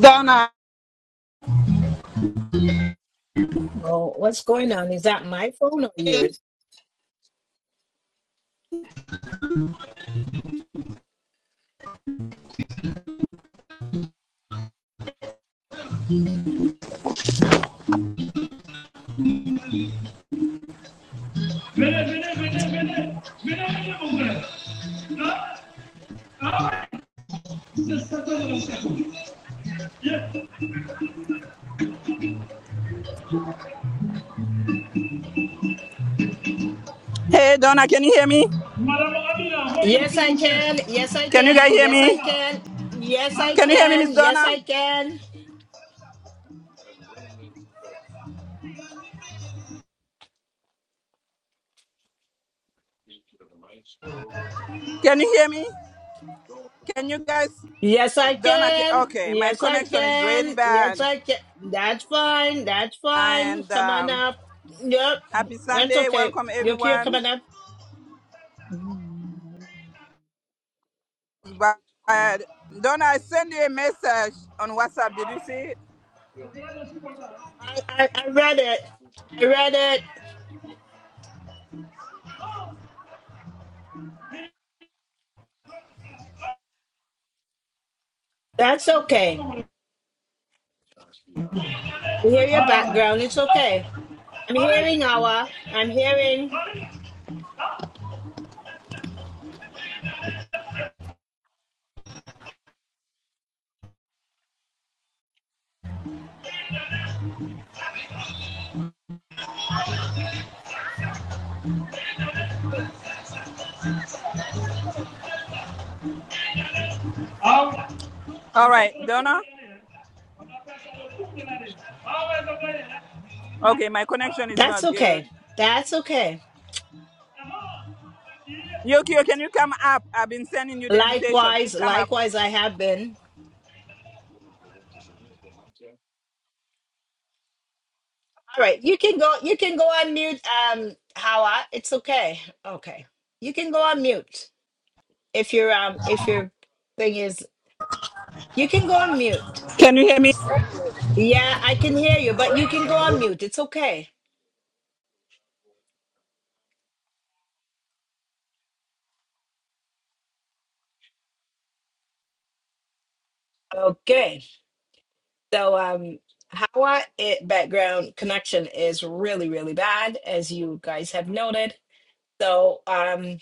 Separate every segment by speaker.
Speaker 1: Donna.
Speaker 2: Oh, what's going on? Is that my phone or
Speaker 1: Hey,
Speaker 2: yours?
Speaker 1: Donna, can you hear me?
Speaker 2: Yes, I can. Yes, I
Speaker 1: Can you guys
Speaker 2: can.
Speaker 1: hear
Speaker 2: Yes, I
Speaker 1: me?
Speaker 2: can. Yes, I
Speaker 1: Can you hear me,
Speaker 2: can.
Speaker 1: Miss
Speaker 2: Yes,
Speaker 1: Donna?
Speaker 2: I can.
Speaker 1: Can you hear me? Can you guys,
Speaker 2: Yes, I
Speaker 1: Donna? ca-
Speaker 2: can.
Speaker 1: Okay, my
Speaker 2: Yes, I
Speaker 1: connection is really
Speaker 2: can. Yes,
Speaker 1: bad.
Speaker 2: I can. That's fine. That's fine.
Speaker 1: And
Speaker 2: Come on
Speaker 1: um,
Speaker 2: up. Yep.
Speaker 1: happy
Speaker 2: That's
Speaker 1: Sunday.
Speaker 2: okay.
Speaker 1: Welcome,
Speaker 2: You're here. Come
Speaker 1: everyone.
Speaker 2: on up. Mm.
Speaker 1: But Donna, I sent you a message on WhatsApp. Did you see
Speaker 2: I, I, I read it. read it. That's okay. I hear your background. It's okay. I'm
Speaker 1: it?
Speaker 2: hearing Awa. I'm hearing.
Speaker 1: All right, Donna. Okay, my connection is
Speaker 2: That's
Speaker 1: not good.
Speaker 2: okay. That's okay.
Speaker 1: Yokio, can you come up? I've been sending you the invitation.
Speaker 2: Likewise,
Speaker 1: Please come up.
Speaker 2: likewise, I have been. All right, you can go. You can go on mute, um, Hawa. It's okay. Okay, you can go on mute if your um if your thing is. You can go on mute.
Speaker 1: Can you hear me?
Speaker 2: Yeah, I can hear you, but you can go on mute. It's okay. Okay. So um, Hawa, it background connection is really really bad, as you guys have noted. So um,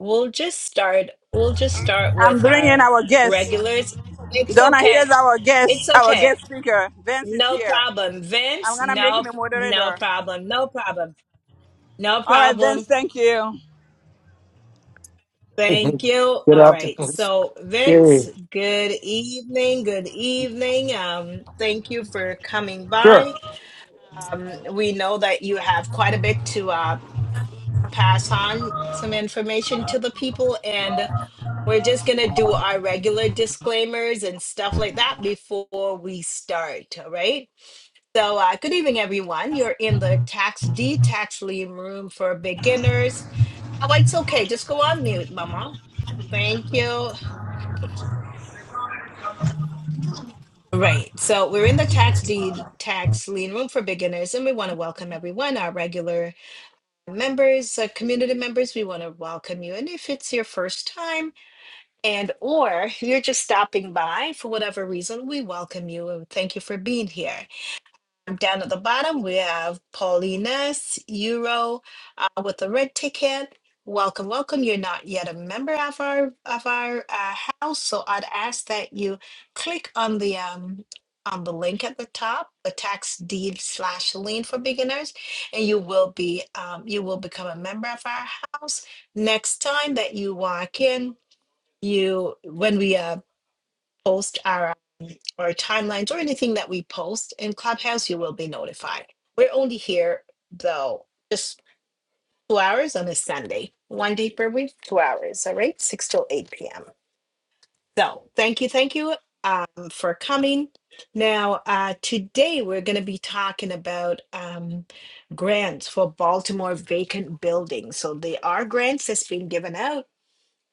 Speaker 2: we'll just start. We'll just start
Speaker 1: I'm
Speaker 2: with
Speaker 1: bringing
Speaker 2: our
Speaker 1: our guest.
Speaker 2: regulars. It's
Speaker 1: Donna,
Speaker 2: okay.
Speaker 1: here's our guest,
Speaker 2: It's
Speaker 1: our
Speaker 2: okay.
Speaker 1: guest speaker. Vince is
Speaker 2: No
Speaker 1: here.
Speaker 2: problem.
Speaker 1: I'm
Speaker 2: Vince,
Speaker 1: gonna make
Speaker 2: no,
Speaker 1: him a
Speaker 2: no
Speaker 1: moderator.
Speaker 2: problem. No problem. No
Speaker 1: All right, Vince,
Speaker 2: problem.
Speaker 1: thank you.
Speaker 2: Thank you.
Speaker 3: Good
Speaker 2: All right.
Speaker 3: afternoon.
Speaker 2: So,
Speaker 3: Gary.
Speaker 2: Vince, good evening. Good evening. Um, thank you for coming
Speaker 3: Sure.
Speaker 2: by. Um, we know that you have quite a bit to uh, pass on some information to the people, and we're just going to do our regular disclaimers and stuff like that before we start. All right. So, uh, good evening, everyone. You're in the tax D tax lien room for beginners. Oh, it's okay. Just go on mute, Mama. Thank you. Right. So, we're in the tax deed tax lien room for beginners, and we want to welcome everyone, our regular members, uh, community members. We want to welcome you. And if it's your first time, and or you're just stopping by for whatever reason, we welcome you and thank you for being here. Down at the bottom, we have Paulina's Euro uh, with the red ticket. Welcome, welcome. You're not yet a member of our of our uh, house, so I'd ask that you click on the um, on the link at the top, the tax deed slash lien for beginners, and you will be um, you will become a member of our house. Next time that you walk in, you when we uh, post our or timelines or anything that we post in Clubhouse, you will be notified. We're only here though, just two hours on a Sunday, one day per week, two hours, all right, six till eight p.m. So thank you, thank you um, for coming. Now, uh, today we're going to be talking about um, grants for Baltimore vacant buildings. So there are grants that's been given out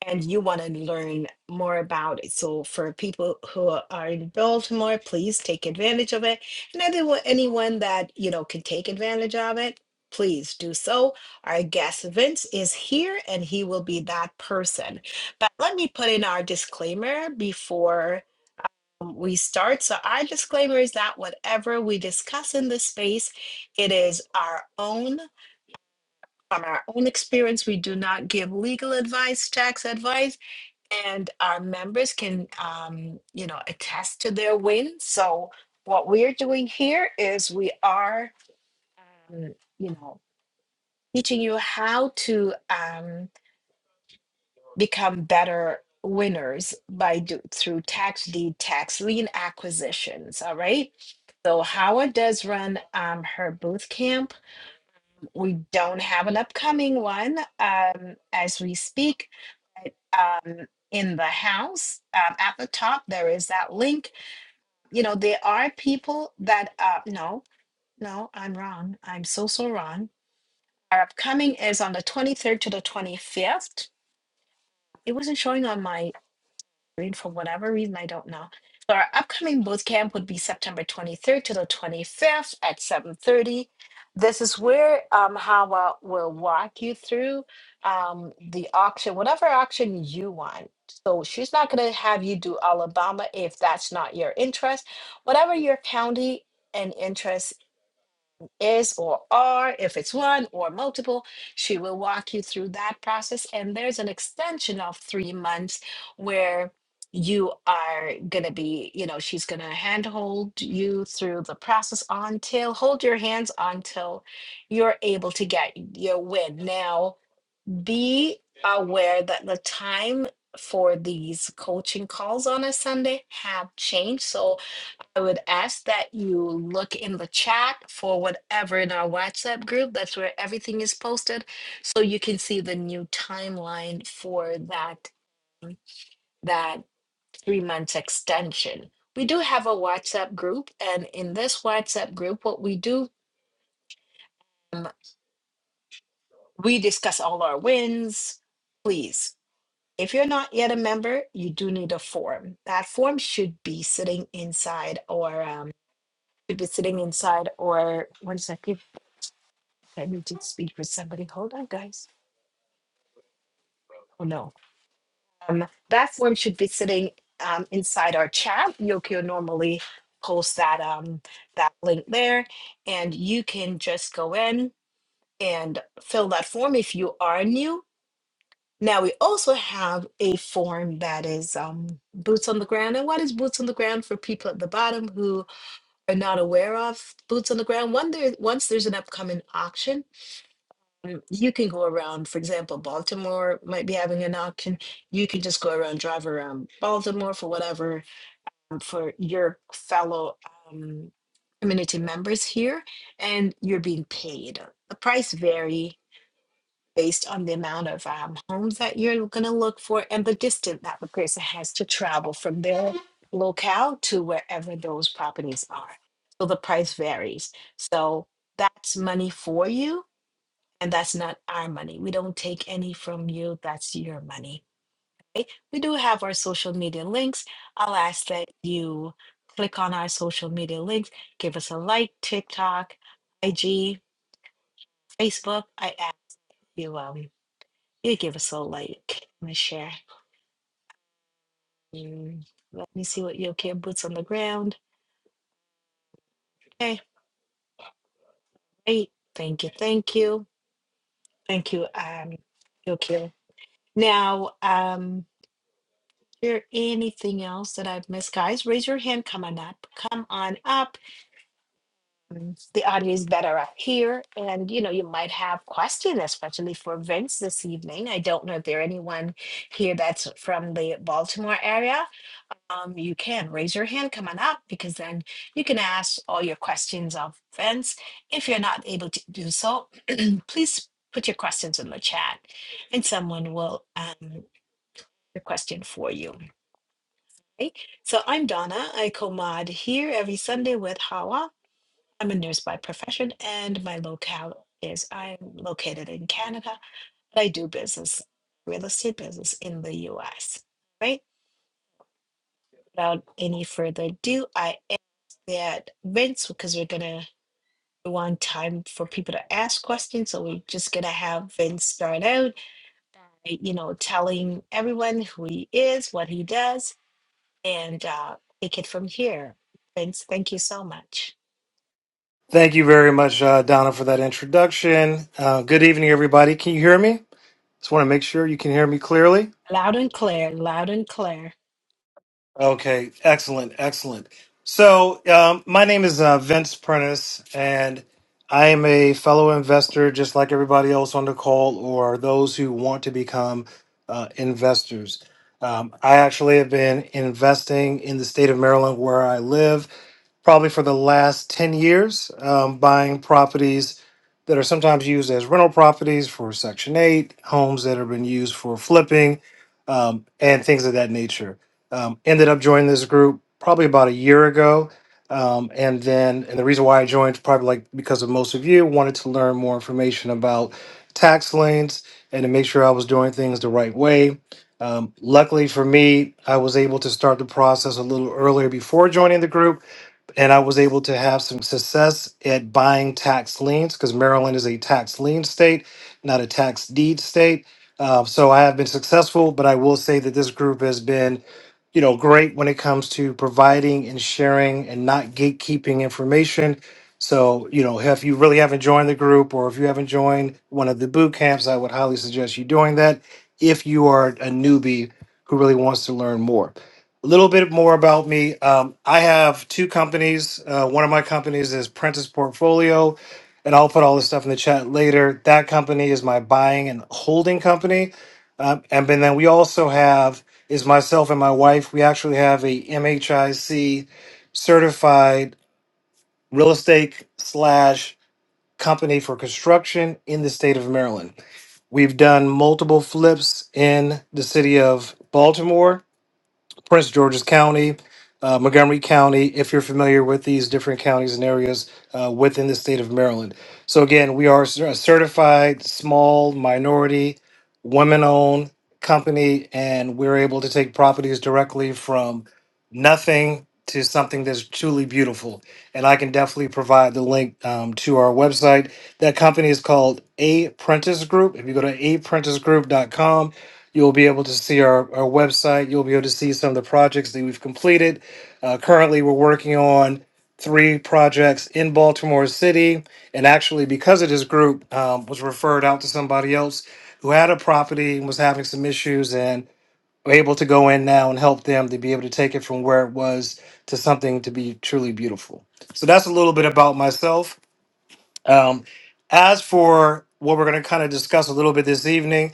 Speaker 2: and you want to learn more about it. So for people who are in Baltimore, please take advantage of it. And anyone anyone that you know can take advantage of it, please do so. Our guest Vince is here and he will be that person. But let me put in our disclaimer before um, we start. So our disclaimer is that whatever we discuss in this space, it is our own from our own experience. We do not give legal advice, tax advice and our members can um, you know attest to their win so what we're doing here is we are um, you know teaching you how to um, become better winners by do, through tax deed tax lien acquisitions all right so howard does run um, her boot camp? we don't have an upcoming one um, as we speak. But, um, in the house um, at the top, there is that link. You know, there are people that, uh, no, no, I'm wrong. I'm so, so wrong. Our upcoming is on the 23rd to the 25th. It wasn't showing on my grade for whatever reason, I don't know. So our upcoming boot camp would be September 23rd to the 25th at 7:30. This is where um, Hawa will walk you through um, the auction, whatever auction you want. So she's not going to have you do Alabama if that's not your interest. Whatever your county and interest is or are, if it's one or multiple. She will walk you through that process. And there's an extension of three months where you are going to be, you know, she's going to handhold you through the process until, hold your hands until you're able to get your win. Now, be aware that the time for these coaching calls on a Sunday have changed. So I would ask that you look in the chat for whatever in our WhatsApp group. That's where everything is posted, so you can see the new timeline for that that three months extension. We do have a WhatsApp group, and in this WhatsApp group, what we do, um, we discuss all our wins. Please, if you're not yet a member, you do need a form. That form should be sitting inside or um, should be sitting inside or one second I need to speak with somebody. Hold on, guys. Oh no. Um, that form should be sitting um, inside our chat. Yokio normally posts that um, that link there, and you can just go in and fill that form if you are new. Now we also have a form that is um, boots on the ground. And what is boots on the ground for people at the bottom who are not aware of boots on the ground? One there, once there's an upcoming auction, Mm, You can go around, for example, Baltimore might be having an auction. You can just go around, drive around Baltimore for whatever, um, for your fellow um, community members here, and you're being paid. The price vary based on the amount of um, homes that you're going to look for and the distance that the person has to travel from their locale to wherever those properties are. So the price varies. So that's money for you and that's not our money. We don't take any from you. That's your money. Okay? We do have our social media links. I'll ask that you click on our social media links. Give us a like, TikTok, IG, Facebook. I ask you, um, you give us a like and a share. Mm, Let me see what your care boots on the ground. Okay, great. Thank you. Thank you. Thank you. Um, Yokio. Now, um, there anything else that I've missed? Guys, raise your hand. Come on up. Come on up. Mm, The audio is better up here. And you know, you might have questions, especially for Vince this evening. I don't know if there anyone here that's from the Baltimore area. Um, you can raise your hand, come on up, because then you can ask all your questions of Vince. If you're not able to do so, please put your questions in the chat and someone will um the question for you. Hey, So I'm Donna. I co-mod here every Sunday with Hawa. I'm a nurse by profession, and my locale is I'm located in Canada, but I do business, real estate business in the US. Right? Without any further ado, I ask that Vince, because we're gonna we want time for people to ask questions, so we're just gonna have Vince start out, uh, you know, telling everyone who he is, what he does, and uh, take it from here. Thanks. Thank you so much.
Speaker 3: Thank you very much, uh, Donna, for that introduction. Uh, good evening, everybody. Can you hear me? Just want to make sure you can hear me clearly.
Speaker 2: Loud and clear, loud and clear.
Speaker 3: Okay, excellent, excellent. So, um, my name is uh, Vince Prentice, and I am a fellow investor, just like everybody else on the call, or those who want to become uh, investors. Um, I actually have been investing in the state of Maryland, where I live, probably for the last 10 years, um, buying properties that are sometimes used as rental properties for Section 8, homes that have been used for flipping, um, and things of that nature. Um, ended up joining this group probably about a year ago. Um, and then, and the reason why I joined, probably like because of most of you, wanted to learn more information about tax liens and to make sure I was doing things the right way. Um, luckily for me, I was able to start the process a little earlier before joining the group and I was able to have some success at buying tax liens because Maryland is a tax lien state, not a tax deed state. Uh, so I have been successful, but I will say that this group has been, you know, great when it comes to providing and sharing and not gatekeeping information. So you know, if you really haven't joined the group or if you haven't joined one of the boot camps, I would highly suggest you doing that if you are a newbie who really wants to learn more. A little bit more about me. Um, I have two companies. Uh, one of my companies is Prentice Portfolio, and I'll put all this stuff in the chat later. That company is my buying and holding company. Um, and then then we also have is myself and my wife. We actually have a MHIC certified real estate slash company for construction in the state of Maryland. We've done multiple flips in the city of Baltimore Prince George's County, uh, Montgomery County, if you're familiar with these different counties and areas uh, within the state of Maryland. So, again, we are a certified small minority, women owned company, and we're able to take properties directly from nothing to something that's truly beautiful. And I can definitely provide the link um, to our website. That company is called A Prentice Group. If you go to aprentice group.com, You'll be able to see our, our website. You'll be able to see some of the projects that we've completed. Uh, currently, we're working on three projects in Baltimore City. And actually, because of this group, um, was referred out to somebody else who had a property and was having some issues and we're able to go in now and help them to be able to take it from where it was to something to be truly beautiful. So that's a little bit about myself. Um, as for what we're going to kind of discuss a little bit this evening,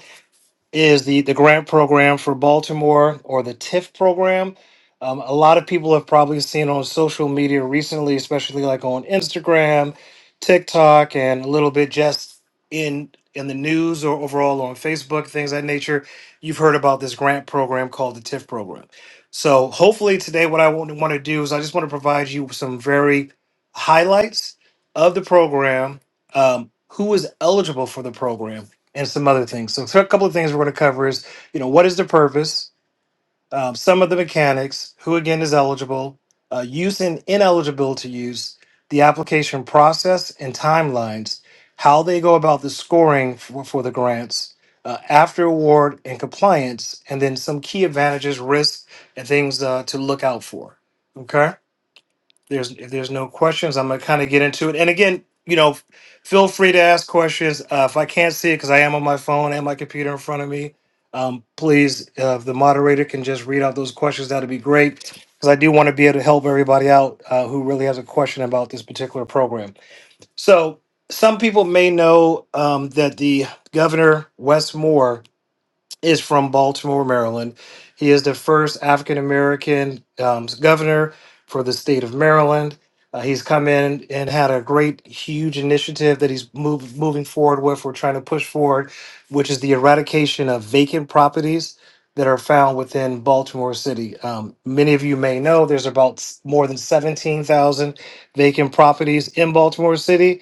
Speaker 3: is the the grant program for Baltimore or the TIF program. Um, a lot of people have probably seen on social media recently, especially like on Instagram, TikTok, and a little bit just in in the news or overall on Facebook, things of that nature. You've heard about this grant program called the TIF program. So hopefully today, what I want to do is I just want to provide you with some very highlights of the program, um, who is eligible for the program and some other things. So, a couple of things we're going to cover is, you know, what is the purpose, um, some of the mechanics, who again is eligible, uh, use and ineligible to use, the application process and timelines, how they go about the scoring for, for the grants, uh, after award and compliance, and then some key advantages, risks, and things uh, to look out for. Okay there's if there's no questions, I'm gonna kind of get into it. And again, you know, f- feel free to ask questions. Uh, if I can't see it because I am on my phone and my computer in front of me, um, please, uh, if the moderator can just read out those questions, that'd be great. Because I do want to be able to help everybody out uh, who really has a question about this particular program. So some people may know um, that the governor Wes Moore is from Baltimore, Maryland. He is the first African American um, governor for the state of Maryland. Uh, he's come in and had a great, huge initiative that he's move, moving forward with. We're trying to push forward, which is the eradication of vacant properties that are found within Baltimore City. Um, many of you may know there's about s- more than 17,000 vacant properties in Baltimore City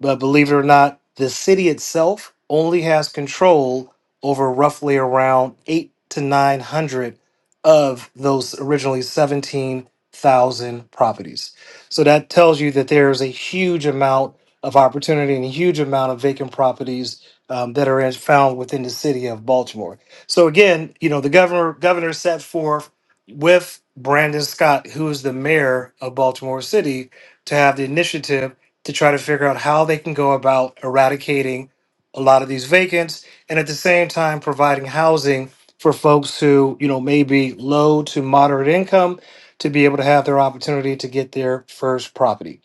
Speaker 3: but believe it or not, the city itself only has control over roughly around eight to 900 of those originally 17,000 properties. So that tells you that there's a huge amount of opportunity and a huge amount of vacant properties um, that are in- found within the city of Baltimore. So again, you know, the governor governor set forth with Brandon Scott, who is the mayor of Baltimore City, to have the initiative to try to figure out how they can go about eradicating a lot of these vacants and at the same time providing housing for folks who, you know, may be low to moderate income to be able to have their opportunity to get their first property.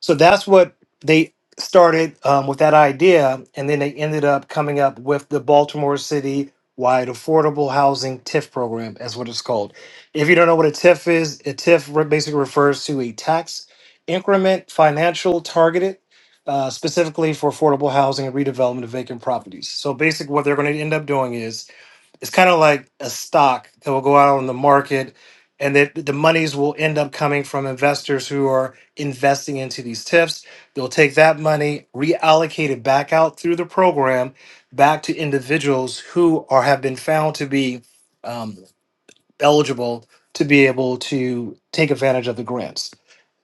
Speaker 3: So that's what they started um, with that idea, and then they ended up coming up with the Baltimore City Wide Affordable Housing TIF program, as what it's called. If you don't know what a TIF is, a TIF re- basically refers to a tax increment financial targeted. Uh, specifically for affordable housing and redevelopment of vacant properties. So basically, what they're going to end up doing is it's kind of like a stock that will go out on the market and that the monies will end up coming from investors who are investing into these tips. They'll take that money, reallocate it back out through the program back to individuals who are have been found to be um, eligible to be able to take advantage of the grants.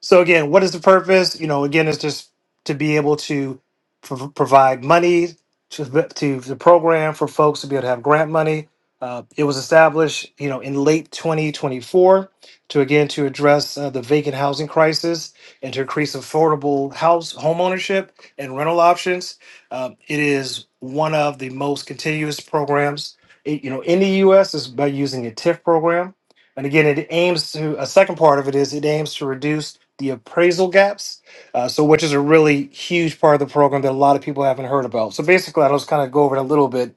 Speaker 3: So again, what is the purpose? You know, again, it's just to be able to prov provide money to the- to the program for folks to be able to have grant money. Uh, it was established, you know, in late 2024 to again to address uh, the vacant housing crisis and to increase affordable house home ownership and rental options. Um, it is one of the most continuous programs it, you know, in the U.S. is by using a TIF program, and again, it aims to a second part of it is it aims to reduce the appraisal gaps, uh, so which is a really huge part of the program that a lot of people haven't heard about. So basically, I'll just kind of go over it a little bit.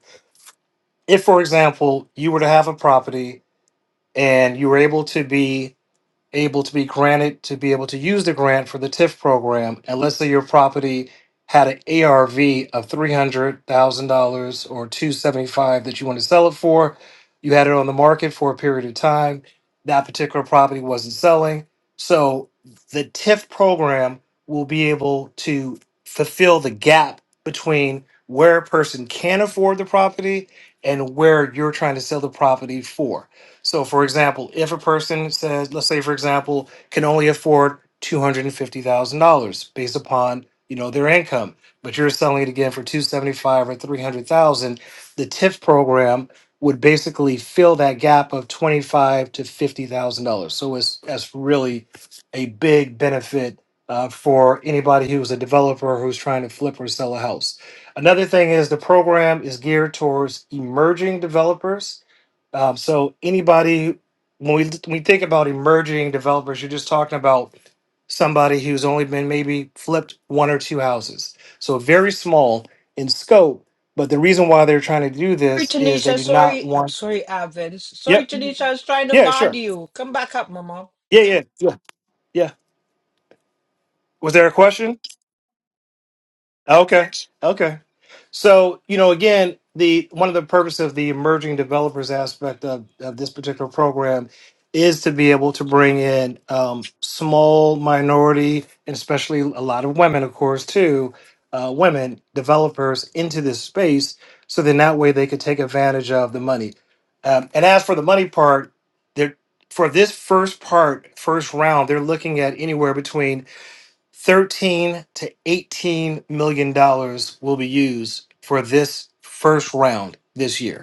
Speaker 3: If, for example, you were to have a property and you were able to be able to be granted to be able to use the grant for the TIF program, and let's say your property had an ARV of three hundred thousand dollars or two seventy five that you want to sell it for, you had it on the market for a period of time. That particular property wasn't selling, so the TIF program will be able to fulfill the gap between where a person can afford the property and where you're trying to sell the property for. So, for example, if a person says, let's say, for example, can only afford two hundred and fifty thousand dollars based upon you know their income, but you're selling it again for two seventy five or three hundred thousand, the TIF program would basically fill that gap of twenty five to fifty thousand dollars. So it's that's really a big benefit uh, for anybody who's a developer who's trying to flip or sell a house. Another thing is the program is geared towards emerging developers um, so anybody, when we when we think about emerging developers, you're just talking about somebody who's only been maybe flipped one or two houses. So very small in scope. But the reason why they're trying to do
Speaker 2: Sorry,
Speaker 3: this is they
Speaker 2: Tanisha.
Speaker 3: do not
Speaker 2: Sorry, I'm
Speaker 3: want.
Speaker 2: sorry, Avin. Sorry,
Speaker 3: Yep.
Speaker 2: Tanisha. I was trying to
Speaker 3: Yeah.
Speaker 2: mod
Speaker 3: Sure.
Speaker 2: you. Come back up, Mama.
Speaker 3: Yeah. Yeah. Yeah. Yeah. Was there a question? Okay. Okay. So, you know, again, the one of the purpose of the emerging developers aspect of, of this particular program is to be able to bring in um, small minority and especially a lot of women, of course, too, uh, women developers into this space, so then that way they could take advantage of the money. Um, and as for the money part, they're for this first part, first round, they're looking at anywhere between 13 to 18 million dollars will be used for this first round this year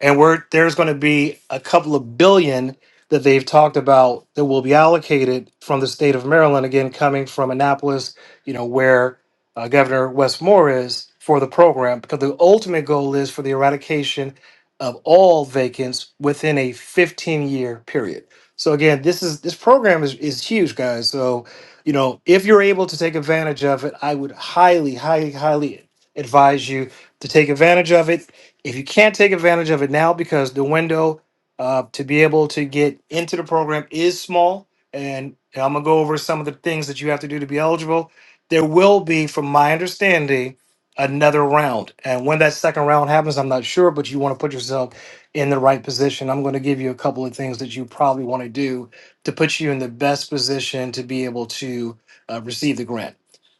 Speaker 3: and we're there's going to be a couple of billion that they've talked about that will be allocated from the state of Maryland again coming from Annapolis, you know, where uh, Governor Westmore is for the program because the ultimate goal is for the eradication of all vacants within a 15-year period. So again, this is this program is is huge, guys. So, you know, if you're able to take advantage of it, I would highly highly highly advise you to take advantage of it if you can't take advantage of it now because the window uh, to be able to get into the program is small, and I'm gonna go over some of the things that you have to do to be eligible. There will be, from my understanding, another round, and when that second round happens, I'm not sure, but you want to put yourself in the right position. I'm going to give you a couple of things that you probably want to do to put you in the best position to be able to uh, receive the grant.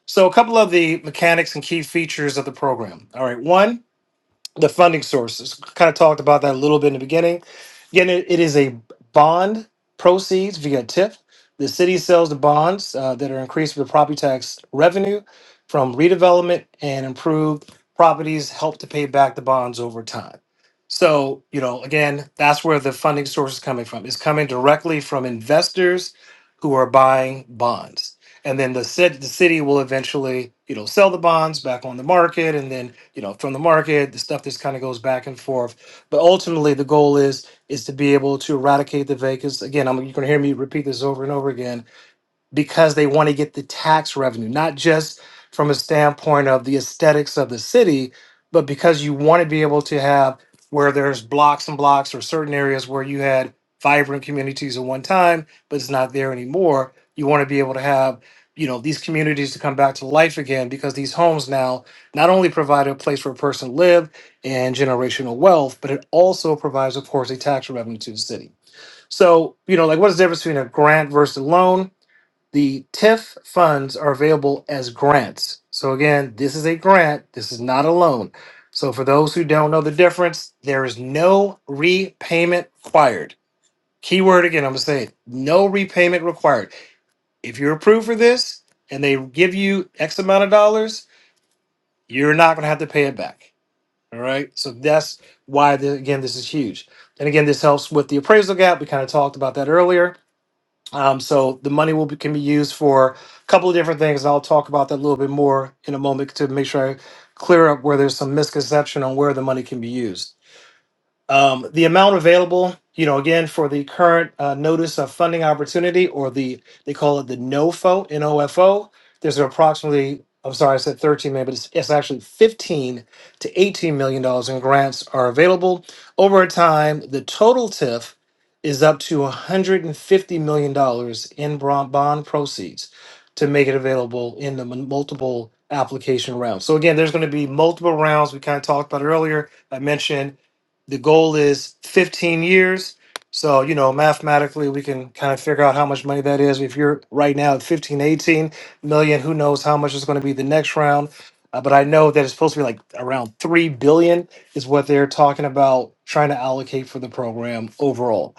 Speaker 3: So, a couple of the mechanics and key features of the program. All right, one the funding sources. Kind of talked about that a little bit in the beginning. Again, it, it is a bond proceeds via TIP. The city sells the bonds uh, that are increased with property tax revenue from redevelopment and improved properties help to pay back the bonds over time. So, you know, again, that's where the funding source is coming from. It's coming directly from investors who are buying bonds. And then the city, the city will eventually, you know, sell the bonds back on the market and then you know from the market the stuff that's kind of goes back and forth but ultimately the goal is is to be able to eradicate the vacants again i'm you're going to hear me repeat this over and over again because they want to get the tax revenue, not just from a standpoint of the aesthetics of the city, but because you want to be able to have where there's blocks and blocks or certain areas where you had vibrant communities at one time, but it's not there anymore. You want to be able to have, you know, these communities to come back to life again because these homes now not only provide a place for a person to live and generational wealth, but it also provides, of course, a tax revenue to the city. So, you know, like what is the difference between a grant versus a loan? The TIF funds are available as grants. So again, this is a grant, this is not a loan. So for those who don't know the difference, there is no repayment required. Keyword again, I'm going to say it, no repayment required. If you're approved for this and they give you X amount of dollars, you're not going to have to pay it back. All right? So that's why the, again this is huge. And again, this helps with the appraisal gap. We kind of talked about that earlier um, so the money will be, can be used for a couple of different things. I'll talk about that a little bit more in a moment to make sure I clear up where there's some misconception on where the money can be used. Um, the amount available, you know, again for the current uh, notice of funding opportunity, or the they call it the NOFO, NOFO. There's approximately, I'm sorry, I said 13 million, but it's, it's actually 15 to 18 million dollars in grants are available over time. The total TIF is up to 150 million dollars in bron- bond proceeds to make it available in the m- multiple application rounds. So again, there's going to be multiple rounds. We kind of talked about it earlier. I mentioned the goal is 15 years. So, you know, mathematically, we can kind of figure out how much money that is. If you're right now at 15, 18 million, who knows how much is going to be the next round. Uh, but I know that it's supposed to be like around 3 billion is what they're talking about trying to allocate for the program overall.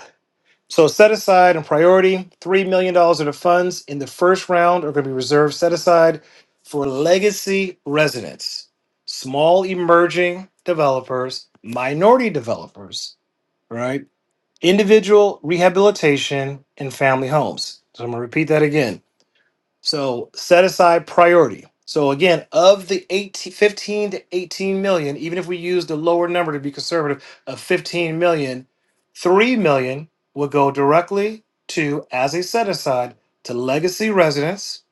Speaker 3: So set aside and priority three million dollars of the funds in the first round are going to be reserved set aside for legacy residents, small emerging developers, minority developers, right? Individual rehabilitation and family homes. So I'm going to repeat that again. So set aside priority. So again, of the 18, 15 to 18 million, even if we use the lower number to be conservative of fifteen million, three million will go directly to as a set aside to legacy residents,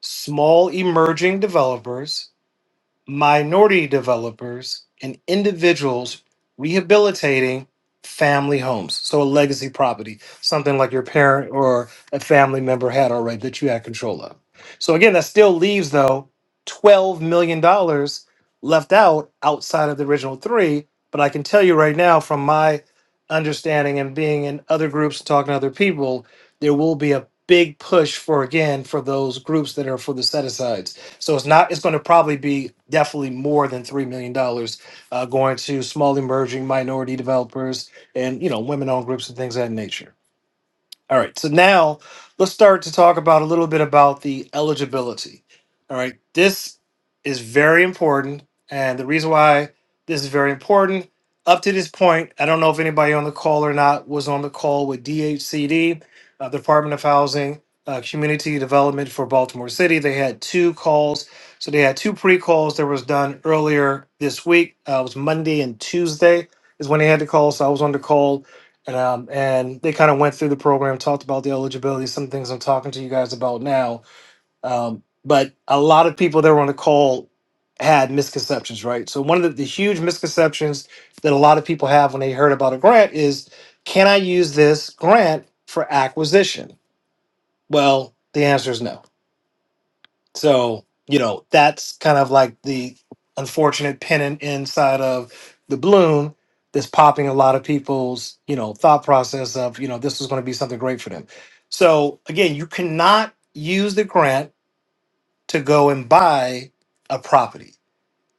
Speaker 3: small emerging developers, minority developers, and individuals rehabilitating family homes. So a legacy property, something like your parent or a family member had already that you had control of. So again, that still leaves though $12 million dollars left out outside of the original three. But I can tell you right now from my understanding and being in other groups talking to other people, there will be a big push for again for those groups that are for the set asides so it's not. It's going to probably be definitely more than three million dollars uh, going to small emerging minority developers and you know women-owned groups and things of that nature. All right. So now let's start to talk about a little bit about the eligibility. All right. This is very important. And the reason why this is very important, up to this point, I don't know if anybody on the call or not was on the call with DHCD, uh, Department of Housing, uh, Community Development for Baltimore City. They had two calls. So they had two pre calls that was done earlier this week. Uh, it was Monday and Tuesday is when they had the call. So I was on the call and, um, and they kind of went through the program, talked about the eligibility, some things I'm talking to you guys about now. Um, but a lot of people that were on the call had misconceptions, right? So one of the, the huge misconceptions that a lot of people have when they heard about a grant is, can I use this grant for acquisition? Well, the answer is no so, you know, that's kind of like the unfortunate pennant inside of the balloon that's popping a lot of people's, you know, thought process of, you know, this is going to be something great for them. So, again, you cannot use the grant to go and buy a property.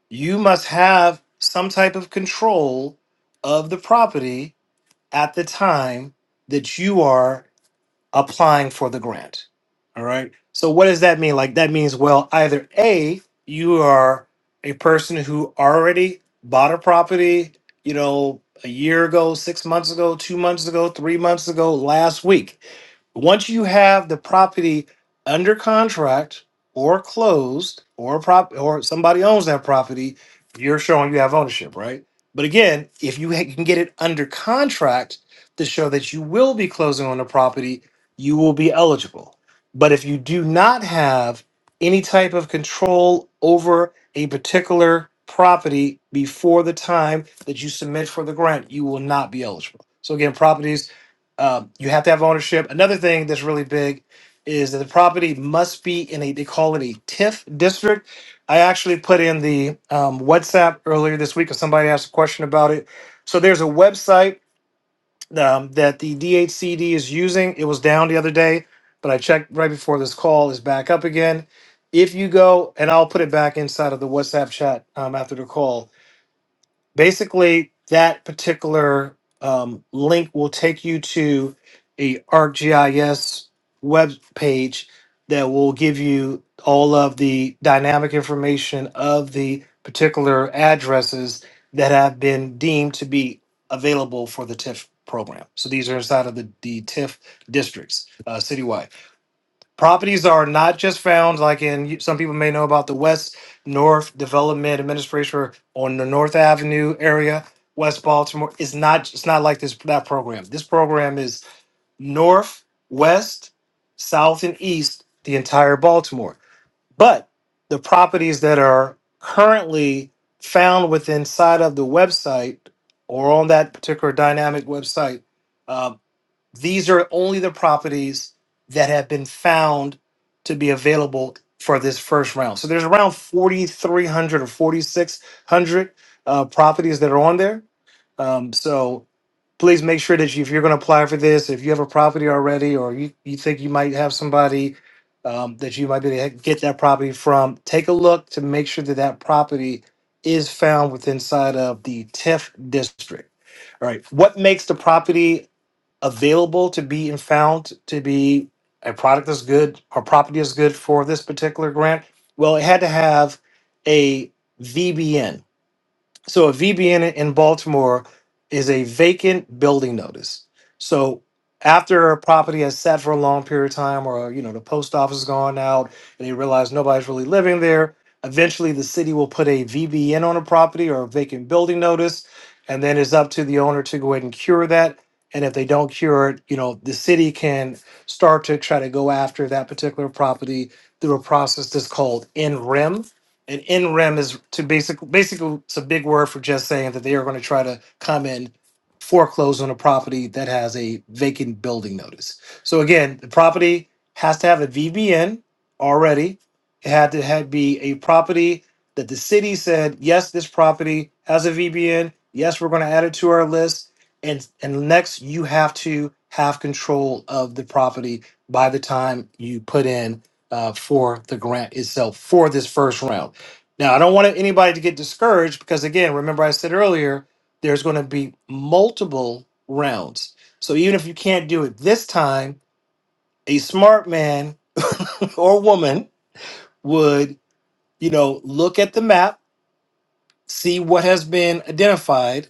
Speaker 3: You must have some type of control of the property at the time that you are applying for the grant. All right. So what does that mean? Like that means well, either A, you are a person who already bought a property, you know, a year ago, 6 months ago, 2 months ago, 3 months ago, last week once you have the property under contract or closed or a prop or somebody owns that property, you're showing you have ownership, right? But again, if you ha- can get it under contract to show that you will be closing on the property, you will be eligible. But if you do not have any type of control over a particular property before the time that you submit for the grant, you will not be eligible. So again, properties um, you have to have ownership. Another thing that's really big is that the property must be in a, they call it a TIF district. I actually put in the um, WhatsApp earlier this week because somebody asked a question about it. So there's a website um, that the DHCD is using. It was down the other day, but I checked right before this call is back up again. If you go, and I'll put it back inside of the WhatsApp chat um, after the call basically that particular um, link will take you to a ArcGIS web page that will give you all of the dynamic information of the particular addresses that have been deemed to be available for the TIF program. So these are inside of the, the TIF districts uh, citywide. Properties are not just found, like in some people may know about the West North Development Administration on the North Avenue area, West Baltimore. It's not. It's not like this that program. This program is North, West, South, and East, the entire Baltimore. But the properties that are currently found within side of the website or on that particular dynamic website uh, these are only the properties that have been found to be available for this first round. So there's around 4,300 or 4,600 uh, properties that are on there. Um, so please make sure that you, if you're going to apply for this, if you have a property already, or you, you think you might have somebody um, that you might be able to get that property from, take a look to make sure that that property is found within inside of the TIF district. All right. What makes the property available to be and found to be a product that's good or property is good for this particular grant? Well, it had to have a VBN, so a VBN in Baltimore is a vacant building notice. So after a property has sat for a long period of time, or you know the post office has gone out, and they realize nobody's really living there, eventually the city will put a VBN on a property or a vacant building notice, and then it's up to the owner to go ahead and cure that. And if they don't cure it, you know the city can start to try to go after that particular property through a process that's called NREM and in rem is to basically basically it's a big word for just saying that they are going to try to come in foreclose on a property that has a vacant building notice. So again, the property has to have a VBN already. It had to have, be a property that the city said, yes, this property has a VBN. Yes, we're going to add it to our list. And and next, you have to have control of the property by the time you put in uh, for the grant itself for this first round. Now, I don't want anybody to get discouraged because, again, remember I said earlier, there's going to be multiple rounds. So even if you can't do it this time, a smart man or woman would, you know, look at the map, see what has been identified,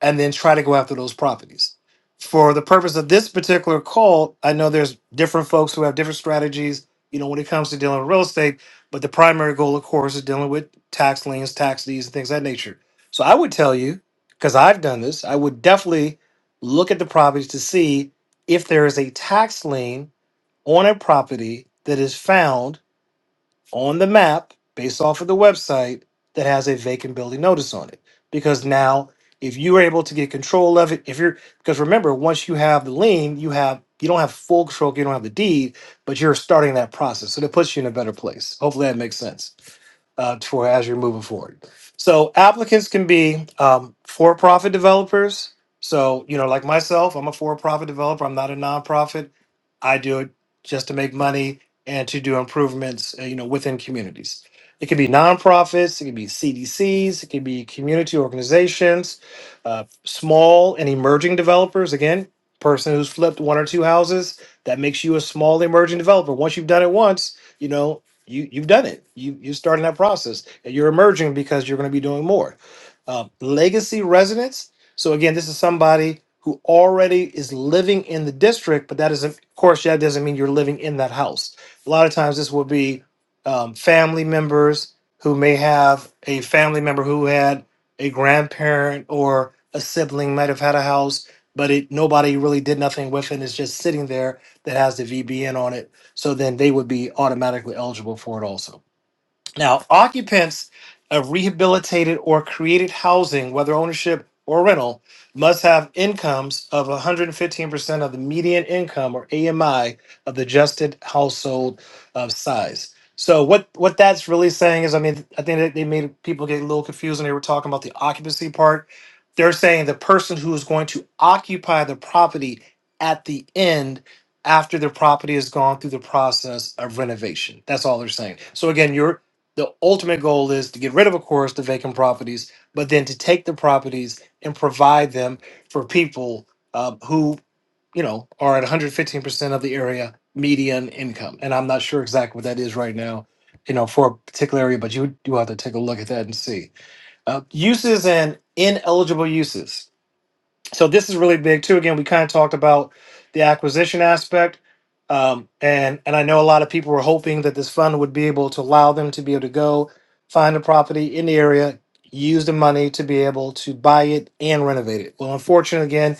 Speaker 3: and then try to go after those properties. For the purpose of this particular call, I know there's different folks who have different strategies, you know, when it comes to dealing with real estate, but the primary goal, of course, is dealing with tax liens, tax deeds, and things of that nature. So I would tell you, because I've done this, I would definitely look at the properties to see if there is a tax lien on a property that is found on the map based off of the website that has a vacant building notice on it. Because now, if you are able to get control of it, if you're because remember, once you have the lien, you have you don't have full control, you don't have the deed, but you're starting that process. So that puts you in a better place. Hopefully that makes sense uh, for as you're moving forward. So applicants can be um, for-profit developers. So you know, like myself, I'm a for-profit developer. I'm not a nonprofit. I do it just to make money and to do improvements, uh, you know, within communities. It can be nonprofits. It can be CDCs. It can be community organizations, uh, small and emerging developers. Again, person who's flipped one or two houses that makes you a small emerging developer. Once you've done it once, you know you you've done it. You you're starting that process, and you're emerging because you're going to be doing more. Uh, legacy residents. So again, this is somebody who already is living in the district, but that doesn't, of course, that doesn't mean you're living in that house. A lot of times, this will be um, family members who may have a family member who had a grandparent or a sibling might have had a house, but it nobody really did nothing with it. It's just sitting there that has the VBN on it so then they would be automatically eligible for it also. Now, occupants of rehabilitated or created housing, whether ownership or rental, must have incomes of 115% of the median income or AMI of the adjusted household of size. So what what that's really saying is, I mean, I think that they made people get a little confused when they were talking about the occupancy part. They're saying the person who is going to occupy the property at the end after the property has gone through the process of renovation. That's all they're saying. So again, you're the ultimate goal is to get rid of, of course, the vacant properties, but then to take the properties and provide them for people uh, who, you know, are at 115% of the area median income. And I'm not sure exactly what that is right now, you know, for a particular area, but you do have to take a look at that and see. Uh, uses and ineligible uses so this is really big too. Again, we kind of talked about the acquisition aspect, um, and and I know a lot of people were hoping that this fund would be able to allow them to be able to go find a property in the area, use the money to be able to buy it and renovate it. Well, unfortunately, again,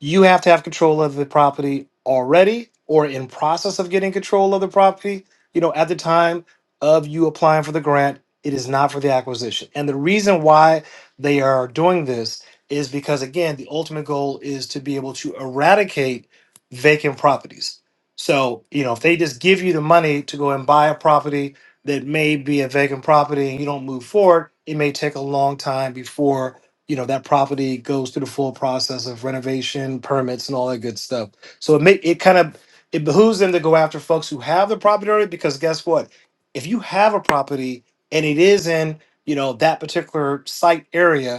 Speaker 3: you have to have control of the property already or in process of getting control of the property. You know, at the time of you applying for the grant, it is not for the acquisition, and the reason why they are doing this is because again the ultimate goal is to be able to eradicate vacant properties so you know if they just give you the money to go and buy a property that may be a vacant property and you don't move forward it may take a long time before you know that property goes through the full process of renovation permits and all that good stuff so it may it kind of it behooves them to go after folks who have the property already because guess what if you have a property and it is in you know that particular site area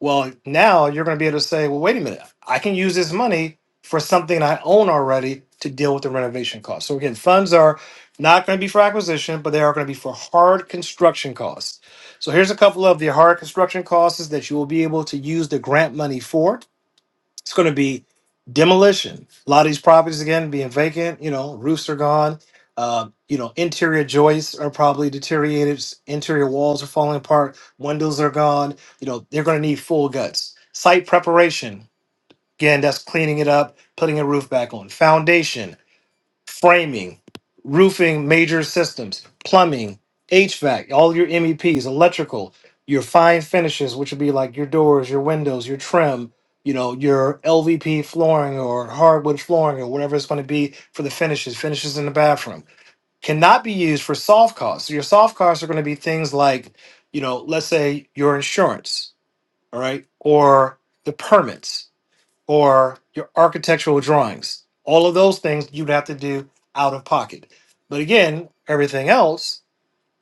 Speaker 3: well, now you're going to be able to say, well, wait a minute, I can use this money for something I own already to deal with the renovation costs. So again, funds are not going to be for acquisition, but they are going to be for hard construction costs. So here's a couple of the hard construction costs that you will be able to use the grant money for. It's going to be demolition. A lot of these properties again being vacant. You know, roofs are gone. Uh, you know, interior joists are probably deteriorated. s- Interior walls are falling apart. Windows are gone. You know, they're going to need full guts. Site preparation. Again, that's cleaning it up, putting a roof back on. Foundation framing, roofing, major systems, plumbing, HVAC, all your MEPs, electrical, your fine finishes, which would be like your doors, your windows, your trim, you know, your LVP flooring or hardwood flooring or whatever it's going to be for the finishes, finishes in the bathroom, cannot be used for soft costs. So your soft costs are going to be things like, you know, let's say your insurance, all right, or the permits or your architectural drawings. All of those things you'd have to do out of pocket. But again, everything else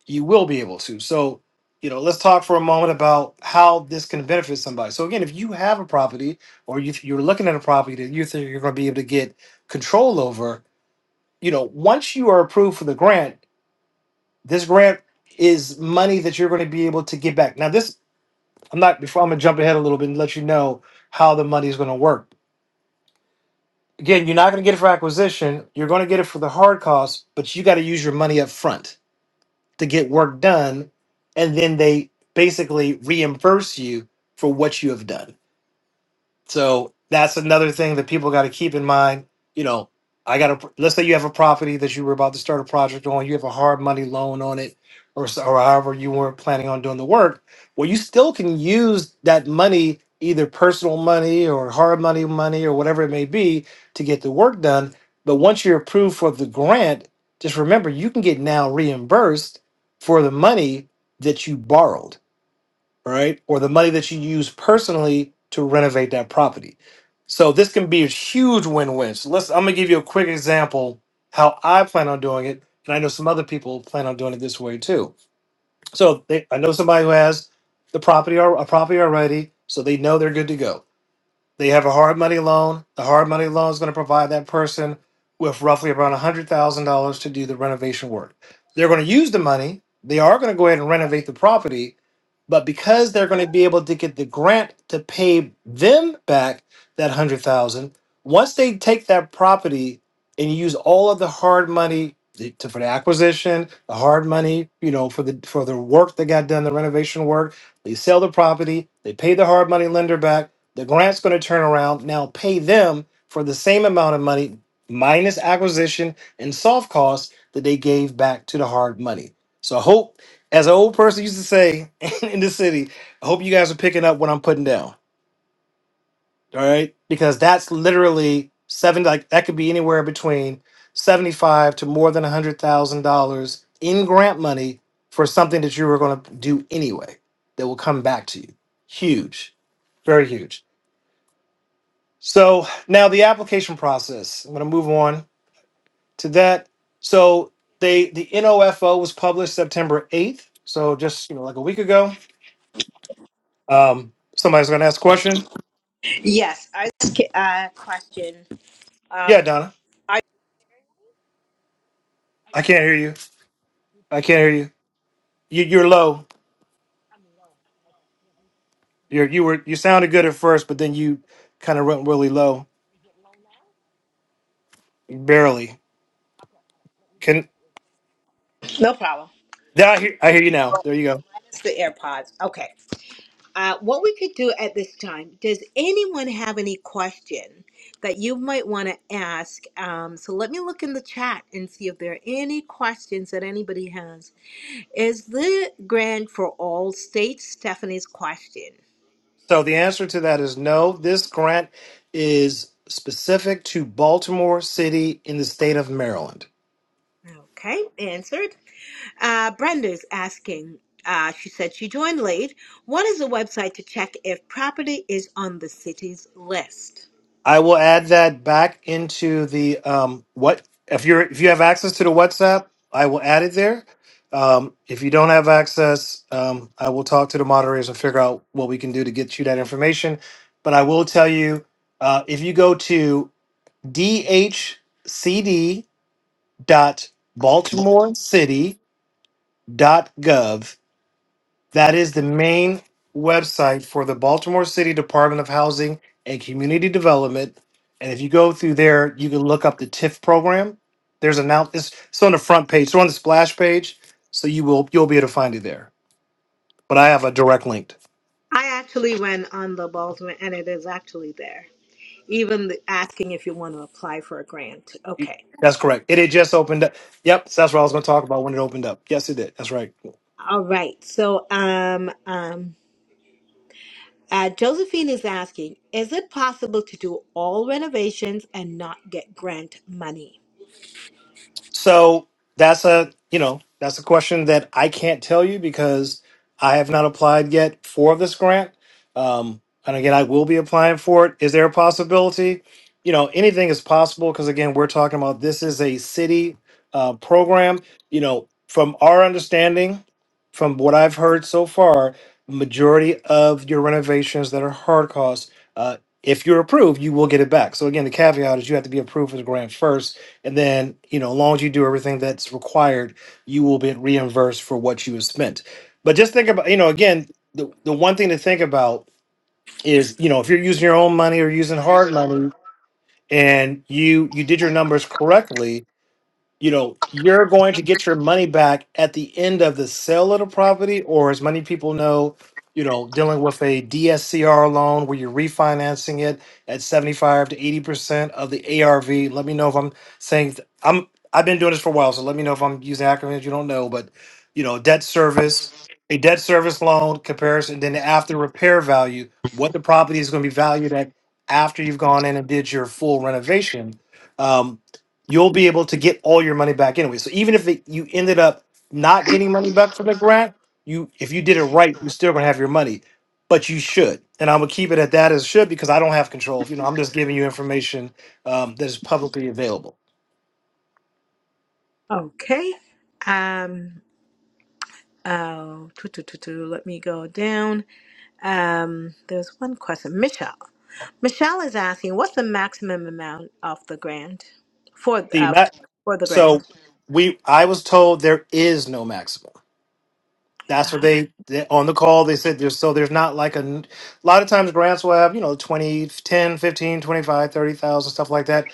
Speaker 3: you will be able to. So, you know, let's talk for a moment about how this can benefit somebody. So, again, if you have a property or if you're looking at a property that you think you're going to be able to get control over, you know, once you are approved for the grant, this grant is money that you're going to be able to get back. Now, this, I'm not, before I'm going to jump ahead a little bit and let you know how the money is going to work Again, you're not going to get it for acquisition. You're going to get it for the hard costs, but you got to use your money up front to get work done, and then they basically reimburse you for what you have done. So that's another thing that people got to keep in mind. You know, I got to let's say you have a property that you were about to start a project on, you have a hard money loan on it, or, s- or however you weren't planning on doing the work. Well, you still can use that money, either personal money or hard money money or whatever it may be, to get the work done. But once you're approved for the grant, just remember you can get now reimbursed for the money that you borrowed right? Or the money that you use personally to renovate that property. So this can be a huge win-win. So let's I'm gonna give you a quick example how I plan on doing it, and I know some other people plan on doing it this way too. So they, I know somebody who has the property or a property already, so they know they're good to go they have a hard money loan. The hard money loan is going to provide that person with roughly around $100,000 to do the renovation work. They're going to use the money. They are going to go ahead and renovate the property, but because they're going to be able to get the grant to pay them back that 100,000, once they take that property and use all of the hard money to, for the acquisition, the hard money, you know, for the for the work that got done, the renovation work, they sell the property, they pay the hard money lender back, the grant's going to turn around now, pay them for the same amount of money minus acquisition and soft costs that they gave back to the hard money. So I hope, as an old person used to say in the city, I hope you guys are picking up what I'm putting down. All right, because that's literally seven. Like that could be anywhere between seventy-five to more than a hundred thousand dollars in grant money for something that you were going to do anyway that will come back to you. Huge, very huge. So now the application process. I'm going to move on to that. So they the NOFO was published September 8th. So just you know like a week ago. Um, somebody's going to ask a question.
Speaker 2: Um,
Speaker 3: Yeah, Donna,
Speaker 2: I,
Speaker 3: I can't hear you. I can't hear you. you you're low. You're you were you sounded good at first, but then you kind of went really low, barely. Can
Speaker 2: no problem.
Speaker 3: yeah, I hear I hear you now. There you go.
Speaker 2: It's the AirPods. Okay. Uh, what we could do at this time, does anyone have any question that you might want to ask? Um, so let me look in the chat and see if there are any questions that anybody has. Is the grant for all states? Stephanie's question.
Speaker 3: So the answer to that is no. This grant is specific to Baltimore City in the state of Maryland.
Speaker 2: Okay, answered. Uh, Brenda's asking. Uh, she said she joined late. What is the website to check if property is on the city's list?
Speaker 3: I will add that back into the um what if you're if you have access to the WhatsApp, I will add it there. Um, if you don't have access, um, I will talk to the moderators and figure out what we can do to get you that information. But I will tell you, uh, if you go to dhcd.baltimorecity.gov that is the main website for the Baltimore City Department of Housing and Community Development. And if you go through there, you can look up the TIF program. There's an out. It's, it's on the front page. It's on the splash page, so you will you'll be able to find it there. But I have a direct link.
Speaker 2: I actually went on the Baltimore, and it is actually there. Even the, asking if you want to apply for a grant. Okay.
Speaker 3: That's correct. It had just opened up. Yep, so that's what I was going to talk about when it opened up. Yes, it did. That's right.
Speaker 2: All right. So um um Uh, Josephine is asking, is it possible to do all renovations and not get grant money?
Speaker 3: So that's a you know that's a question that I can't tell you because I have not applied yet for this grant. Um, and again, I will be applying for it. Is there a possibility? You know, anything is possible because again, we're talking about this is a city uh, program. You know, from our understanding, from what I've heard so far, majority of your renovations that are hard costs, uh, if you're approved, you will get it back. So again, the caveat is you have to be approved for the grant first and then, you know, as long as you do everything that's required, you will be reimbursed for what you have spent. But just think about, you know, again, the, the one thing to think about is, you know, if you're using your own money or using hard money and you you did your numbers correctly, you know, you're going to get your money back at the end of the sale of the property, or as many people know, you know, dealing with a DSCR loan where you're refinancing it at 75 to 80 percent of the ARV. Let me know if I'm saying th- I'm I've been doing this for a while, so let me know if I'm using acronyms you don't know, but you know, debt service, a debt service loan comparison, then the after repair value, what the property is going to be valued at after you've gone in and did your full renovation. Um, you'll be able to get all your money back anyway. So even if it, you ended up not getting money back from the grant, you if you did it right, you're still gonna have your money. But you should, and I'm gonna keep it at that as should because I don't have control. You know, I'm just giving you information um, that is publicly available.
Speaker 2: Okay. Um. Oh, tu- tu- tu- tu, let me go down. Um. There's one question, Michelle. Michelle is asking, what's the maximum amount of the grant for
Speaker 3: The
Speaker 2: uh,
Speaker 3: ma-
Speaker 2: for the grant?
Speaker 3: so we I was told there is no maximum. That's what
Speaker 2: Wow.
Speaker 3: they, they on the call they said there's so there's not like a, n- a lot of times grants will have you know 20, 10, 15, 25, 30,000 stuff like that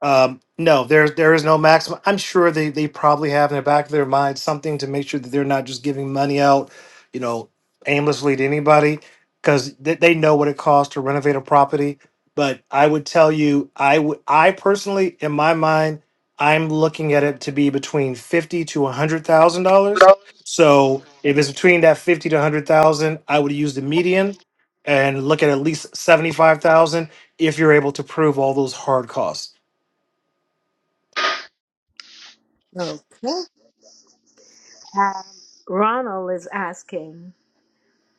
Speaker 3: Um, no, there there is no maximum. I'm sure they they probably have in the back of their mind something to make sure that they're not just giving money out, you know, aimlessly to anybody, because they, they know what it costs to renovate a property. But I would tell you, I would I personally, in my mind, I'm looking at it to be between fifty to a hundred thousand dollars. So if it's between that fifty to a hundred thousand, I would use the median and look at at least seventy five thousand if you're able to prove all those hard costs
Speaker 2: Okay. Um, Ronald is asking,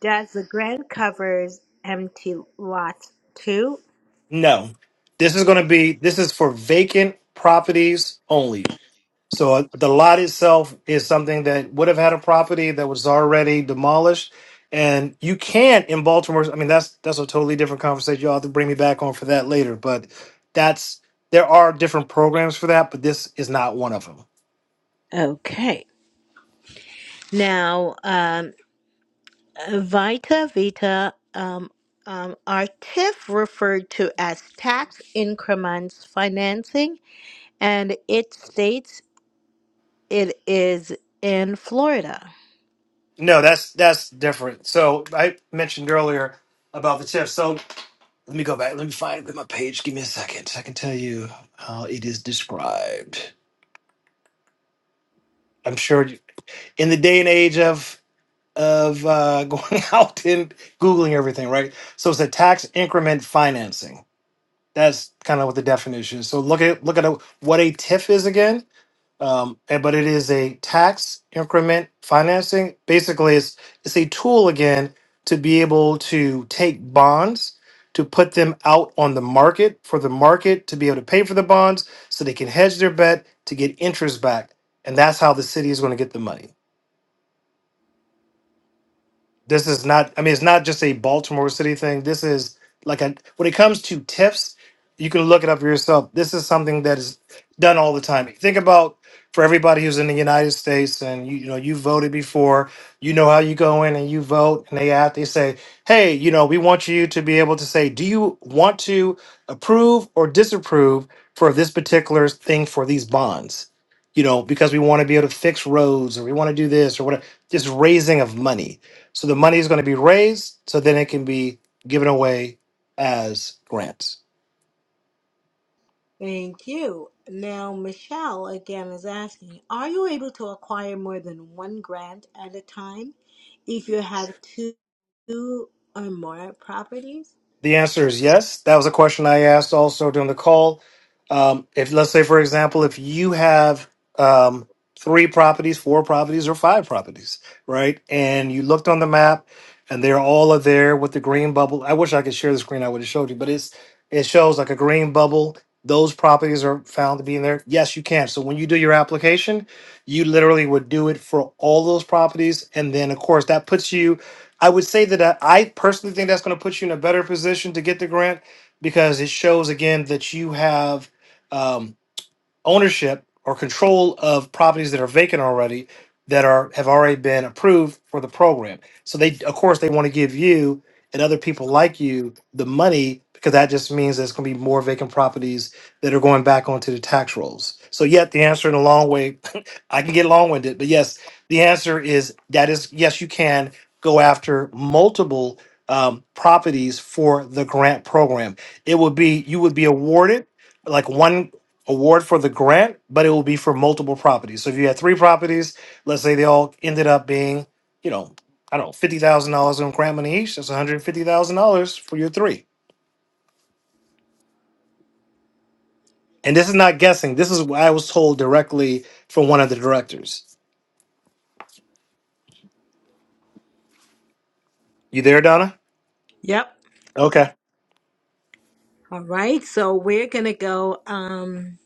Speaker 2: does the grant covers empty lot too?
Speaker 3: No, this is going to be this is for vacant properties only. So uh, the lot itself is something that would have had a property that was already demolished, and you can't in Baltimore. I mean, that's that's a totally different conversation. You'll have to bring me back on for that later. But that's there are different programs for that, but this is not one of them.
Speaker 2: Okay. Now, um, Vita Vita, um, um, are TIF referred to as tax increments financing, and it states it is in Florida.
Speaker 3: No, that's that's different. So I mentioned earlier about the tips. So let me go back. Let me find my page. Give me a second. I can tell you how it is described. I'm sure you- in the day and age of of uh, going out and googling everything, right? So it's a tax increment financing. That's kind of what the definition is. So look at look at a, what a TIF is again. Um, and, but it is a tax increment financing. Basically, it's it's a tool again to be able to take bonds to put them out on the market for the market to be able to pay for the bonds so they can hedge their bet to get interest back and that's how the city is going to get the money This is not. I mean, it's not just a Baltimore City thing. This is like a when it comes to tips, you can look it up for yourself. This is something that is done all the time. Think about for everybody who's in the United States, and you, you know you voted before. You know how you go in and you vote, and they ask, they say, "Hey, you know, we want you to be able to say, do you want to approve or disapprove for this particular thing for these bonds?" you know, because we want to be able to fix roads or we want to do this or whatever. Just raising of money. So the money is going to be raised so then it can be given away as grants.
Speaker 2: Thank you. Now, Michelle again is asking, are you able to acquire more than one grant at a time if you have two or more properties?
Speaker 3: The answer is yes. That was a question I asked also during the call. Um, if let's say, for example, if you have um, three properties, four properties, or five properties, right, and you looked on the map, and they're all are there with the green bubble. I wish I could share the screen. I would have showed you, but it's it shows like a green bubble. Those properties are found to be in there. Yes, you can. So when you do your application, you literally would do it for all those properties, and then of course that puts you I would say that I, I personally think that's going to put you in a better position to get the grant because it shows again that you have. um, ownership or control of properties that are vacant already that are have already been approved for the program. So they of course they want to give you and other people like you the money because that just means there's going to be more vacant properties that are going back onto the tax rolls. So yet the answer in a long way I can get long-winded, but yes, the answer is that is yes you can go after multiple um, properties for the grant program. It would be you would be awarded like one award for the grant, but it will be for multiple properties. So if you had three properties, let's say they all ended up being, you know, I don't know, fifty thousand dollars in grant money each. That's one hundred fifty thousand dollars for your three. And this is not guessing. This is what I was told directly from one of the directors. You there, Donna?
Speaker 2: Yep.
Speaker 3: Okay.
Speaker 2: All right, so we're gonna go. Um,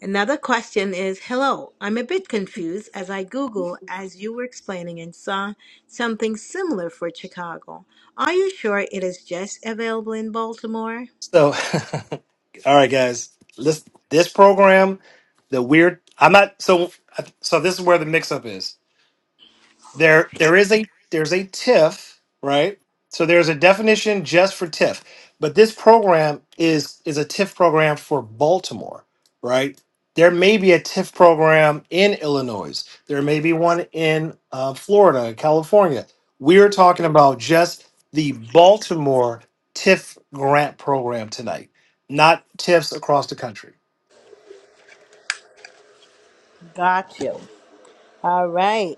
Speaker 2: another question is, hello, I'm a bit confused as I Google as you were explaining and saw something similar for Chicago. Are you sure it is just available in Baltimore?
Speaker 3: So, all right, guys. Let's this program, the weird. I'm not so. So this is where the mix-up is. there there is a there's a TIF, right? So there's a definition just for TIF, but this program is is a TIF program for Baltimore, right? There may be a TIF program in Illinois. There may be one in uh, Florida, California. We're talking about just the Baltimore TIF grant program tonight, not TIFs across the country.
Speaker 2: Got you. All right.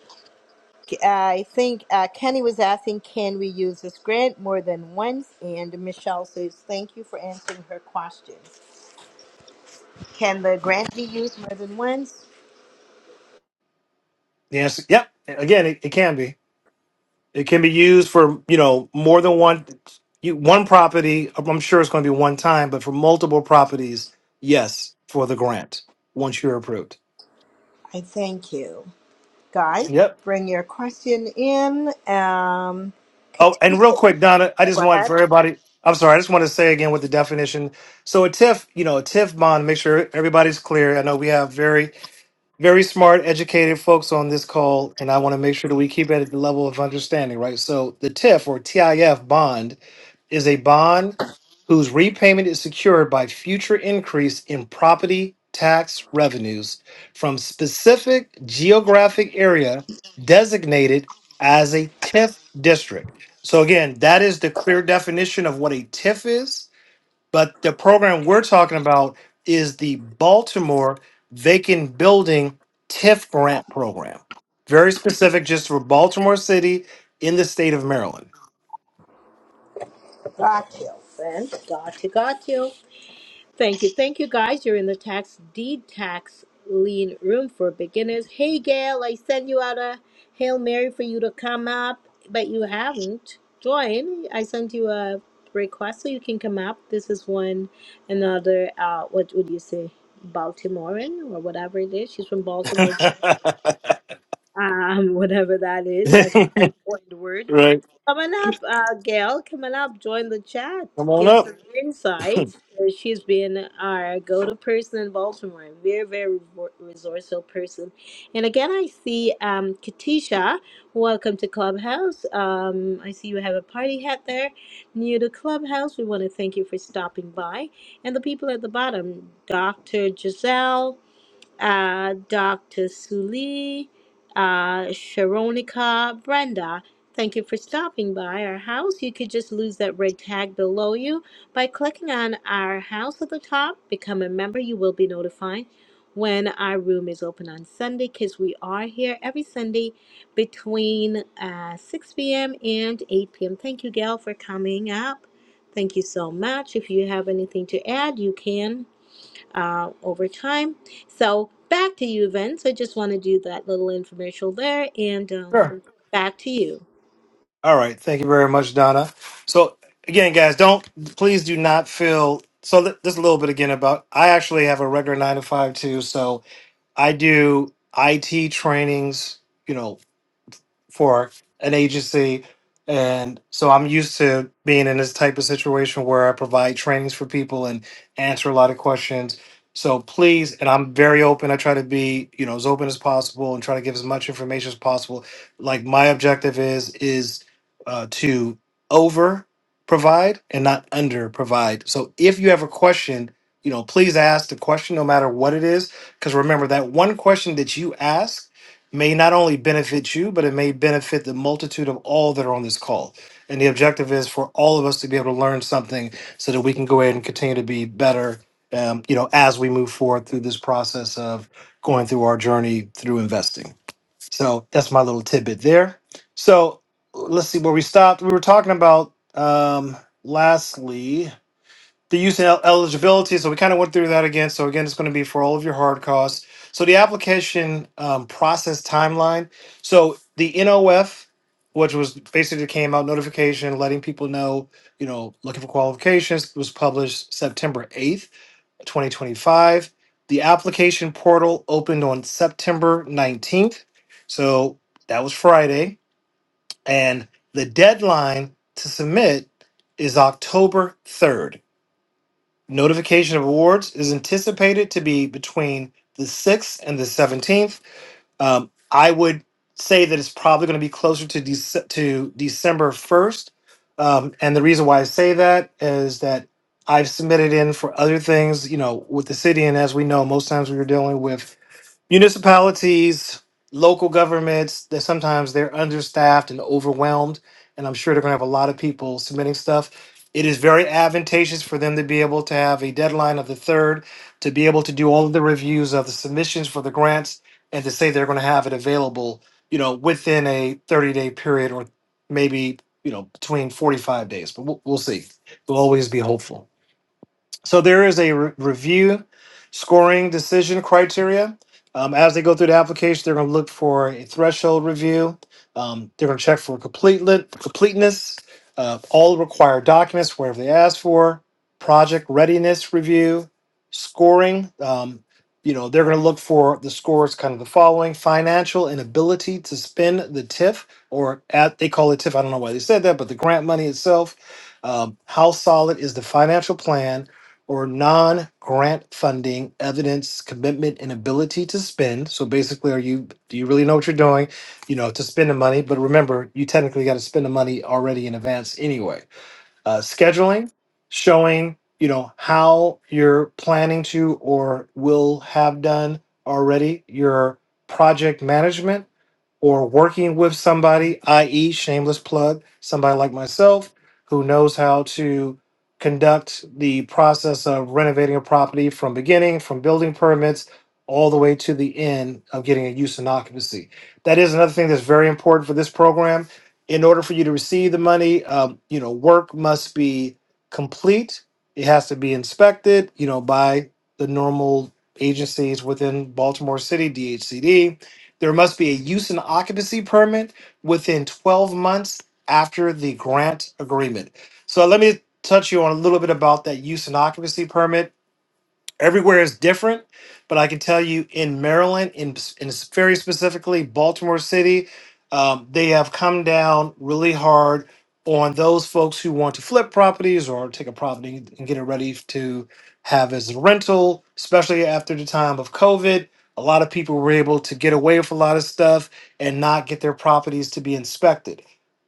Speaker 2: I think uh, Kenny was asking, can we use this grant more than once? And Michelle says, thank you for answering her question. Can the grant be used more than once?
Speaker 3: The answer, yep. Again, it, it can be. It can be used for you know more than one you, one property. I'm sure it's going to be one time, but for multiple properties, yes, for the grant once you're approved.
Speaker 2: I thank you. Guy,
Speaker 3: Yep.
Speaker 2: bring your question in. Um,
Speaker 3: Oh,
Speaker 2: Katinka,
Speaker 3: and real
Speaker 2: go
Speaker 3: quick, Donna, I just want
Speaker 2: ahead.
Speaker 3: for everybody. I'm sorry, I just want to say again with the definition. So a TIF, you know, a TIF bond. Make sure everybody's clear. I know we have very very smart, educated folks on this call, and I want to make sure that we keep it at the level of understanding, right? So the TIF or TIF bond is a bond whose repayment is secured by future increase in property tax revenues from specific geographic area designated as a TIF district. So again, that is the clear definition of what a TIF is, but the program we're talking about is the Baltimore Vacant Building TIF Grant Program. Very specific just for Baltimore City in the state of Maryland.
Speaker 2: Got you, friend. Got you, got you. Thank you. Thank you, guys. You're in the tax deed tax lien room for beginners. Hey, Gail, I sent you out a Hail Mary for you to come up, but you haven't joined. I sent you a request so you can come up. This is one another, uh, what would you say, Baltimorean or whatever it is. She's from Baltimore, um, whatever that is. That's my important word.
Speaker 3: Right.
Speaker 2: Coming up, uh, Gail, coming up, join the chat.
Speaker 3: Come on
Speaker 2: Give
Speaker 3: up.
Speaker 2: some insight. Uh, She's been our go to person in Baltimore, very, very re- resourceful person. And again, I see um, Katisha. Welcome to Clubhouse. Um, I see you have a party hat there. New to Clubhouse, we want to thank you for stopping by. And the people at the bottom, Dr. Giselle uh, Dr. Suli, uh, Sharonica, Brenda. Thank you for stopping by our house. You could just lose that red tag below you by clicking on our house at the top. Become a member. You will be notified when our room is open on Sunday because we are here every Sunday between uh, 6 p.m. and 8 p.m. Thank you, Gail, for coming up. Thank you so much. If you have anything to add, you can uh, over time. So back to you, Vince. I just want to do that little infomercial there, and um,
Speaker 3: Sure.
Speaker 2: back to you.
Speaker 3: All right. Thank you very much, Donna. So again, guys, don't please do not feel so th- just a little bit again about I actually have a regular nine to five too. So I do IT trainings, you know, for an agency. And so I'm used to being in this type of situation where I provide trainings for people and answer a lot of questions. So please, and I'm very open. I try to be, you know, as open as possible and try to give as much information as possible. Like my objective is is uh, to over provide and not under provide. So if you have a question, you know, please ask the question no matter what it is. Because remember that one question that you ask may not only benefit you, but it may benefit the multitude of all that are on this call. And the objective is for all of us to be able to learn something so that we can go ahead and continue to be better, um, you know, as we move forward through this process of going through our journey through investing. So that's my little tidbit there. So let's see where we stopped. We were talking about, um, lastly, the use and el- eligibility. So we kind of went through that again. So again, it's going to be for all of your hard costs. So the application um, process timeline. So the NOF, which was basically came out notification letting people know, you know, looking for qualifications, was published September eighth, twenty twenty five. The application portal opened on September nineteenth. So that was Friday, and the deadline to submit is October third. Notification of awards is anticipated to be between the 6th and the 17th. Um, I would say that it's probably going to be closer to, Dec- to December 1st. Um, and the reason why I say that is that I've submitted in for other things, you know, with the city. And as we know, most times we are dealing with municipalities, local governments that sometimes they're understaffed and overwhelmed, and I'm sure they're going to have a lot of people submitting stuff. It is very advantageous for them to be able to have a deadline of the third to be able to do all of the reviews of the submissions for the grants and to say they're going to have it available, you know, within a 30 day period or maybe you know between 45 days. But we'll, we'll see. We'll always be hopeful. So there is a re- review scoring decision criteria. Um, as they go through the application, they're going to look for a threshold review. Um, they're going to check for complete completeness, uh, all required documents wherever they ask for, project readiness review, scoring. Um, you know, they're going to look for the scores kind of the following financial inability to spend the TIF or at they call it TIF. I don't know why they said that, but the grant money itself. Um, how solid is the financial plan? or non grant funding evidence commitment and ability to spend so basically are you do you really know what you're doing you know to spend the money but remember you technically got to spend the money already in advance anyway uh, scheduling showing you know how you're planning to or will have done already your project management or working with somebody, i.e., shameless plug, somebody like myself who knows how to conduct the process of renovating a property from beginning, from building permits, all the way to the end of getting a use and occupancy. That is another thing that's very important for this program. In order for you to receive the money, um, you know, work must be complete. It has to be inspected, you know, by the normal agencies within Baltimore City, DHCD there must be a use and occupancy permit within 12 months after the grant agreement. So let me touch you on a little bit about that use and occupancy permit everywhere is different but i can tell you in maryland in, in very specifically baltimore city um, they have come down really hard on those folks who want to flip properties or take a property and get it ready to have as a rental especially after the time of covid a lot of people were able to get away with a lot of stuff and not get their properties to be inspected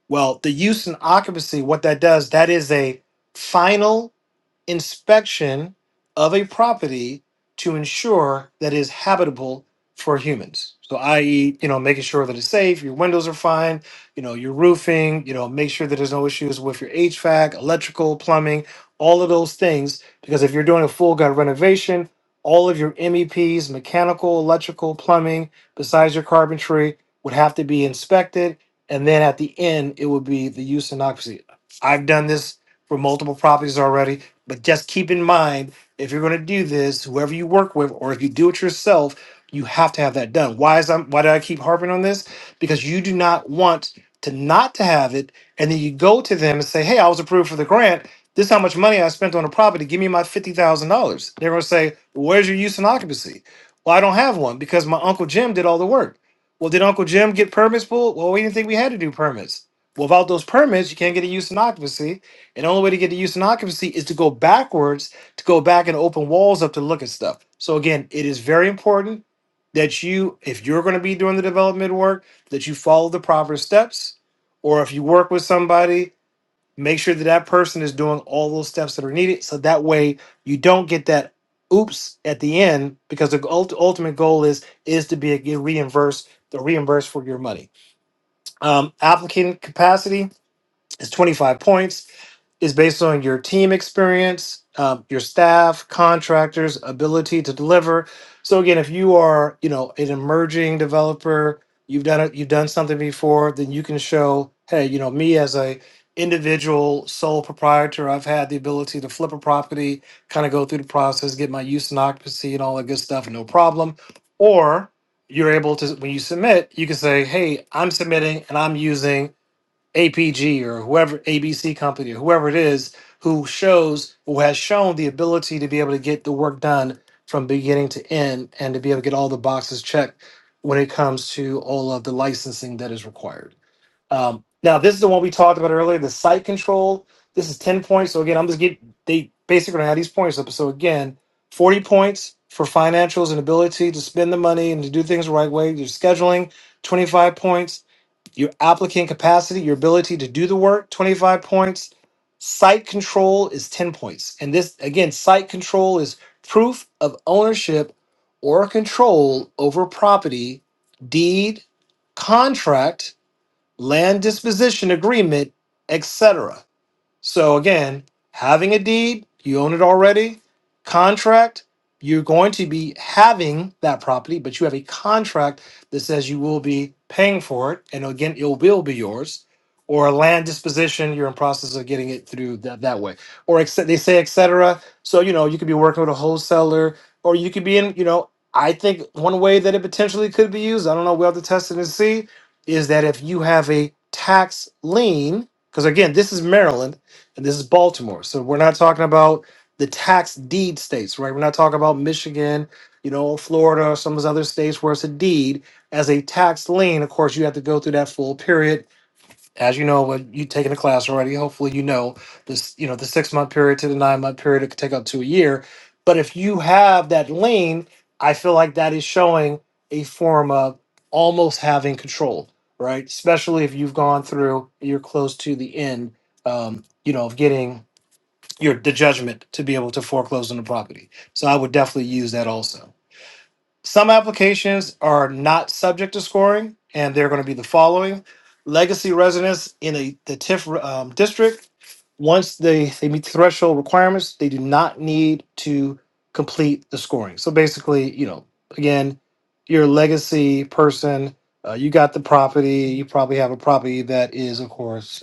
Speaker 3: well the use and occupancy what that does that is a final inspection of a property to ensure that it is habitable for humans. So, i.e., you know, making sure that it's safe, your windows are fine, you know, your roofing, you know, make sure that there's no issues with your HVAC, electrical, plumbing, all of those things. Because if you're doing a full gut renovation, all of your MEPs, mechanical, electrical, plumbing, besides your carpentry, would have to be inspected. And then at the end, it would be the use and occupancy. I've done this for multiple properties already. But just keep in mind, if you're going to do this, whoever you work with, or if you do it yourself, you have to have that done. Why is I'm, why do I keep harping on this? Because you do not want to not to have it, and then you go to them and say, "Hey, I was approved for the grant. This is how much money I spent on a property. Give me my fifty thousand dollars." They're going to say, "Where's your use and occupancy?" Well, I don't have one because my uncle Jim did all the work. Well, did Uncle Jim get permits pulled? Well, we didn't think we had to do permits. Well, without those permits, you can't get a use and occupancy and the only way to get the use and occupancy is to go backwards, to go back and open walls up to look at stuff. So again, it is very important that you, if you're going to be doing the development work, that you follow the proper steps. Or if you work with somebody, make sure that that person is doing all those steps that are needed. So that way you don't get that oops at the end because the ult- ultimate goal is is to be get reimbursed the reimbursed for your money um applicant capacity is 25 points is based on your team experience, um, your staff, contractors' ability to deliver. So again, if you are, you know, an emerging developer, you've done it, you've done something before, then you can show, hey, you know, me as a individual sole proprietor, I've had the ability to flip a property, kind of go through the process, get my use and occupancy and all that good stuff, no problem. Or you're able to, when you submit, you can say, hey, I'm submitting and I'm using APG or whoever ABC company or whoever it is who shows who has shown the ability to be able to get the work done from beginning to end and to be able to get all the boxes checked when it comes to all of the licensing that is required. Um, now this is the one we talked about earlier, the site control. This is ten points. So again, I'm just getting they basically gonna have these points up. So again, forty points for financials and ability to spend the money and to do things the right way. Your scheduling, twenty five points your applicant capacity, your ability to do the work, 25 points. Site control is 10 points. And this, again, site control is proof of ownership or control over property, deed, contract, land disposition agreement, etc. So again, having a deed, you own it already. Contract, you're going to be having that property, but you have a contract that says you will be paying for it, and again, it will be yours. Or a land disposition, you're in process of getting it through that, that way. Or ex- they say et cetera. So you know you could be working with a wholesaler, or you could be in. You know, I think one way that it potentially could be used. I don't know. We'll have to test it and see. Is that if you have a tax lien, because again, this is Maryland and this is Baltimore. So we're not talking about the tax deed states, right? We're not talking about Michigan, you know, Florida, or some of those other states where it's a deed as a tax lien. Of course, you have to go through that full period as you know, what you've taken a class already, hopefully you know this, you know, the six month period to the nine month period, it could take up to a year. But if you have that lean, I feel like that is showing a form of almost having control, right? Especially if you've gone through, you're close to the end, um, you know, of getting your the judgment to be able to foreclose on the property. So I would definitely use that also. Some applications are not subject to scoring, and they're going to be the following: legacy residents in a, the TIF um, district. Once they they meet the threshold requirements, they do not need to complete the scoring. So basically, you know, again, you're a legacy person. Uh, you got the property. You probably have a property that is, of course,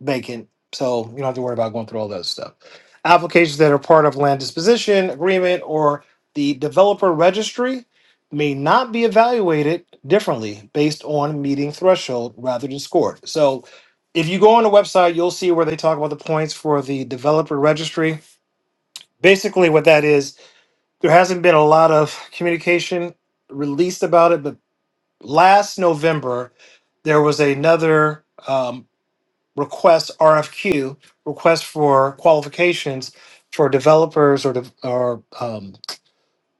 Speaker 3: vacant, so you don't have to worry about going through all that stuff. Applications that are part of land disposition agreement or the developer registry may not be evaluated differently based on meeting threshold rather than scored. So if you go on the website, you'll see where they talk about the points for the developer registry. Basically, what that is, there hasn't been a lot of communication released about it, but last November, there was another um, request RFQ, request for qualifications for developers or, de- or um,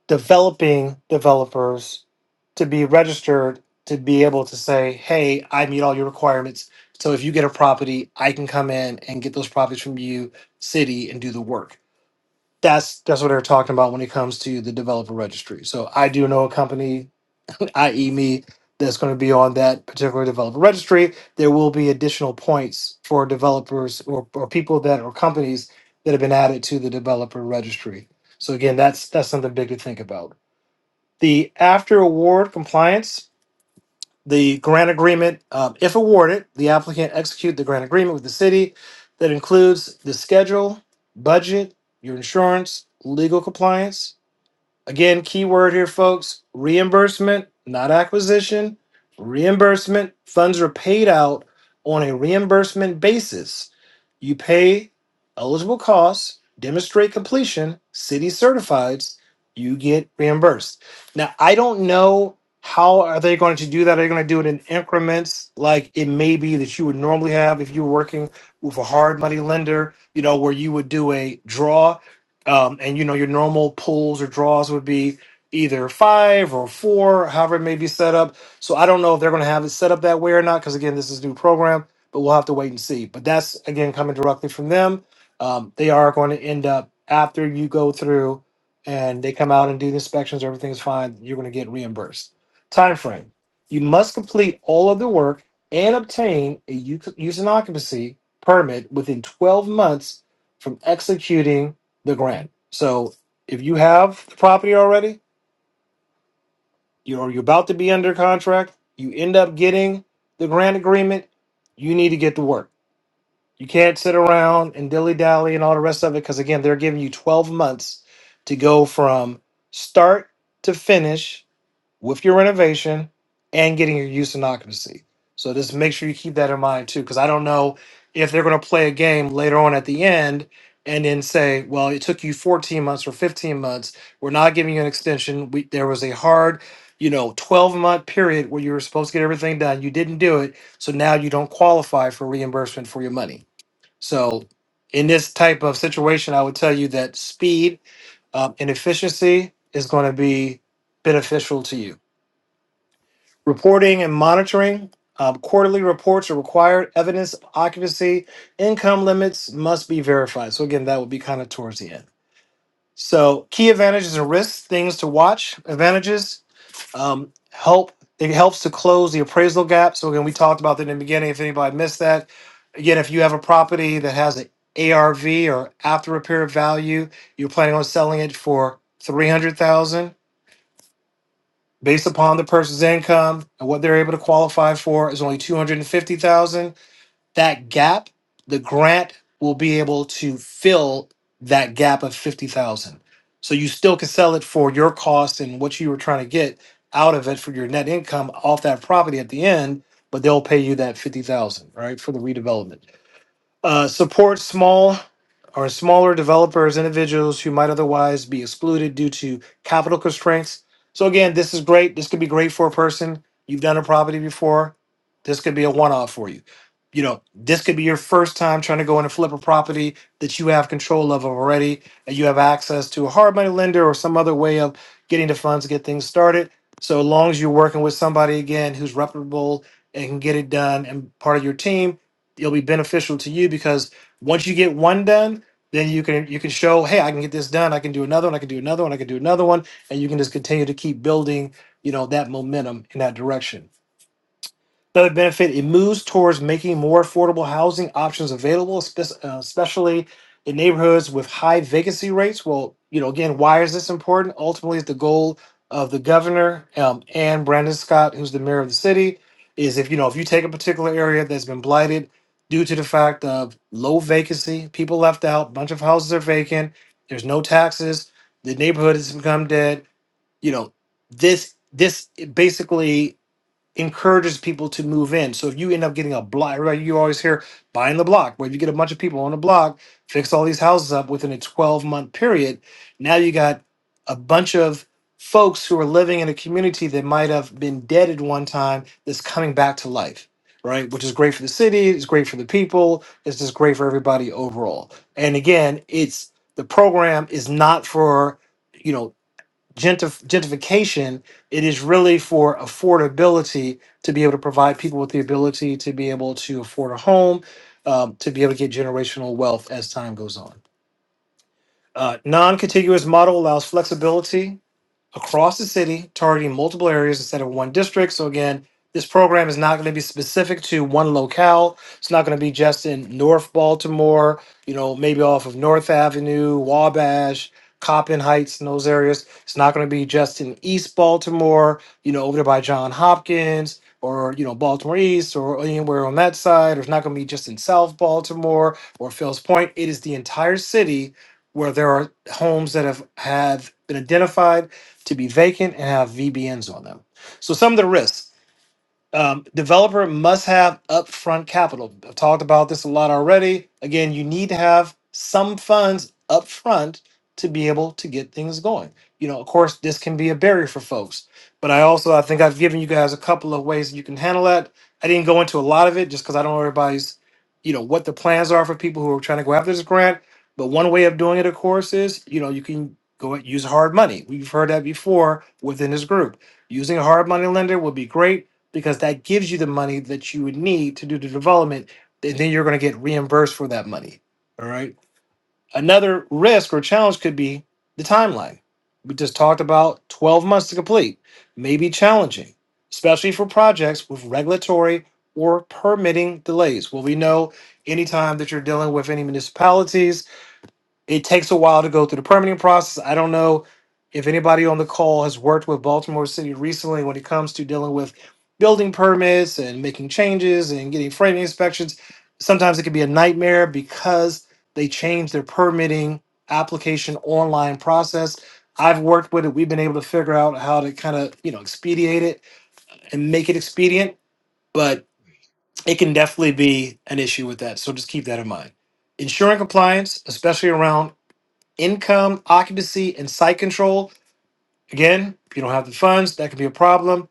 Speaker 3: developing developers to be registered to be able to say, hey, I meet all your requirements. So if you get a property, I can come in and get those properties from you, city, and do the work. That's that's what they're talking about when it comes to the developer registry. So I do know a company i.e., me, that's going to be on that particular developer registry. There will be additional points for developers or, or people that or companies that have been added to the developer registry. So again, that's that's something big to think about. The after award compliance, the grant agreement, um, if awarded, the applicant execute the grant agreement with the city that includes the schedule, budget, your insurance, legal compliance, Again, keyword here, folks reimbursement, not acquisition. Reimbursement funds are paid out on a reimbursement basis. You pay eligible costs, demonstrate completion, city certifies, you get reimbursed. Now, I don't know how are they going to do that. Are they going to do it in increments like it may be that you would normally have if you were working with a hard money lender, you know, where you would do a draw um, and you know, your normal pulls or draws would be either five or four, however it may be set up. So I don't know if they're going to have it set up that way or not, because again, this is a new program, but we'll have to wait and see. But that's again coming directly from them. Um, they are going to end up after you go through and they come out and do the inspections, everything's fine, you're going to get reimbursed. Time frame. You must complete all of the work and obtain a u- use and occupancy permit within 12 months from executing the grant. So if you have the property already, you or you're about to be under contract, you end up getting the grant agreement, you need to get to work. You can't sit around and dilly dally and all the rest of it because again, they're giving you 12 months to go from start to finish with your renovation and getting your use and occupancy. So just make sure you keep that in mind too, because I don't know if they're going to play a game later on at the end and then say, "Well, it took you 14 months or 15 months. We're not giving you an extension. We, there was a hard, you know, 12 month period where you were supposed to get everything done. You didn't do it, so now you don't qualify for reimbursement for your money." So in this type of situation, I would tell you that speed um, and efficiency is going to be beneficial to you. Reporting and monitoring. Um, quarterly reports are required. Evidence of occupancy, income limits must be verified. So again, that would be kind of towards the end. So key advantages and risks, things to watch. Advantages um, help. It helps to close the appraisal gap. So again, we talked about that in the beginning. If anybody missed that, again, if you have a property that has an ARV or after repair value, you're planning on selling it for three hundred thousand based upon the person's income and what they're able to qualify for is only 250,000 that gap the grant will be able to fill that gap of 50,000 so you still can sell it for your cost and what you were trying to get out of it for your net income off that property at the end but they'll pay you that 50,000 right for the redevelopment uh, support small or smaller developers, individuals who might otherwise be excluded due to capital constraints. So again, this is great. This could be great for a person. You've done a property before. This could be a one-off for you. You know, this could be your first time trying to go in and flip a property that you have control of already, and you have access to a hard money lender or some other way of getting the funds to get things started. So long as you're working with somebody again who's reputable and can get it done and part of your team, it'll be beneficial to you because once you get one done then you can you can show hey i can get this done i can do another one i can do another one i can do another one and you can just continue to keep building you know that momentum in that direction Another benefit, it moves towards making more affordable housing options available, spe- uh, especially in neighborhoods with high vacancy rates. Well, you know, again, why is this important? Ultimately, it's the goal of the governor um, and Brandon Scott, who's the mayor of the city, is if you know if you take a particular area that's been blighted due to the fact of low vacancy, people left out, bunch of houses are vacant, there's no taxes, the neighborhood has become dead. You know, this this basically encourages people to move in. So if you end up getting a block, right, you always hear buying the block. Well, if you get a bunch of people on a block, fix all these houses up within a 12 month period, now you got a bunch of folks who are living in a community that might have been dead at one time that's coming back to life. Right, which is great for the city, it's great for the people, it's just great for everybody overall. And again, it's the program is not for, you know, gentrif- gentrification, it is really for affordability to be able to provide people with the ability to be able to afford a home, um, to be able to get generational wealth as time goes on. Uh, non contiguous model allows flexibility across the city, targeting multiple areas instead of one district. So again, this program is not going to be specific to one locale. It's not going to be just in North Baltimore, you know, maybe off of North Avenue, Wabash, Coppin Heights, and those areas. It's not going to be just in East Baltimore, you know, over there by John Hopkins or, you know, Baltimore East or anywhere on that side. Or it's not going to be just in South Baltimore or Fell's Point. It is the entire city where there are homes that have, have been identified to be vacant and have VBNs on them. So some of the risks. Um, developer must have upfront capital. I've talked about this a lot already. Again, you need to have some funds upfront to be able to get things going. You know, of course, this can be a barrier for folks, but I also I think I've given you guys a couple of ways you can handle that. I didn't go into a lot of it just because I don't know everybody's, you know, what the plans are for people who are trying to go after this grant. But one way of doing it, of course, is you know you can go and use hard money. We've heard that before within this group. Using a hard money lender would be great because that gives you the money that you would need to do the development, and then you're going to get reimbursed for that money. All right. Another risk or challenge could be the timeline. We just talked about 12 months to complete, may be challenging, especially for projects with regulatory or permitting delays. Well, we know anytime that you're dealing with any municipalities, it takes a while to go through the permitting process. I don't know if anybody on the call has worked with Baltimore City recently when it comes to dealing with building permits and making changes and getting framing inspections. Sometimes it can be a nightmare because they change their permitting application online process. I've worked with it. We've been able to figure out how to kind of, you know, expedite it and make it expedient, but it can definitely be an issue with that. So just keep that in mind ensuring compliance, especially around income, occupancy, and site control. Again, if you don't have the funds, that could be a problem.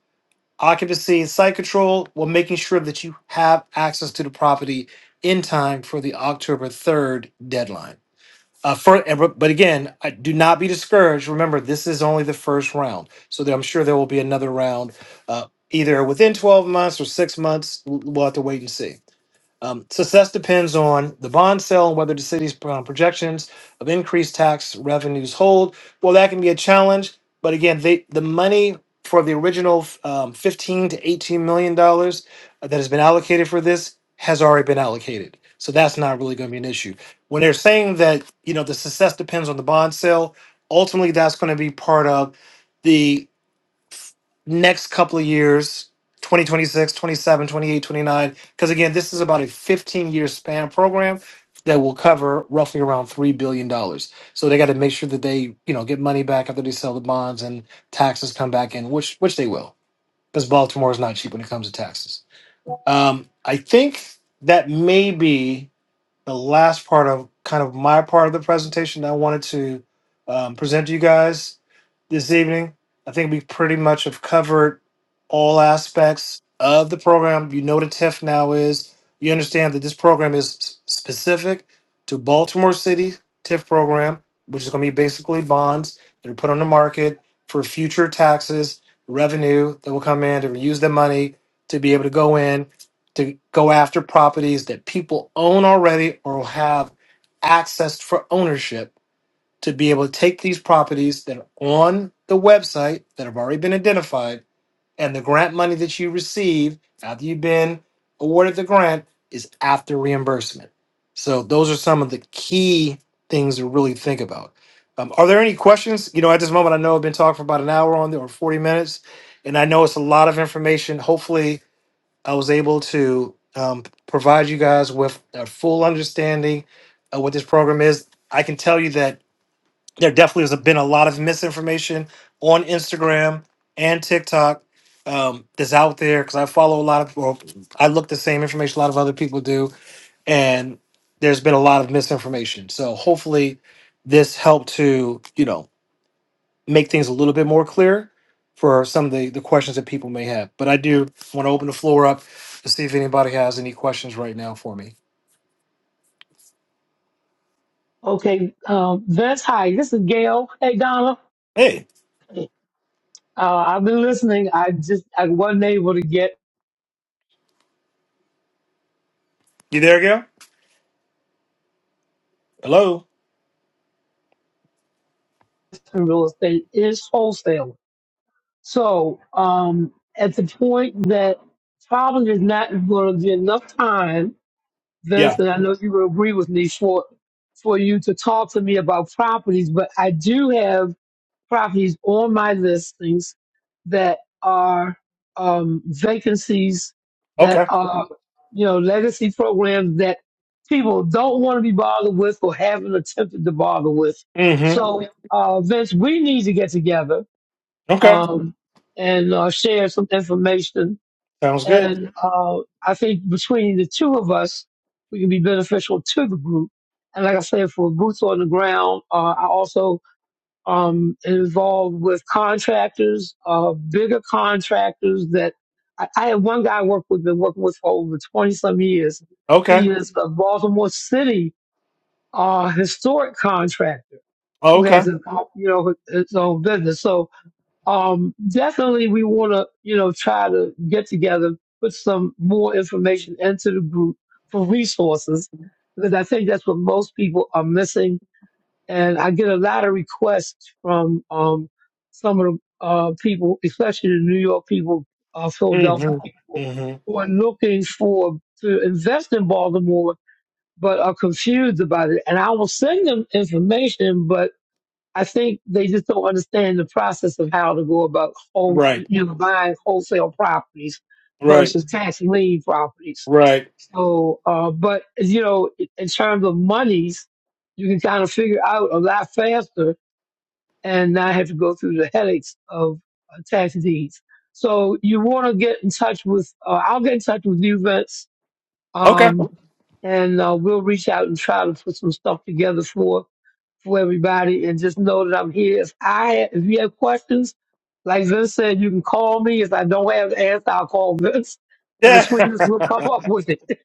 Speaker 3: Occupancy and site control, well, making sure that you have access to the property in time for the October 3rd deadline. Uh, for, and re- but again, I, do not be discouraged. Remember, this is only the first round. So there, I'm sure there will be another round uh, either within 12 months or six months. We'll we'll have to wait and see. Um, success depends on the bond sale and whether the city's um, projections of increased tax revenues hold. Well, that can be a challenge, but again, they, the money for the original um, 15 to 18 million dollars that has been allocated for this has already been allocated. So that's not really going to be an issue. When they're saying that, you know, the success depends on the bond sale, ultimately that's going to be part of next couple of years 2026, 27, 28, 29. because again this is about a 15 year span program that will cover roughly around three billion dollars so they got to make sure that they you know get money back after they sell the bonds and taxes come back in which which they will because baltimore is not cheap when it comes to taxes um, i think that may be the last part of kind of my part of the presentation that I wanted to um, present to you guys this evening. I think we pretty much have covered all aspects of the program. You know what a TIF now is. You understand that this program is s- specific to Baltimore City TIF program, which is going to be basically bonds that are put on the market for future taxes, revenue that will come in to use the money to be able to go in to go after properties that people own already or have access for ownership to be able to take these properties that are on the website that have already been identified and the grant money that you receive after you've been awarded the grant is after reimbursement. So those are some of the key things to really think about. Um, are there any questions? You know, at this moment, I know I've been talking for about an hour on there or 40 minutes, and I know it's a lot of information. Hopefully, I was able to um, provide you guys with a full understanding of what this program is. I can tell you that there definitely has been a lot of misinformation on Instagram and TikTok um, that's out there because I follow a lot of, well, I look the same information a lot of other people do, and there's been a lot of misinformation. So hopefully, this helped to you know make things a little bit more clear for some of the, the questions that people may have. But I do want to open the floor up to see if anybody has any questions right now for me.
Speaker 4: Okay, um, Vince, hi. This is Gail. Hey, Donna.
Speaker 3: Hey,
Speaker 4: Uh, I've been listening. I just I wasn't able to get
Speaker 3: you there, Gail? Hello?
Speaker 4: in real estate. It's wholesale. So um, at the point that probably there's not going to be enough time, Vince,
Speaker 3: Yeah.
Speaker 4: and I know you will agree with me for for you to talk to me about properties. But I do have properties on my listings that are um, vacancies that
Speaker 3: Okay.
Speaker 4: are, you know, legacy programs that people don't want to be bothered with or haven't attempted to bother with.
Speaker 3: Mm-hmm.
Speaker 4: So, uh, Vince, we need to get together
Speaker 3: Okay.
Speaker 4: um, and uh, share some information.
Speaker 3: Sounds good.
Speaker 4: And uh, I think between the two of us, we can be beneficial to the group. And like I said, for boots on the ground, uh, I also um, involved with contractors, uh, bigger contractors that I, I had one guy I worked with, been working with for over 20 some years. He
Speaker 3: Okay.
Speaker 4: is a Baltimore City, uh, historic contractor who has
Speaker 3: Okay.
Speaker 4: his, own- you know, his own business. So, um, definitely we want to, you know, try to get together, put some more information into the group for resources because I think that's what most people are missing and I get a lot of requests from um, some of the uh, people, especially the New York people, uh, Philadelphia
Speaker 3: Mm-hmm.
Speaker 4: people,
Speaker 3: Mm-hmm.
Speaker 4: who are looking for to invest in Baltimore but are confused about it. And I will send them information, but. I think they just don't understand the process of how to go about whole,
Speaker 3: Right.
Speaker 4: you know, buying wholesale properties
Speaker 3: Right.
Speaker 4: versus tax lien properties.
Speaker 3: Right.
Speaker 4: So, uh, but you know, in in terms of monies, you can kind of figure out a lot faster and not have to go through the headaches of uh, tax deeds. So you want to get in touch with, uh, I'll get in touch with you, Vince,
Speaker 3: Okay.
Speaker 4: um, and uh, we'll reach out and try to put some stuff together for for everybody and just know that I'm here. If I if you have questions, like Vince said, you can call me. If I don't have the answer, I'll call Vince. And
Speaker 3: Yeah.
Speaker 4: between us, we'll come up with it.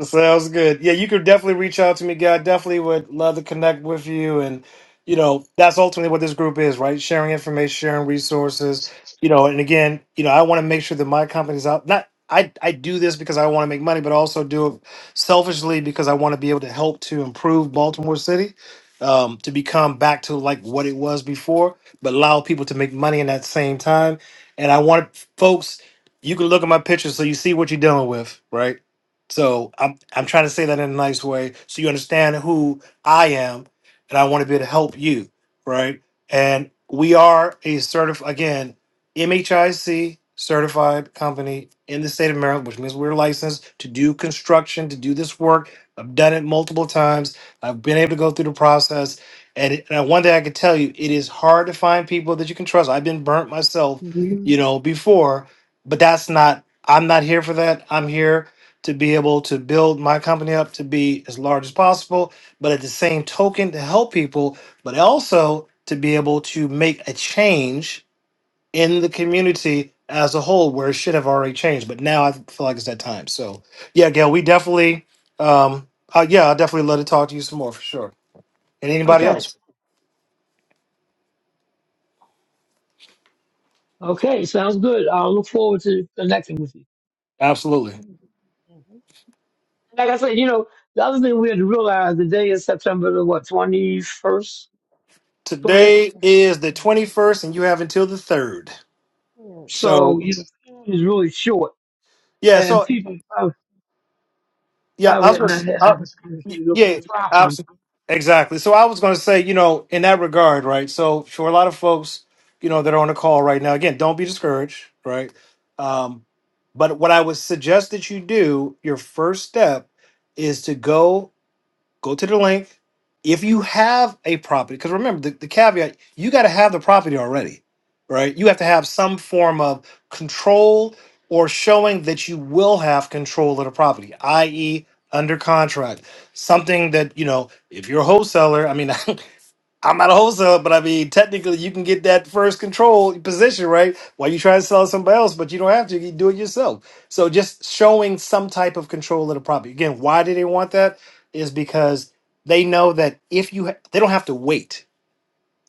Speaker 3: Sounds good. Yeah, you could definitely reach out to me, guy. Definitely would love to connect with you. And, you know, that's ultimately what this group is, right? Sharing information, sharing resources. You know, and again, you know, I want to make sure that my company's out. Not I, I do this because I want to make money, but I also do it selfishly because I want to be able to help to improve Baltimore City um, to become back to like what it was before, but allow people to make money in that same time. And I want folks, you can look at my pictures so you see what you're dealing with, right? So I'm I'm trying to say that in a nice way so you understand who I am and I want to be able to help you, right? And we are a certif again, MHIC certified company in the state of Maryland, which means we're licensed to do construction, to do this work. I've done it multiple times. I've been able to go through the process. And, it, and one thing I can tell you, it is hard to find people that you can trust. I've been burnt myself,
Speaker 4: Mhm.
Speaker 3: you know, before, but that's not, I'm not here for that. I'm here to be able to build my company up to be as large as possible, but at the same token to help people, but also to be able to make a change in the community as a whole where it should have already changed. But now I feel like it's that time. So yeah, Gail, we definitely um uh, yeah, I'll definitely love to talk to you some more for sure. And anybody
Speaker 4: okay.
Speaker 3: else?
Speaker 4: Okay, sounds good. I'll look forward to connecting with you.
Speaker 3: Absolutely.
Speaker 4: Like I said, you know, the other thing we had to realize the day is September the what, twenty first, twentieth?
Speaker 3: Today is the 21st and you have until the 3rd. So
Speaker 4: So you know, is really short.
Speaker 3: yeah, so
Speaker 4: And people probably,
Speaker 3: Yeah,
Speaker 4: probably
Speaker 3: I was
Speaker 4: had
Speaker 3: going
Speaker 4: not
Speaker 3: to.
Speaker 4: had
Speaker 3: Uh,
Speaker 4: opportunity
Speaker 3: y-
Speaker 4: to look for
Speaker 3: Yeah,
Speaker 4: property.
Speaker 3: absolutely, exactly. So I was going to say, you know, in that regard, right? So for a lot of folks, you know, that are on the call right now, again, don't be discouraged, right? Um, but what I would suggest that you do, your first step, is to go Go to the link. If you have a property, because remember the, the caveat, you got to have the property already, right? You have to have some form of control or showing that you will have control of the property, i.e., under contract. Something that, you know, if you're a wholesaler, I mean, I'm not a wholesaler, but I mean, technically, you can get that first control position, right? While you try to sell it to somebody else, but you don't have to. You can do it yourself. So, just showing some type of control of the property. Again, why do they want that? Is because they know that if you, ha- they don't have to wait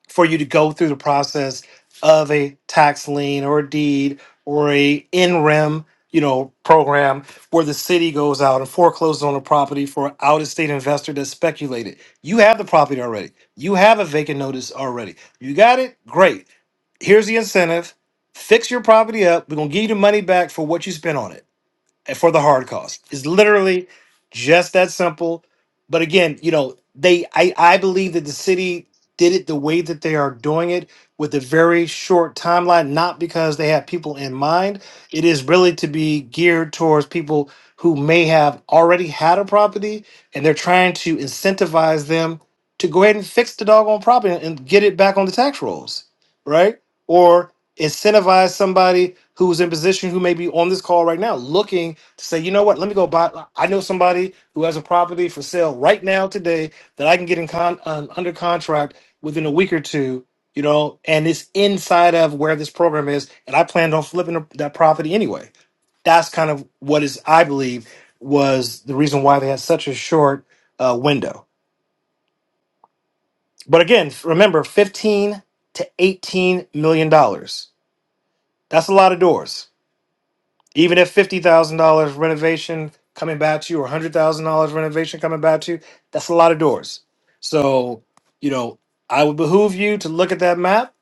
Speaker 3: for you to go through the process of a tax lien or a deed or a in rem you know program where the city goes out and forecloses on a property for an out of state investor that speculated you have the property already you have a vacant notice already you got it great here's the incentive fix your property up we're going to give you the money back for what you spent on it and for the hard cost. It's literally just that simple. But again, you know, they I, I believe that the city did it the way that they are doing it with a very short timeline, not because they have people in mind. It is really to be geared towards people who may have already had a property and they're trying to incentivize them to go ahead and fix the doggone property and get it back on the tax rolls, right? Or incentivize somebody who's in position who may be on this call right now looking to say, you know what, let me go buy. I know somebody who has a property for sale right now today that I can get in con uh, under contract within a week or two. You know, and it's inside of where this program is, and I planned on flipping that property anyway. That's kind of what is, I believe, was the reason why they had such a short uh, window. But again, remember, fifteen to eighteen million dollars. That's a lot of doors Even if fifty thousand dollars renovation coming back to you, or hundred thousand dollars renovation coming back to you, that's a lot of doors. So, you know, I would behoove you to look at that map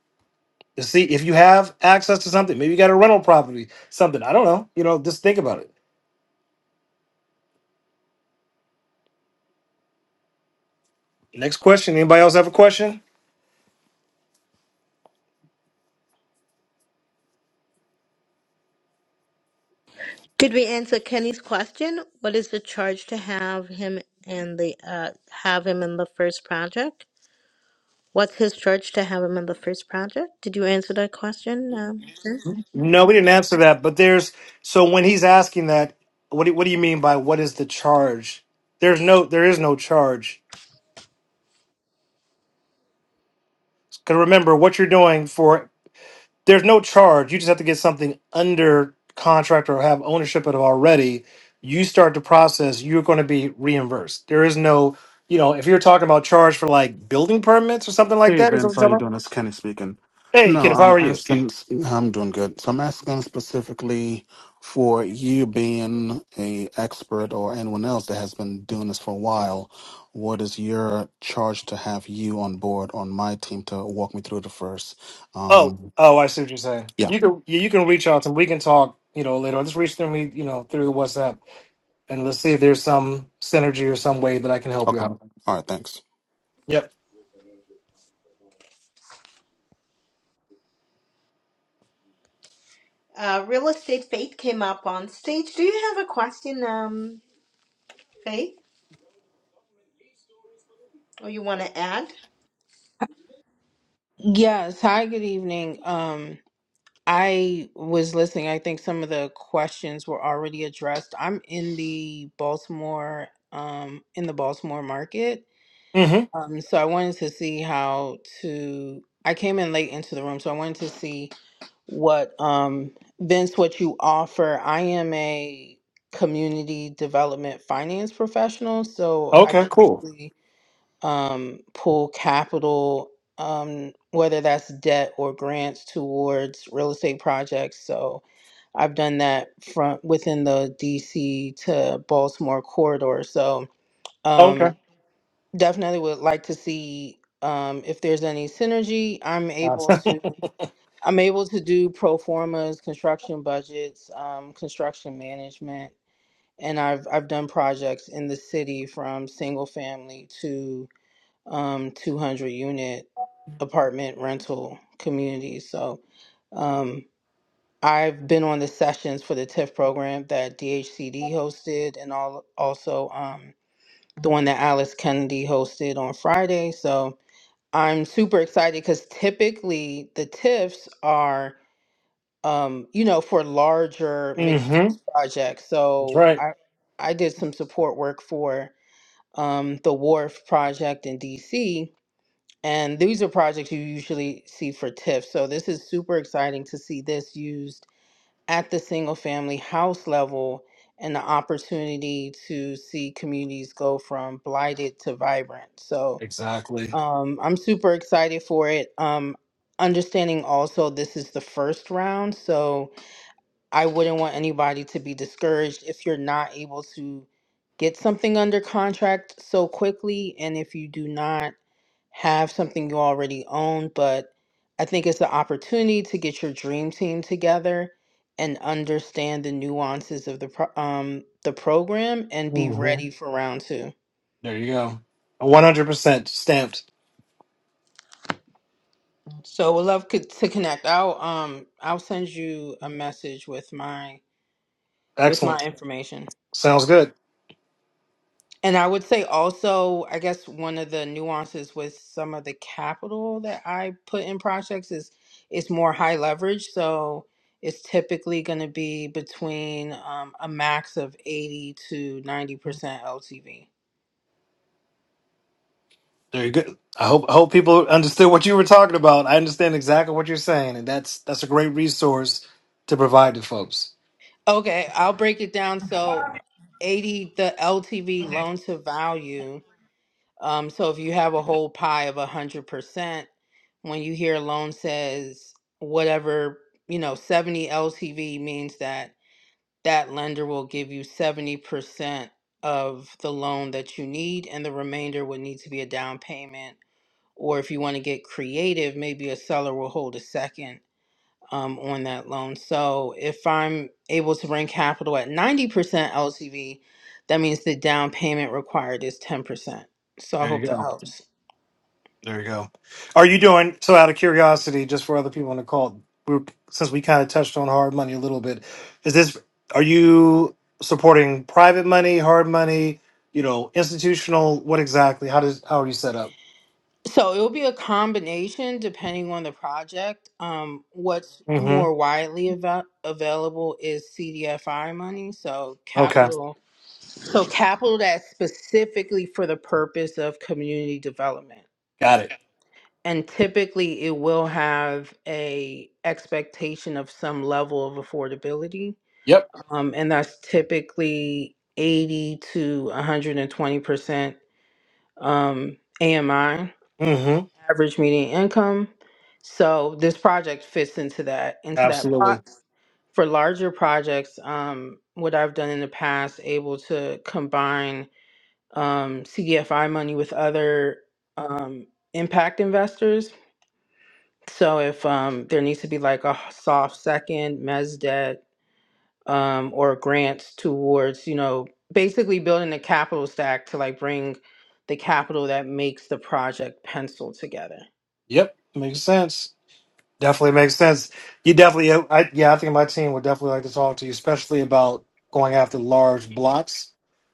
Speaker 3: to see if you have access to something. Maybe you got a rental property, something. I don't know. You know, just think about it. Next question. Anybody else have a question?
Speaker 2: Did we answer Kenny's question? What is the charge to have him and the uh, have him in the first project? What's his charge to have him in the first project? Did you answer that question? Um, Vince?
Speaker 3: No, we didn't answer that. But there's so when he's asking that, what do, what do you mean by what is the charge? There's no, there is no charge. Because remember, what you're doing for there's no charge. You just have to get something under contract or have ownership of it already. You start the process, you're going to be reimbursed. There is no, you know, if you're talking about charge for like building permits or something like
Speaker 5: Hey
Speaker 3: that, or
Speaker 5: Vince,
Speaker 3: something,
Speaker 5: how
Speaker 3: you're
Speaker 5: you doing? It's Kenny speaking.
Speaker 3: hey,
Speaker 5: No,
Speaker 3: kid, how
Speaker 5: I'm
Speaker 3: are you?
Speaker 5: asking. I'm doing good. So I'm asking specifically for you being a expert or anyone else that has been doing this for a while. What is your charge to have you on board on my team to walk me through the first?
Speaker 3: Oh,
Speaker 5: Um,
Speaker 3: oh, I see what you're saying.
Speaker 5: yeah.
Speaker 3: You can, yeah, you can reach out to. 'em. We can talk, you know, later. on. Just reach to me, you know, through the WhatsApp, and let's see if there's some synergy or some way that I can help you
Speaker 5: Okay.
Speaker 3: out.
Speaker 5: All right. Thanks.
Speaker 3: Yep.
Speaker 2: uh, Real estate Faith came up on stage. Do you have a question, um, Faith, or you want to add?
Speaker 6: Yes. Hi, good evening. Um, I was listening. I think some of the questions were already addressed. I'm in the Baltimore, um, in the Baltimore market.
Speaker 3: Mm-hmm.
Speaker 6: Um, so I wanted to see how to, I came in late into the room, so I wanted to see what, um, Vince, what you offer. I am a community development finance professional, so I
Speaker 3: Okay, cool.
Speaker 6: basically um, pool capital, um, whether that's debt or grants towards real estate projects. So I've done that from within the DC to Baltimore corridor. So
Speaker 3: Okay.
Speaker 6: um, definitely would like to see um, if there's any synergy. I'm able
Speaker 3: Awesome.
Speaker 6: to. I'm able to do pro formas, construction budgets, um, construction management, and I've I've done projects in the city from single family to um, 200 unit apartment rental community. So um, I've been on the sessions for the TIF program that DHCD hosted and all, also um, the one that Alice Kennedy hosted on Friday. So I'm super excited because typically the TIFs are, um, you know, for larger mixed
Speaker 3: mm-hmm.
Speaker 6: use projects.
Speaker 3: That's
Speaker 6: So
Speaker 3: right.
Speaker 6: I, I did some support work for um, the Wharf project in DC and these are projects you usually see for TIF. So this is super exciting to see this used at the single family house level and the opportunity to see communities go from blighted to vibrant. So
Speaker 3: Exactly.
Speaker 6: um, I'm super excited for it. Um, understanding also this is the first round. So I wouldn't want anybody to be discouraged if you're not able to get something under contract so quickly. And if you do not, have something you already own, but I think it's the opportunity to get your dream team together and understand the nuances of the pro- um the program and be
Speaker 3: hmm
Speaker 6: ready for round two.
Speaker 3: There you go. 100% stamped.
Speaker 6: So would love co- to connect. I'll um I'll send you a message with my with
Speaker 3: Excellent.
Speaker 6: my information.
Speaker 3: Sounds good.
Speaker 6: And I would say also, I guess one of the nuances with some of the capital that I put in projects is it's more high leverage. So it's typically going to be between um, a max of 80 to 90% LTV.
Speaker 3: Very good. I hope I hope people understood what you were talking about. I understand exactly what you're saying, and that's that's a great resource to provide to folks.
Speaker 6: Okay, I'll break it down. So 80, the LTV loan to value. Um, so if you have a whole pie of 100%, when you hear a loan says whatever, you know, 70 LTV means that that lender will give you 70% of the loan that you need, and the remainder would need to be a down payment. Or if you want to get creative, maybe a seller will hold a second um, on that loan. So if I'm able to bring capital at 90% LTV, that means the down payment required is 10%. So I
Speaker 3: There
Speaker 6: hope
Speaker 3: you
Speaker 6: that
Speaker 3: go.
Speaker 6: helps.
Speaker 3: There you go. Are you doing so? Out of curiosity, just for other people in the call, we're, since we kind of touched on hard money a little bit, is this? Are you supporting private money, hard money? You know, institutional. What exactly? How does? How are you set up?
Speaker 6: So it'll be a combination depending on the project. Um, what's
Speaker 3: Mm-hmm.
Speaker 6: more widely ava- available is CDFI money, so
Speaker 3: Okay,
Speaker 6: capital. So capital that's specifically for the purpose of community development.
Speaker 3: got it.
Speaker 6: And typically it will have a expectation of some level of affordability.
Speaker 3: Yep.
Speaker 6: Um, and that's typically 80 to 120% um, AMI.
Speaker 3: Mm-hmm.
Speaker 6: average median income. So this project fits into that into that
Speaker 3: Absolutely.
Speaker 6: box. For larger projects, um, what I've done in the past, able to combine um, CDFI money with other um, impact investors. So if um, there needs to be like a soft second mez debt um, or grants towards, you know, basically building a capital stack to like bring the capital that makes the project pencil together.
Speaker 3: Yep. Makes sense. Definitely makes sense. You definitely, I, yeah, I think my team would definitely like to talk to you, especially about going after large blocks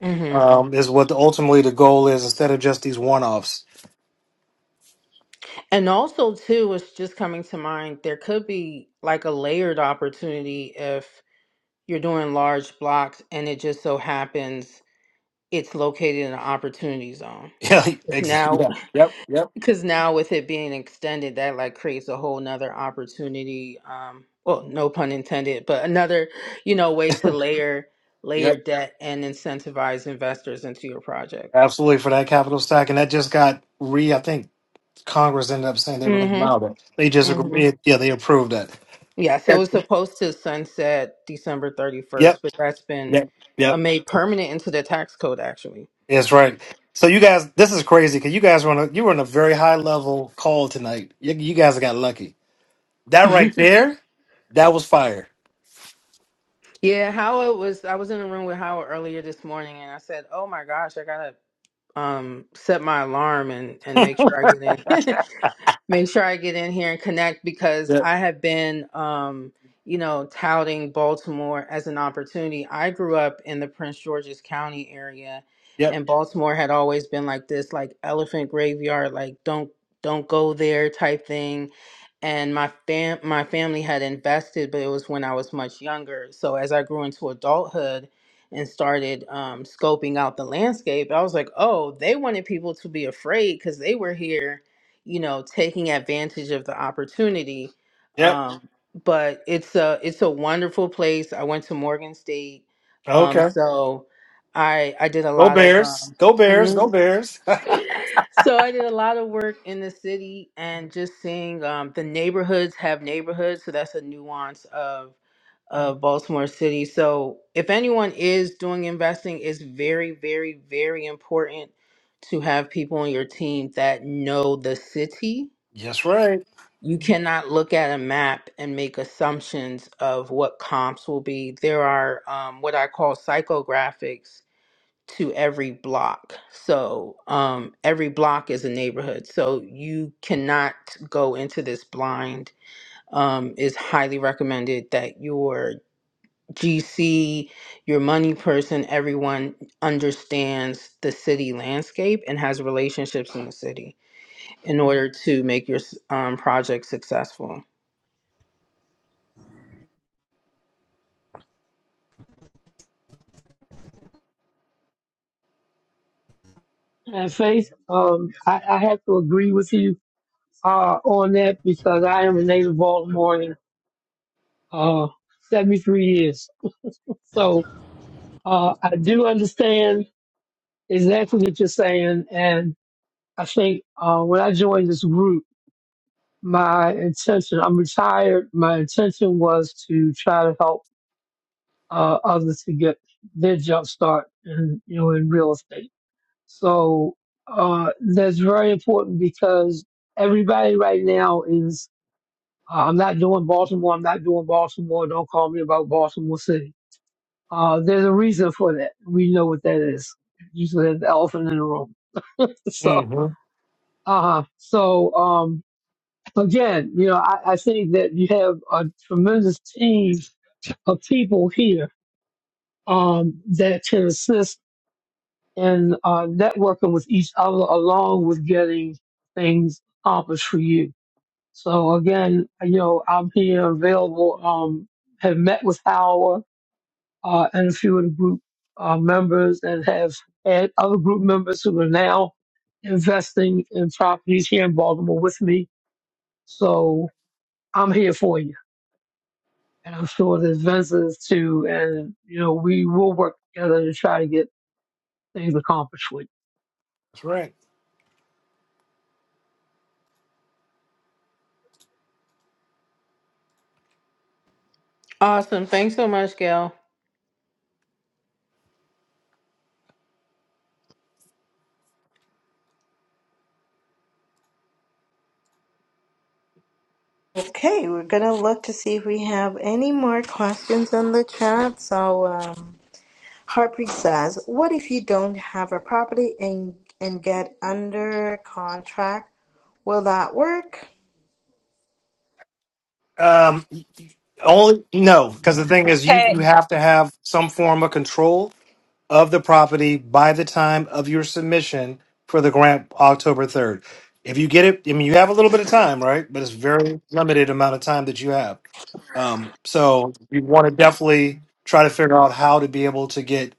Speaker 6: Mhm.
Speaker 3: um, is what ultimately the goal is instead of just these one offs.
Speaker 6: And also, too, what's just coming to mind, there could be like a layered opportunity if you're doing large blocks and it just so happens it's located in an opportunity zone.
Speaker 3: Yeah,
Speaker 6: If
Speaker 3: exactly.
Speaker 6: Now,
Speaker 3: Yeah. Yep. Yep.
Speaker 6: because now with it being extended, that like creates a whole nother opportunity. Um, well, no pun intended, but another, you know, way to layer layer
Speaker 3: Yep.
Speaker 6: debt and incentivize investors into your project.
Speaker 3: Absolutely for that capital stack, and that just got re. I think Congress ended up saying they were going to
Speaker 6: Mm-hmm.
Speaker 3: allow that. They just
Speaker 6: Mm-hmm.
Speaker 3: it, yeah they approved that.
Speaker 6: Yes, it
Speaker 3: Yep.
Speaker 6: was supposed to sunset December 31st,
Speaker 3: Yep.
Speaker 6: but that's been
Speaker 3: Yep.
Speaker 6: uh,
Speaker 3: Yep.
Speaker 6: made permanent into the tax code, actually.
Speaker 3: That's right. So you guys, this is crazy because you guys were on a, you were on a very high level call tonight. You, you guys got lucky. That right there, that was fire.
Speaker 6: yeah, Howard was, I was in a room with Howard earlier this morning and I said, Oh my gosh, I gotta um set my alarm and and make sure I get in make sure I get in here and connect because
Speaker 3: Yep.
Speaker 6: I have been um you know touting Baltimore as an opportunity. I grew up in the Prince George's County area
Speaker 3: Yep.
Speaker 6: and Baltimore had always been like this like elephant graveyard like don't don't go there type thing and my fam my family had invested but it was when I was much younger. So as I grew into adulthood and started um, scoping out the landscape, I was like, oh, they wanted people to be afraid because they were here, you know, taking advantage of the opportunity.
Speaker 3: Yep.
Speaker 6: Um, but it's a it's a wonderful place. I went to Morgan State, um,
Speaker 3: Okay.
Speaker 6: so I I did a
Speaker 3: Go
Speaker 6: lot of
Speaker 3: Bears.
Speaker 6: um,
Speaker 3: Go Bears.
Speaker 6: mm-hmm.
Speaker 3: Go Bears.
Speaker 6: So I did a lot of work in the city and just seeing um, the neighborhoods have neighborhoods. So that's a nuance of of Baltimore City. So if anyone is doing investing, it's very, very, very important to have people on your team that know the city.
Speaker 3: Yes, right.
Speaker 6: You cannot look at a map and make assumptions of what comps will be. There are um, what I call psychographics to every block. So um, every block is a neighborhood. So you cannot go into this blind. Um, it's highly recommended that your GC, your money person, everyone understands the city landscape and has relationships in the city in order to make your s- um, project successful.
Speaker 4: And Faith, um, I, I have to agree with you uh, on that because I am a native Baltimorean, uh, 73 years. So uh, I do understand exactly what you're saying. And I think uh, when I joined this group, my intention, I'm retired, my intention was to try to help uh, others to get their jump start in, you know, in real estate. So uh, that's very important because everybody right now is Uh, I'm not doing Baltimore. I'm not doing Baltimore. Don't call me about Baltimore City. Uh, there's a reason for that. We know what that is. Usually there's the elephant in the room. So,
Speaker 3: hmm
Speaker 4: uh, so, um, again, you know, I, I think that you have a tremendous team of people here, um, that can assist in, uh, networking with each other along with getting things accomplished for you. So again, you know, I'm here available, um, have met with Howard uh, and a few of the group uh, members and have had other group members who are now investing in properties here in Baltimore with me. So I'm here for you. And I'm sure there's Vince's too. And, you know, we will work together to try to get things accomplished with
Speaker 3: That's right.
Speaker 6: Awesome. Thanks so much, Gail.
Speaker 2: Okay, we're gonna look to see if we have any more questions in the chat. So, um, Harpreet says, "What if you don't have a property and and get under contract? Will that work?"
Speaker 3: Um, only no, because the thing is, you
Speaker 1: Hey, hey,
Speaker 3: you have to have some form of control of the property by the time of your submission for the grant, October third. If you get it, I mean, you have a little bit of time, right? But it's very limited amount of time that you have. Um, so you want to definitely try to figure out how to be able to get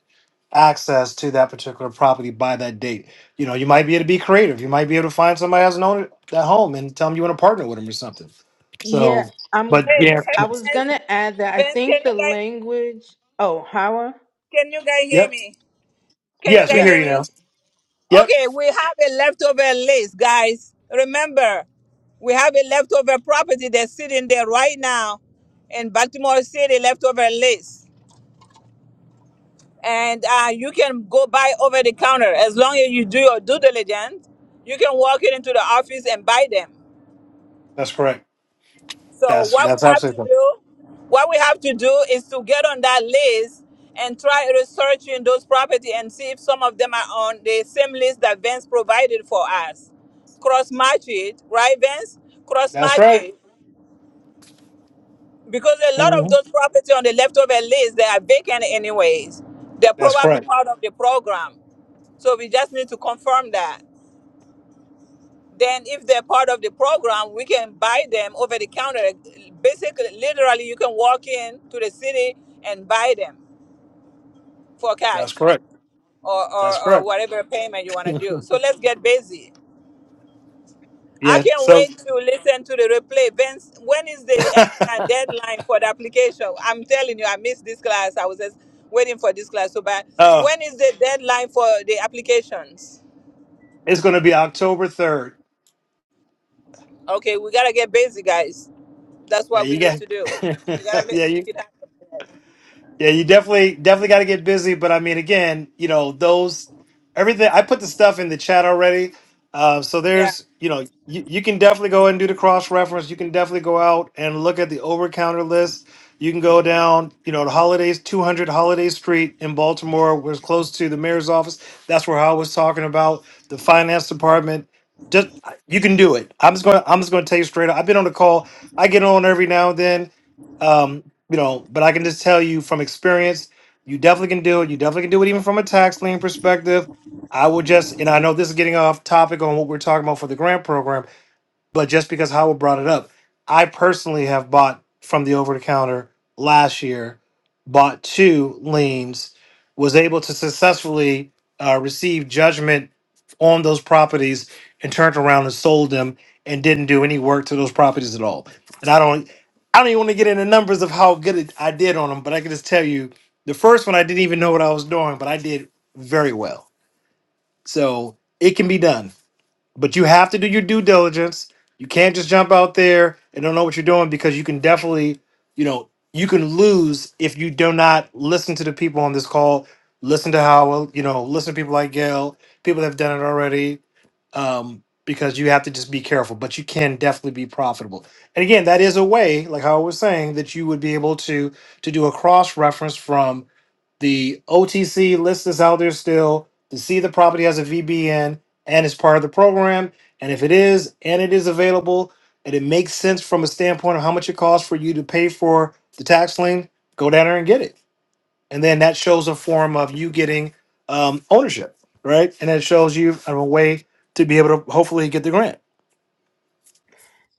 Speaker 3: access to that particular property by that date. You know, you might be able to be creative. You might be able to find somebody that's known it that home and tell them you want to partner with them or something.
Speaker 6: Yeah,
Speaker 3: So,
Speaker 6: I'm.
Speaker 3: but yeah,
Speaker 1: hey,
Speaker 6: I was
Speaker 1: Vince,
Speaker 6: gonna add that I
Speaker 1: Vince, can
Speaker 6: think
Speaker 1: you
Speaker 6: the
Speaker 1: guys,
Speaker 6: language. Oh, Hawa.
Speaker 1: can you guys hear
Speaker 3: yep,
Speaker 1: me? Can you
Speaker 3: yes, we
Speaker 1: guys
Speaker 6: Yeah.
Speaker 3: hear
Speaker 1: hear
Speaker 3: you now.
Speaker 1: me?
Speaker 3: Yep,
Speaker 1: Okay, we have a leftover list, guys. Remember, we have a leftover property that's sitting there right now in Baltimore City, leftover list. And uh, you can go buy over the counter as long as you do your due diligence. You can walk it into the office and buy them.
Speaker 3: that's correct.
Speaker 1: So
Speaker 3: That's
Speaker 1: what we
Speaker 3: that's
Speaker 1: have to
Speaker 3: absolutely correct.
Speaker 1: do, what we have to do is to get on that list and try researching those property and see if some of them are on the same list that Vince provided for us. Cross match it, right, Vince? Cross
Speaker 3: That's
Speaker 1: match
Speaker 3: right.
Speaker 1: it. Because a lot of
Speaker 3: hmm
Speaker 1: those property on the leftover list, they are vacant anyways. They're
Speaker 3: That's
Speaker 1: probably
Speaker 3: correct.
Speaker 1: part of the program. So we just need to confirm that. then if they're part of the program we can buy them over the counter basically literally you can walk in to the city and buy them for
Speaker 3: That's
Speaker 1: cash
Speaker 3: correct.
Speaker 1: or,
Speaker 3: That's
Speaker 1: or, or
Speaker 3: correct.
Speaker 1: whatever payment you want to do so let's get busy i
Speaker 3: yeah.
Speaker 1: can't
Speaker 3: So,
Speaker 1: wait to listen to the replay Vince, when is the uh, deadline for the application i'm telling you i missed this class i was just waiting for this class so bad
Speaker 3: uh,
Speaker 1: when is the deadline for the applications
Speaker 3: it's going to be October third.
Speaker 1: Okay, we gotta get busy, guys. That's
Speaker 3: Yeah,
Speaker 1: what we
Speaker 3: you
Speaker 1: need
Speaker 3: got.
Speaker 1: to do. We gotta make,
Speaker 3: yeah, you.
Speaker 1: make it happen.
Speaker 3: Yeah, you definitely definitely got to get busy. But I mean, again, you know those everything. I put the stuff in the chat already. Uh, so
Speaker 1: Yeah.
Speaker 3: there's you know you, you can definitely go and do the cross reference. You can definitely go out and look at the over counter list. You can go down you know the holidays 200 Holiday Street in Baltimore, was close to the mayor's office. That's where I was talking about the finance department. Just you can do it. I'm just going. I'm just going to tell you straight up. I've been on the call. I get on every now and then um, you know, but I can just tell you from experience, you definitely can do it. You definitely can do it even from a tax lien perspective. I will just, and I know this is getting off topic on what we're talking about for the grant program, but just because Howell brought it up, I personally have bought from the over the counter last year, bought two liens, was able to successfully uh, receive judgment on those properties and turned around and sold them and didn't do any work to those properties at all. And I don't, I don't even want to get into numbers of how good it, I did on them, but I can just tell you the first one I didn't even know what I was doing, but I did very well. So it can be done but you have to do your due diligence. You can't just jump out there and don't know what you're doing because you can definitely, you know, you can lose if you do not listen to the people on this call. Listen to Howell, you know, listen to people like Gail, people that have done it already, um, because you have to just be careful. But you can definitely be profitable. And again, that is a way, like how I was saying, that you would be able to to do a cross reference from the OTC list is out there still to see the property has a VBN and is part of the program. And if it is, and it is available, and it makes sense from a standpoint of how much it costs for you to pay for the tax lien, go down there and get it. And then that shows a form of you getting um, ownership, right? And it shows you a way to be able to hopefully get the grant.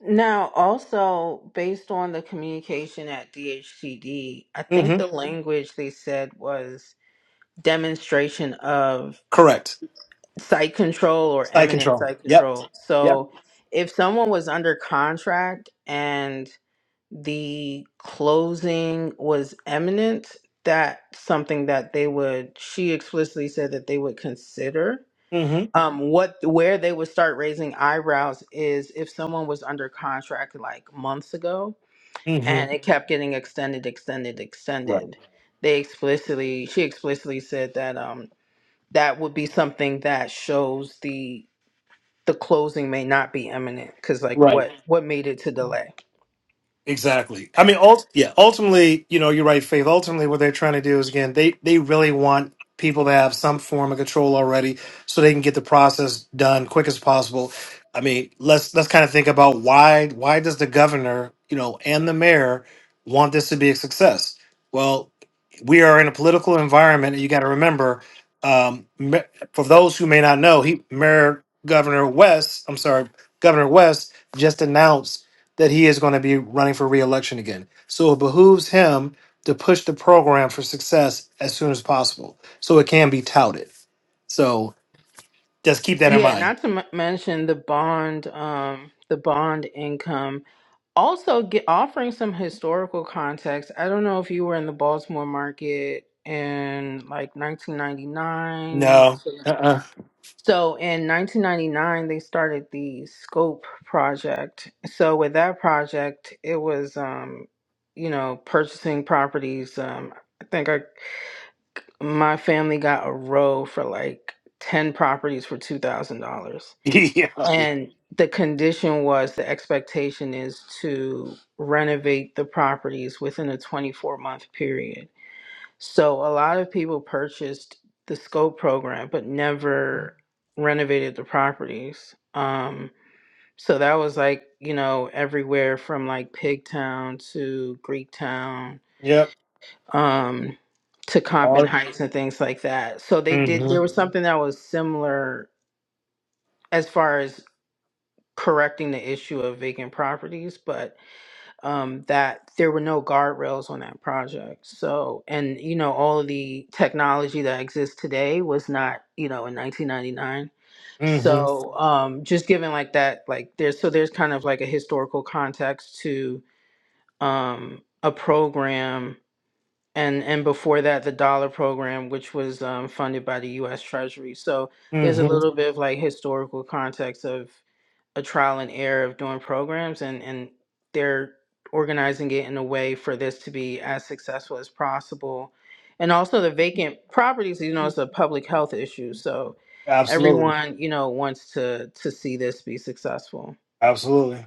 Speaker 6: Now, also based on the communication at DHCD, I think
Speaker 3: hmm
Speaker 6: the language they said was demonstration of
Speaker 3: Correct.
Speaker 6: site control or
Speaker 3: Site
Speaker 6: eminent
Speaker 3: control.
Speaker 6: site
Speaker 3: Yep.
Speaker 6: control.
Speaker 3: Yep.
Speaker 6: So, if someone was under contract and the closing was eminent, that's something that they would. She explicitly said that they would consider.
Speaker 3: hmm
Speaker 6: Um, what where they would start raising eyebrows is if someone was under contract like months ago
Speaker 3: hmm
Speaker 6: and it kept getting extended, extended,
Speaker 3: Right.
Speaker 6: extended. They explicitly, she explicitly said that um that would be something that shows the the closing may not be imminent because like
Speaker 3: Right.
Speaker 6: what what made it to delay?
Speaker 3: Exactly. I mean, ult- yeah. Ultimately, you know, you're right, Faith. Ultimately, what they're trying to do is again, they they really want people to have some form of control already, so they can get the process done quick as possible. I mean, let's let's kind of think about why why does the governor, you know, and the mayor want this to be a success? Well, we are in a political environment, and you got to remember, um, Ma- for those who may not know, he Mayor Governor West, I'm sorry, Governor West just announced that he is going to be running for re-election again. So it behooves him to push the program for success as soon as possible so it can be touted. So just keep that in
Speaker 6: Yeah,
Speaker 3: mind.
Speaker 6: not to m- mention the bond um the bond income. Also, get, offering some historical context. I don't know if you were in the Baltimore market in like 1999
Speaker 3: No. Uh uh
Speaker 6: So in 1999, they started the Scope project. So with that project, it was, um, you know, purchasing properties. Um, I think I, my family got a row for like 10 properties for $2,000.
Speaker 3: yeah.
Speaker 6: And the condition was the expectation is to renovate the properties within a 24 month period. So a lot of people purchased the scope program but never renovated the properties. Um so that was like, you know, everywhere from like Pigtown to Greektown,
Speaker 3: Yep.
Speaker 6: um, to Compton
Speaker 3: All.
Speaker 6: Heights and things like that. So they
Speaker 3: Mm
Speaker 6: did there
Speaker 3: hmm.
Speaker 6: was something that was similar as far as correcting the issue of vacant properties, but um, that there were no guardrails on that project. So, and you know, all of the technology that exists today was not, you know, in 1999.
Speaker 3: Mm hmm.
Speaker 6: So, um, just given like that, like there's so there's kind of like a historical context to um, a program. And, and before that, the dollar program, which was um, funded by the U.S. Treasury. So there's a
Speaker 3: Mm hmm.
Speaker 6: little bit of like historical context of a trial and error of doing programs and and they're organizing it in a way for this to be as successful as possible and also the vacant properties you know is a public health issue so
Speaker 3: Absolutely.
Speaker 6: everyone you know wants to to see this be successful
Speaker 3: Absolutely.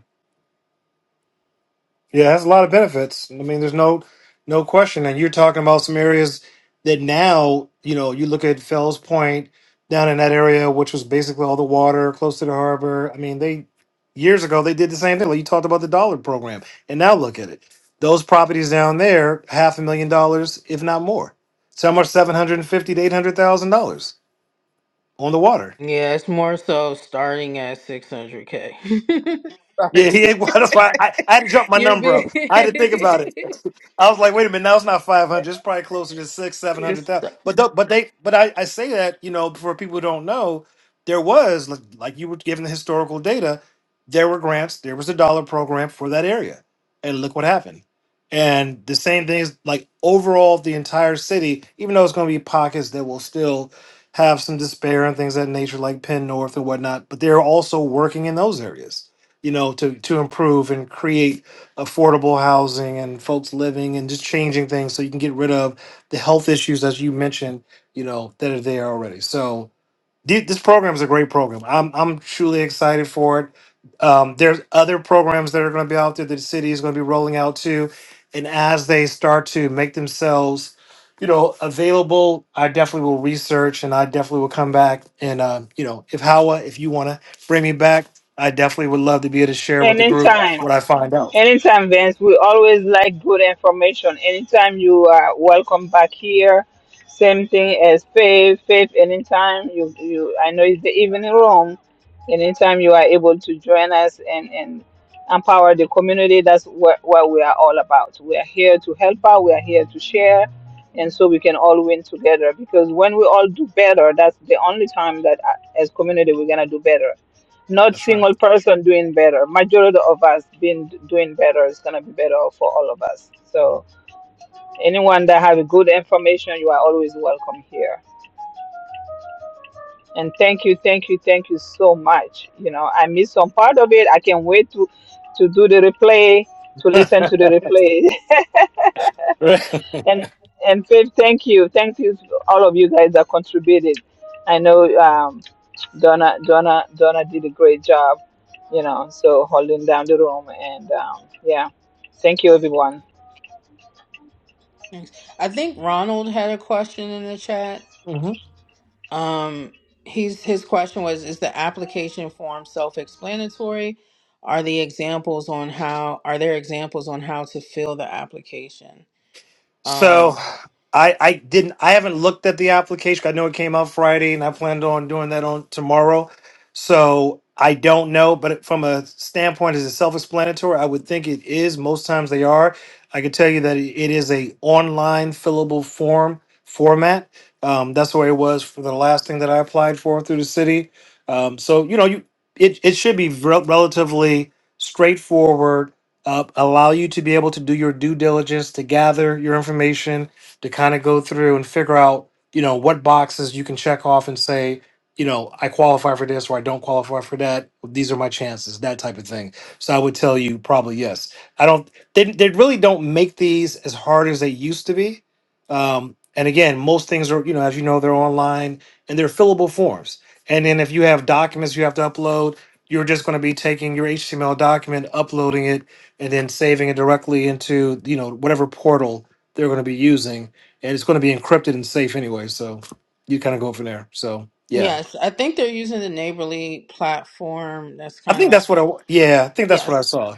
Speaker 3: Yeah, it has a lot of benefits. I mean, there's no no question. And you're talking about some areas that now, you know, you look at Fells Point down in that area, which was basically all the water close to the harbor. I mean, they years ago they did the same thing. Like you talked about the dollar program. And now look at it. Those properties down there, half a million dollars, if not more. Some are seven hundred and fifty to eight hundred thousand dollars on the water.
Speaker 6: yeah it's more so starting at 600k Sorry.
Speaker 3: Yeah, he ain't. That's why I, I had to jump my
Speaker 6: you're
Speaker 3: number up.
Speaker 6: big
Speaker 3: I had to think about it. I was like, wait a minute, now it's not five hundred. It's probably closer to six, seven hundred thousand.
Speaker 6: It's
Speaker 3: But the, but they but I, I say that you know for people who don't know, there was like, like you were given the historical data. There were grants. There was a dollar program for that area, and look what happened. And the same thing is like overall the entire city, even though it's going to be pockets that will still have some despair and things of that nature, like Penn North and whatnot. But they're also working in those areas you know, to to improve and create affordable housing and folks living and just changing things so you can get rid of the health issues as you mentioned, you know, that are there already. So Th- This program is a great program. I'm I'm truly excited for it. Um, there's other programs that are going to be out there that the city is going to be rolling out too, and as they start to make themselves, you know, available, I definitely will research and I definitely will come back and um, you know, if Hawa, if you want to bring me back, I definitely would love to be able to share with
Speaker 1: and
Speaker 3: the
Speaker 1: in
Speaker 3: group
Speaker 1: time.
Speaker 3: what I find out.
Speaker 1: Anytime, Vince. We always like good information. Anytime you are welcome back here. Same thing as Faith. Faith, anytime you, you I know it's the evening room. Anytime you are able to join us and, and empower the community, that's what, what we are all about. We are here to help out, we are here to share, and so we can all win together. Because when we all do better, that's the only time that uh, as community we're going to do better not
Speaker 3: That's
Speaker 1: single person doing better. Majority of us been doing better is gonna be better for all of us. So anyone that have good information, you are always welcome here. And thank you, thank you, thank you so much. You know, I missed some part of it. I can't wait to to do the replay, to listen to the replay.
Speaker 3: right.
Speaker 1: And and Faith, thank you, thank you, to all of you guys that contributed. I know um, Donna Donna Donna did a great job, you know, so holding down the room and um, yeah, thank you everyone.
Speaker 6: Thanks. I think Ronald had a question in the chat. Um, he's his question was: Is the application form self-explanatory? Are the examples on how are there examples on how to fill the application?
Speaker 3: So
Speaker 6: Um,
Speaker 3: I I didn't I haven't looked at the application. I know it came out Friday, and I planned on doing that on tomorrow. So I don't know, but from a standpoint as a self-explanatory, I would think it is. Most times they are. I can tell you that it it is a online fillable form format. Um, that's the way it was for the last thing that I applied for through the city. Um, so you know you it, it should be rel relatively straightforward uh, allow you to be able to do your due diligence to gather your information to kind of go through and figure out you know what boxes you can check off and say you know i qualify for this or i don't qualify for that these are my chances that type of thing so i would tell you probably yes i don't they, they really don't make these as hard as they used to be um, and again most things are you know as you know they're online and they're fillable forms and then if you have documents you have to upload you're just going to be taking your html document uploading it and then saving it directly into you know whatever portal they're going to be using and it's going to be encrypted and safe anyway so you kind of go from there so yeah
Speaker 6: yes, I think they're using the Neighborly platform. That's
Speaker 3: i
Speaker 6: kind of
Speaker 3: think
Speaker 6: like
Speaker 3: that's what i wa- yeah i think that's what i
Speaker 6: yes.
Speaker 3: saw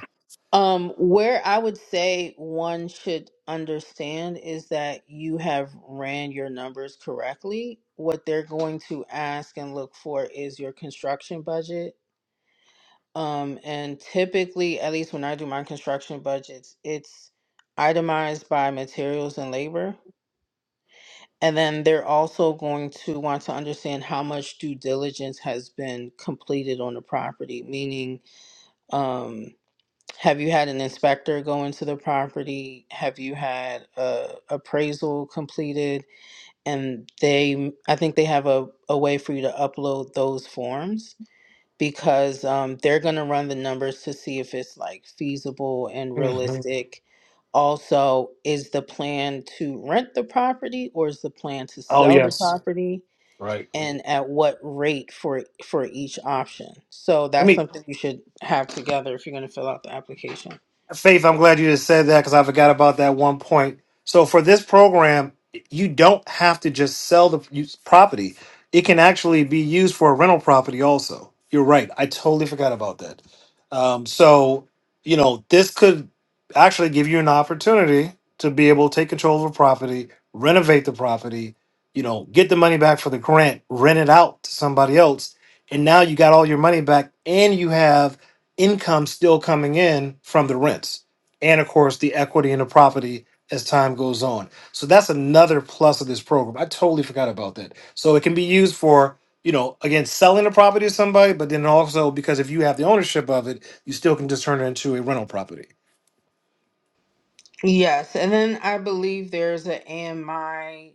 Speaker 6: Um, where I would say one should understand is that you have ran your numbers correctly. What they're going to ask and look for is your construction budget. Um, and typically, at least when I do my construction budgets, it's itemized by materials and labor. And then they're also going to want to understand how much due diligence has been completed on the property, meaning, um, have you had an inspector go into the property? Have you had a appraisal completed? And they, I think they have a, a way for you to upload those forms because um, they're going to run the numbers to see if it's like feasible and
Speaker 3: hmm
Speaker 6: realistic. Also, is the plan to rent the property or is the plan to
Speaker 3: oh
Speaker 6: sell the
Speaker 3: yes
Speaker 6: property?
Speaker 3: right
Speaker 6: And at what rate for for each option? So
Speaker 3: let
Speaker 6: that's
Speaker 3: me
Speaker 6: something you should have together if you're going to fill out the application.
Speaker 3: Faith, I'm glad you just said that because I forgot about that one point. So for this program, you don't have to just sell the use- property. It can actually be used for a rental property also. You're right. I totally forgot about that. Um, so, you know, this could actually give you an opportunity to be able to take control of a property, renovate the property, you know, get the money back for the grant, rent it out to somebody else. And now you got all your money back and you have income still coming in from the rents and of course the equity in the property as time goes on so that's another plus of this program i totally forgot about that so it can be used for you know again selling a property to somebody but then also because if you have the ownership of it you still can just turn it into a rental property
Speaker 6: Yes, and then I believe there's an AMI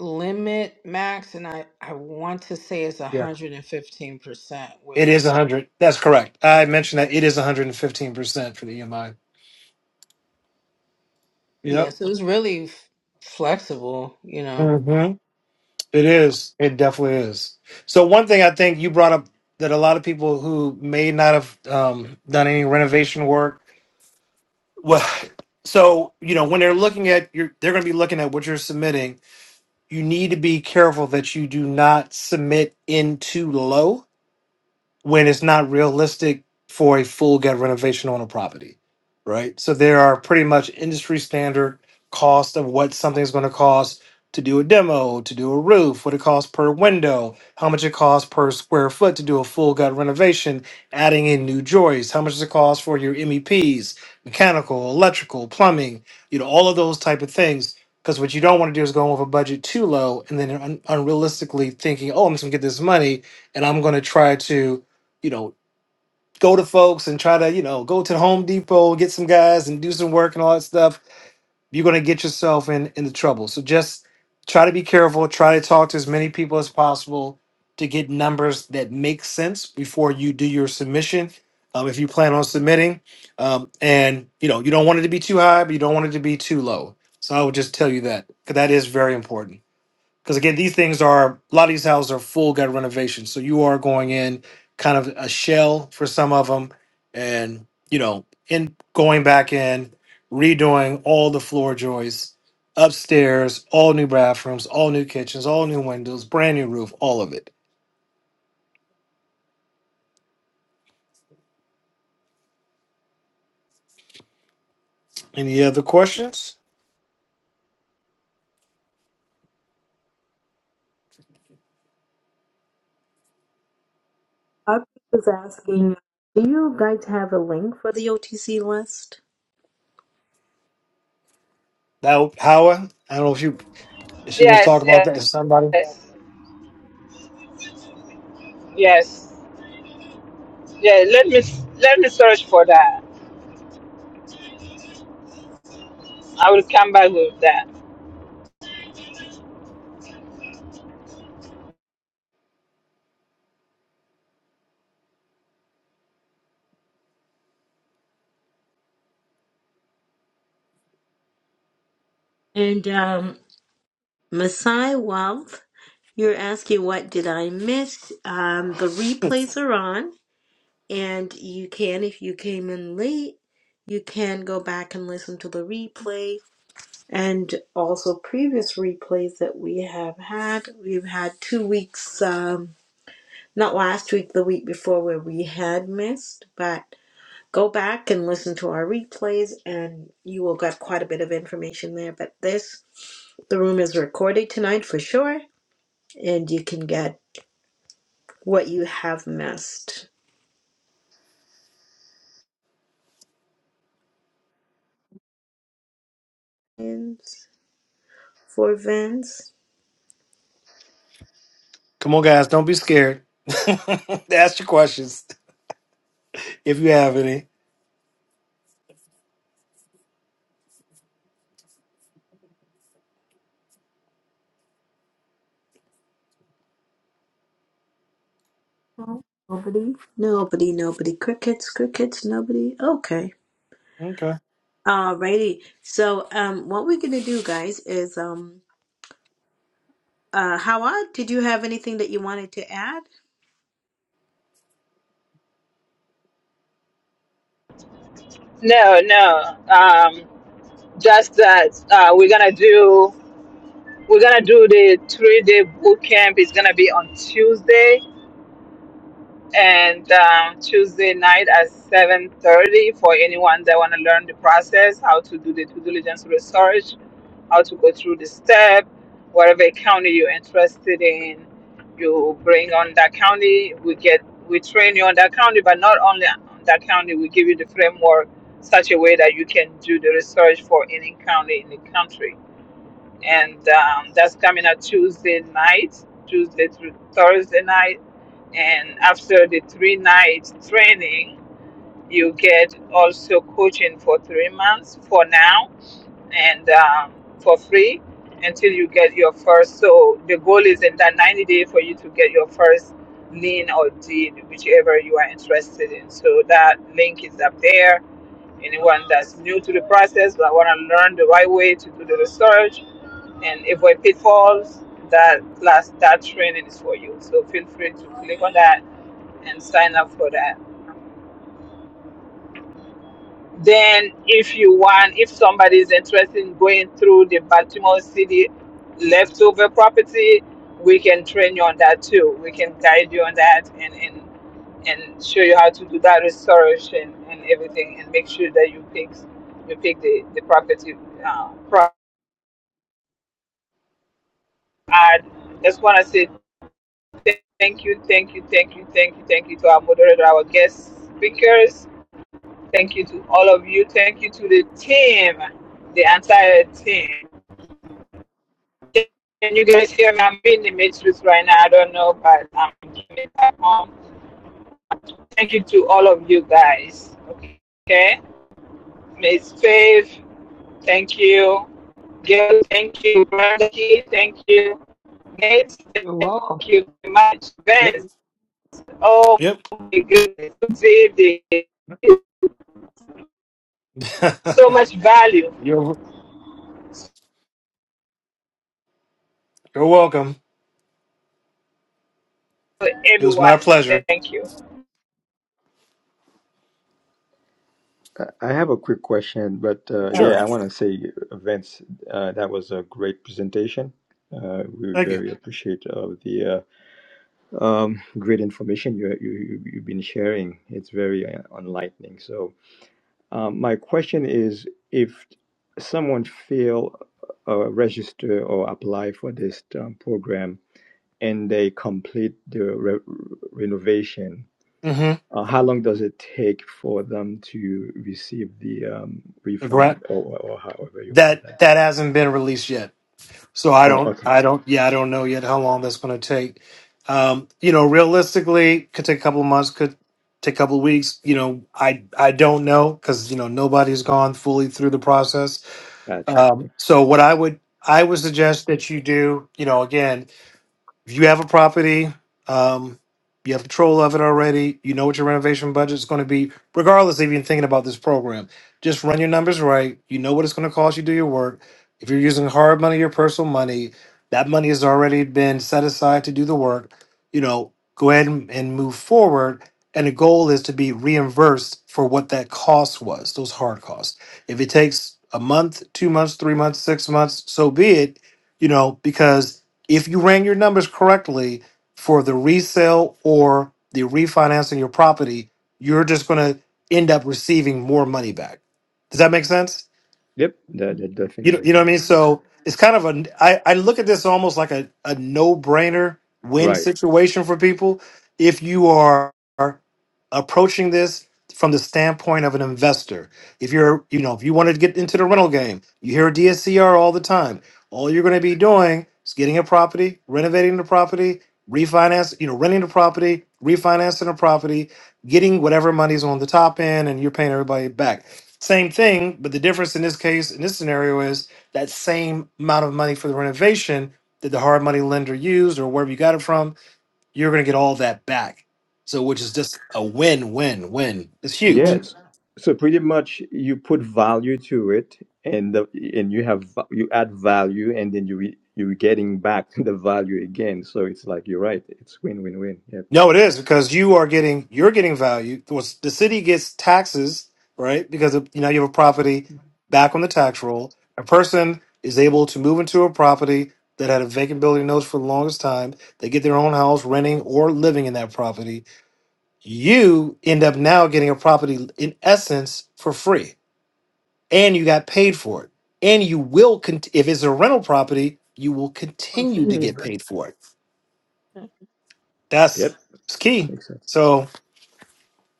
Speaker 6: limit max, and I I want to say it's
Speaker 3: yeah
Speaker 6: 115%,
Speaker 3: it is
Speaker 6: which
Speaker 3: 100 that's correct i
Speaker 6: okay.
Speaker 3: mentioned that it is 115% for the emi yep
Speaker 6: Yes, it was really f- flexible, you know.
Speaker 3: It is. It definitely is. So one thing I think you brought up that a lot of people who may not have um, done any renovation work, well, so you know when they're looking at your, they're going to be looking at what you're submitting. You need to be careful that you do not submit in too low when it's not realistic for a full gut renovation on a property, right? So there are pretty much industry standard cost of what something's going to cost to do a demo, to do a roof, what it costs per window, how much it costs per square foot to do a full gut renovation, adding in new joists, how much does it cost for your MEPs, mechanical, electrical, plumbing, you know, all of those type of things. Because what you don't want to do is go over budget too low and then un- unrealistically thinking, oh, I'm just going to get this money and I'm going to try to you know, go to folks and try to, you know, go to the Home Depot, get some guys and do some work and all that stuff, you're going to get yourself in into trouble. So just try to be careful, try to talk to as many people as possible to get numbers that make sense before you do your submission. Um, if you plan on submitting, um, and you know you don't want it to be too high, but you don't want it to be too low. So I would just tell you that because that is very important because again these things are a lot of these houses are full gut renovations so you are going in kind of a shell for some of them and you know in going back in redoing all the floor joists upstairs all new bathrooms all new kitchens all new windows brand new roof all of it any other questions
Speaker 2: Harpreet was asking, "Do you guys have a link for the OTC list?"
Speaker 3: now Howard, i don't know if you if she wants to talk
Speaker 1: Yes,
Speaker 3: about that Is somebody
Speaker 1: yes, yes, yeah. Let me let me search for that. I will come back with that.
Speaker 2: And um, Masai Wealth, you're asking, "What did I miss?" Um, the replays are on. And you can, if you came in late, you can go back and listen to the replay and also previous replays that we have had. We've had two weeks, um, not last week, the week before, where we had missed, but go back and listen to our replays and you will get quite a bit of information there. But this, the room is recorded tonight for sure, and you can get what you have missed. And For Vince.
Speaker 3: come on guys don't be scared ask your questions if you have any
Speaker 2: Nobody, nobody, nobody. Crickets, crickets, nobody. Okay.
Speaker 3: okay
Speaker 2: Alrighty. So, um, what we're gonna do, guys, is um, uh, Howard, did you have anything that you wanted to add?
Speaker 1: No, no, um, just that uh, we're gonna do we're gonna do the three day boot camp. It's gonna be on Tuesday and um, Tuesday night at 7:30 for anyone that want to learn the process, how to do the due diligence research, how to go through the step, whatever county you're interested in, you bring on that county. We get we train you on that county, but not only on that county, we give you the framework such a way that you can do the research for any county in the country. And um, that's coming up Tuesday night, Tuesday through Thursday night and after the three night training, you get also coaching for three months for now and um, for free until you get your first. So the goal is in that 90 day for you to get your first lean or deed, whichever you are interested in. So that link is up there. Anyone that's new to the process but want to learn the right way to do the research and avoid pitfalls, that class, that training is for you. So feel free to click on that and sign up for that. Then, if you want, if somebody is interested in going through the Baltimore City leftover property, we can train you on that too. We can guide you on that and and, and show you how to do that restoration and everything, and make sure that you pick you pick the the property. Uh, pro- I just want to say thank you, thank you, thank you, thank you, thank you to our moderator, our guest speakers Thank you to all of you. Thank you to the team, the entire team. Can you guys hear me? I'm in the matrix right now. I don't know, but I'm doing it at home. Thank you to all of you guys. Okay. Miss Faith, thank you. Gail, thank you. Brenda, thank you. Nate,
Speaker 4: you. You're
Speaker 1: thank
Speaker 4: welcome.
Speaker 1: you very much.
Speaker 3: yep
Speaker 1: Vince, oh
Speaker 3: yep
Speaker 1: my goodness. Good evening. So much value
Speaker 3: you're you're welcome.
Speaker 1: for
Speaker 3: It was my
Speaker 1: everyone.
Speaker 3: pleasure.
Speaker 1: Thank you.
Speaker 7: I I have a quick question, but uh,
Speaker 3: Sure.
Speaker 7: yeah,
Speaker 2: Okay.
Speaker 7: I want to say, Vince, uh, that was a great presentation. Uh, we
Speaker 3: Thank you.
Speaker 7: very appreciate of the uh, um, great information you, you you- you've been sharing. It's very uh, enlightening. So, um, my question is, if someone fail uh, register or apply for this um, program and they complete the re- renovation,
Speaker 3: hmm
Speaker 7: uh, how long does it take for them to receive the um,
Speaker 3: The
Speaker 7: refund,
Speaker 3: grant
Speaker 7: or, or, or however you call
Speaker 3: that
Speaker 7: that?
Speaker 3: that hasn't been released yet, so I
Speaker 7: Oh,
Speaker 3: don't
Speaker 7: okay,
Speaker 3: I don't yeah I don't know yet how long that's going to take. Um, you know, realistically, could take a couple of months, could take a couple of weeks. You know, I I don't know because you know nobody's gone fully through the process.
Speaker 7: gotcha.
Speaker 3: Um, so what I would I would suggest that you do, you know, again. If you have a property, um, you have control of it already, you know what your renovation budget is going to be, regardless of even thinking about this program. Just run your numbers right. You know what it's going to cost you, to do your work. If you're using hard money, your personal money, that money has already been set aside to do the work. You know, go ahead and, and move forward. And the goal is to be reimbursed for what that cost was, those hard costs. If it takes a month, two months, three months, six months, so be it, you know, because if you ran your numbers correctly for the resale or the refinancing your property, you're just going to end up receiving more money back. Does that make sense?
Speaker 7: Yep, that, that
Speaker 4: Mhm.
Speaker 3: You know,
Speaker 7: definitely
Speaker 3: you
Speaker 7: makes
Speaker 3: know what I
Speaker 7: sense.
Speaker 3: mean? So it's kind of a I, I look at this almost like a, a no brainer win
Speaker 7: Right.
Speaker 3: situation for people if you are approaching this from the standpoint of an investor. If you're you know, if you wanted to get into the rental game, you hear DSCR all the time. All you're gonna be doing is getting a property, renovating the property, refinance, you know, renting the property, refinancing the property, getting whatever money's on the top end and you're paying everybody back. Same thing, but the difference in this case, in this scenario, is that same amount of money for the renovation that the hard money lender used or wherever you got it from, you're going to get all that back. So, which is just a win, win, win. It's huge.
Speaker 4: Right.
Speaker 7: Yes. So pretty much, you put value to it, and the, and you have va- you add value, and then you re, you're getting back the value again. So it's like you're right. It's win win win. Yep.
Speaker 3: No, it is because you are getting you're getting value. Was- The city gets taxes, right? Because of, you know you have a property back on the tax roll. A person is able to move into a property that had a vacant building notice for the longest time. They get their own house, renting or living in that property. You end up now getting a property in essence for free, and you got paid for it. And you will, cont- if it's a rental property, you will continue to get
Speaker 4: Continue.
Speaker 3: paid for it.
Speaker 7: Yep.
Speaker 3: That's it's key.
Speaker 7: Makes sense.
Speaker 3: So.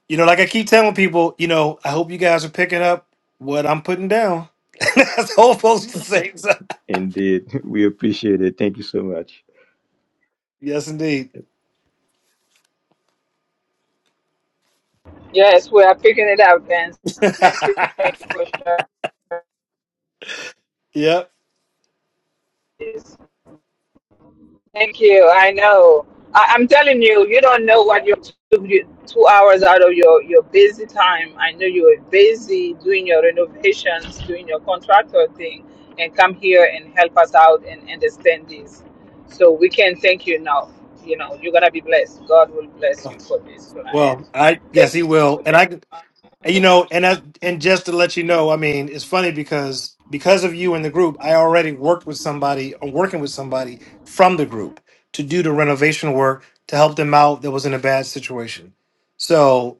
Speaker 3: You know, like I keep telling people, you know, I hope you guys are picking up what I'm putting down. That's almost the whole post to So.
Speaker 7: Indeed, we appreciate it. Thank you so much.
Speaker 3: Yes, indeed.
Speaker 7: Yep.
Speaker 1: Yes, we are picking it up, Vince. Thank you. Thank you for sharing
Speaker 3: yep.
Speaker 1: this. Thank you. I know. I, I'm telling you, you don't know what you took you two hours out of your, your busy time. I know you were busy doing your renovations, doing your contractor thing, and come here and help us out and understand this. So we can thank you now. You know, you're going to be blessed. God will bless you for this tonight.
Speaker 3: Well, I yes,
Speaker 1: Thank
Speaker 3: he
Speaker 1: you
Speaker 3: will,
Speaker 1: so
Speaker 3: and I, and, you know, and I, and just to let you know, I mean, it's funny because because of you in the group, I already worked with somebody, or working with somebody from the group to do the renovation work to help them out that was in a bad situation. So.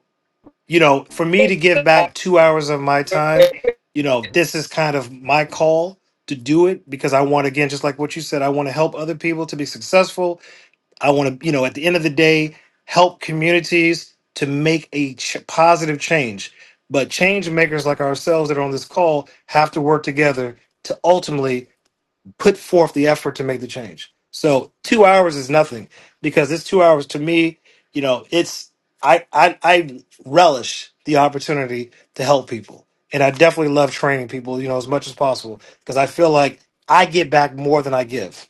Speaker 3: you know, for me to give back two hours of my time,
Speaker 1: much.
Speaker 3: you know, this is kind of my call to do it because I want, again, just like what you said, I want to help other people to be successful. I want to, you know, at the end of the day, help communities to make a ch- positive change. But change makers like ourselves that are on this call have to work together to ultimately put forth the effort to make the change. So two hours is nothing because it's two hours to me. You know, it's I I, I relish the opportunity to help people, and I definitely love training people. You know, as much as possible because I feel like I get back more than I give.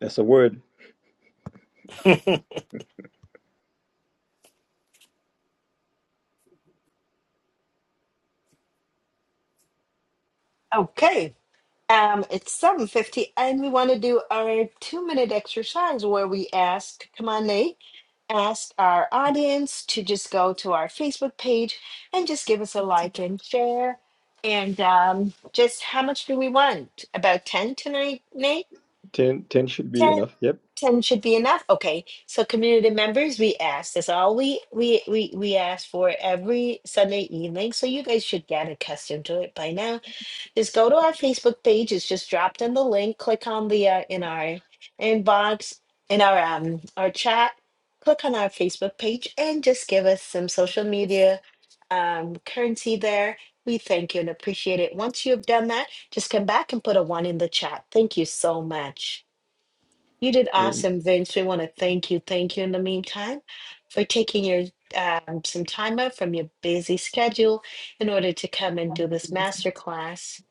Speaker 7: That's a word.
Speaker 2: Okay. Um, it's 7.50 and we want to do our two minute exercise where we ask, come on, Nate, ask our audience to just go to our Facebook page and just give us a like and share. And um, just how much do we want? About 10 tonight, Nate?
Speaker 7: Ten ten should be
Speaker 2: 10,
Speaker 7: enough. Yep.
Speaker 2: 10 should be enough. Okay. So community members, we asked. That's all we we we we ask for every Sunday evening. So you guys should get accustomed to it by now. Just go to our Facebook page. It's just dropped in the link. Click on the uh, in our inbox in our um our chat. Click on our Facebook page and just give us some social media um currency there. We thank you and appreciate it. Once you have done that, just come back and put a one in the chat. Thank you so much. You did awesome, Vince. We want to thank you. Thank you in the meantime for taking your um, some time out from your busy schedule in order to come and do this masterclass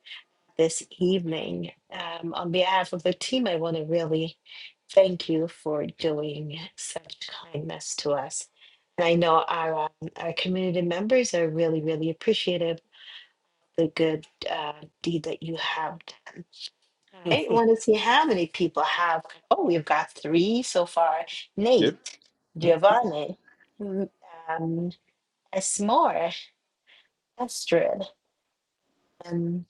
Speaker 2: this evening. Um, on behalf of the team, I want to really thank you for doing such kindness to us. And I know our um, our community members are really, really appreciative of the good uh, deed that you have done. I want to see how many people have. Oh, we've got three so far.
Speaker 7: Yep,
Speaker 2: Nate, Giovanni, mm, um, Esmore, Astrid. Um,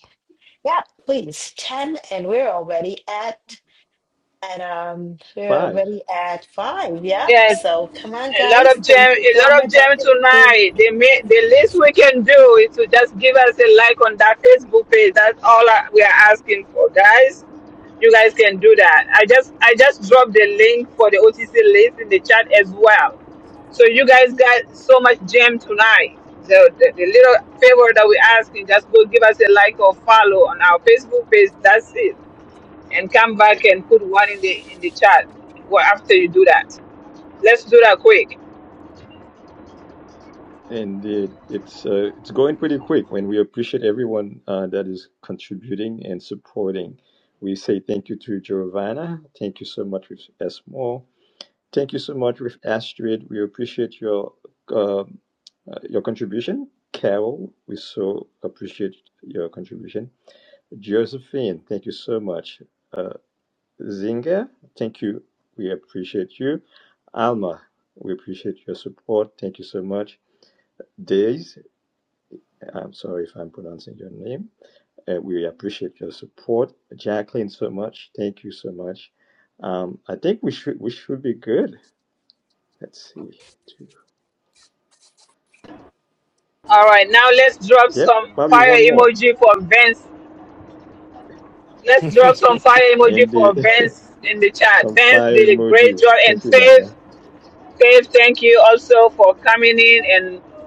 Speaker 2: yeah, please, 10, and we're already at, and um, we're
Speaker 7: five.
Speaker 2: already at five. Yep.
Speaker 1: Yes,
Speaker 2: So come on,
Speaker 1: a lot
Speaker 2: guys.
Speaker 1: of
Speaker 2: Thank
Speaker 1: gem,
Speaker 2: you
Speaker 1: a
Speaker 2: so
Speaker 1: lot of
Speaker 2: much. I'm
Speaker 1: gem
Speaker 2: going to do
Speaker 1: tonight. They may, the least we can do is to just give us a like on that Facebook page. That's all I, we are asking for, guys. You guys can do that. I just, I just dropped the link for the OTC list in the chat as well. So you guys got so much gem tonight. The, the, the little favor that we're asking, just go give us a like or follow on our Facebook page. That's it and come back and put one in the in the chat well, after you do that. Let's do that quick.
Speaker 7: And it, it's uh, it's going pretty quick when we appreciate everyone uh, that is contributing and supporting. We say thank you to Giovanna. Thank you so much with Esmo. Thank you so much with Astrid. We appreciate your uh, uh, your contribution. Carol, we so appreciate your contribution. Josephine, thank you so much. Uh, Zinga, thank you. We appreciate you. Alma, we appreciate your support. Thank you so much. Days, I'm sorry if I'm pronouncing your name. Uh, we appreciate your support, Jacqueline, so much. Thank you so much. Um, I think we should we should be good. Let's see. Two.
Speaker 1: All right, now let's drop
Speaker 7: Yep,
Speaker 1: some
Speaker 7: probably
Speaker 1: fire
Speaker 7: one more.
Speaker 1: emoji for Vince. Let's drop some fire emoji
Speaker 7: And
Speaker 1: for
Speaker 7: the
Speaker 1: Vince in the chat.
Speaker 7: some
Speaker 1: Vince
Speaker 7: fire
Speaker 1: did a great
Speaker 7: emojis.
Speaker 1: job, and
Speaker 7: Thank you,
Speaker 1: Faith,
Speaker 7: Dana.
Speaker 1: Faith, thank you also for coming in and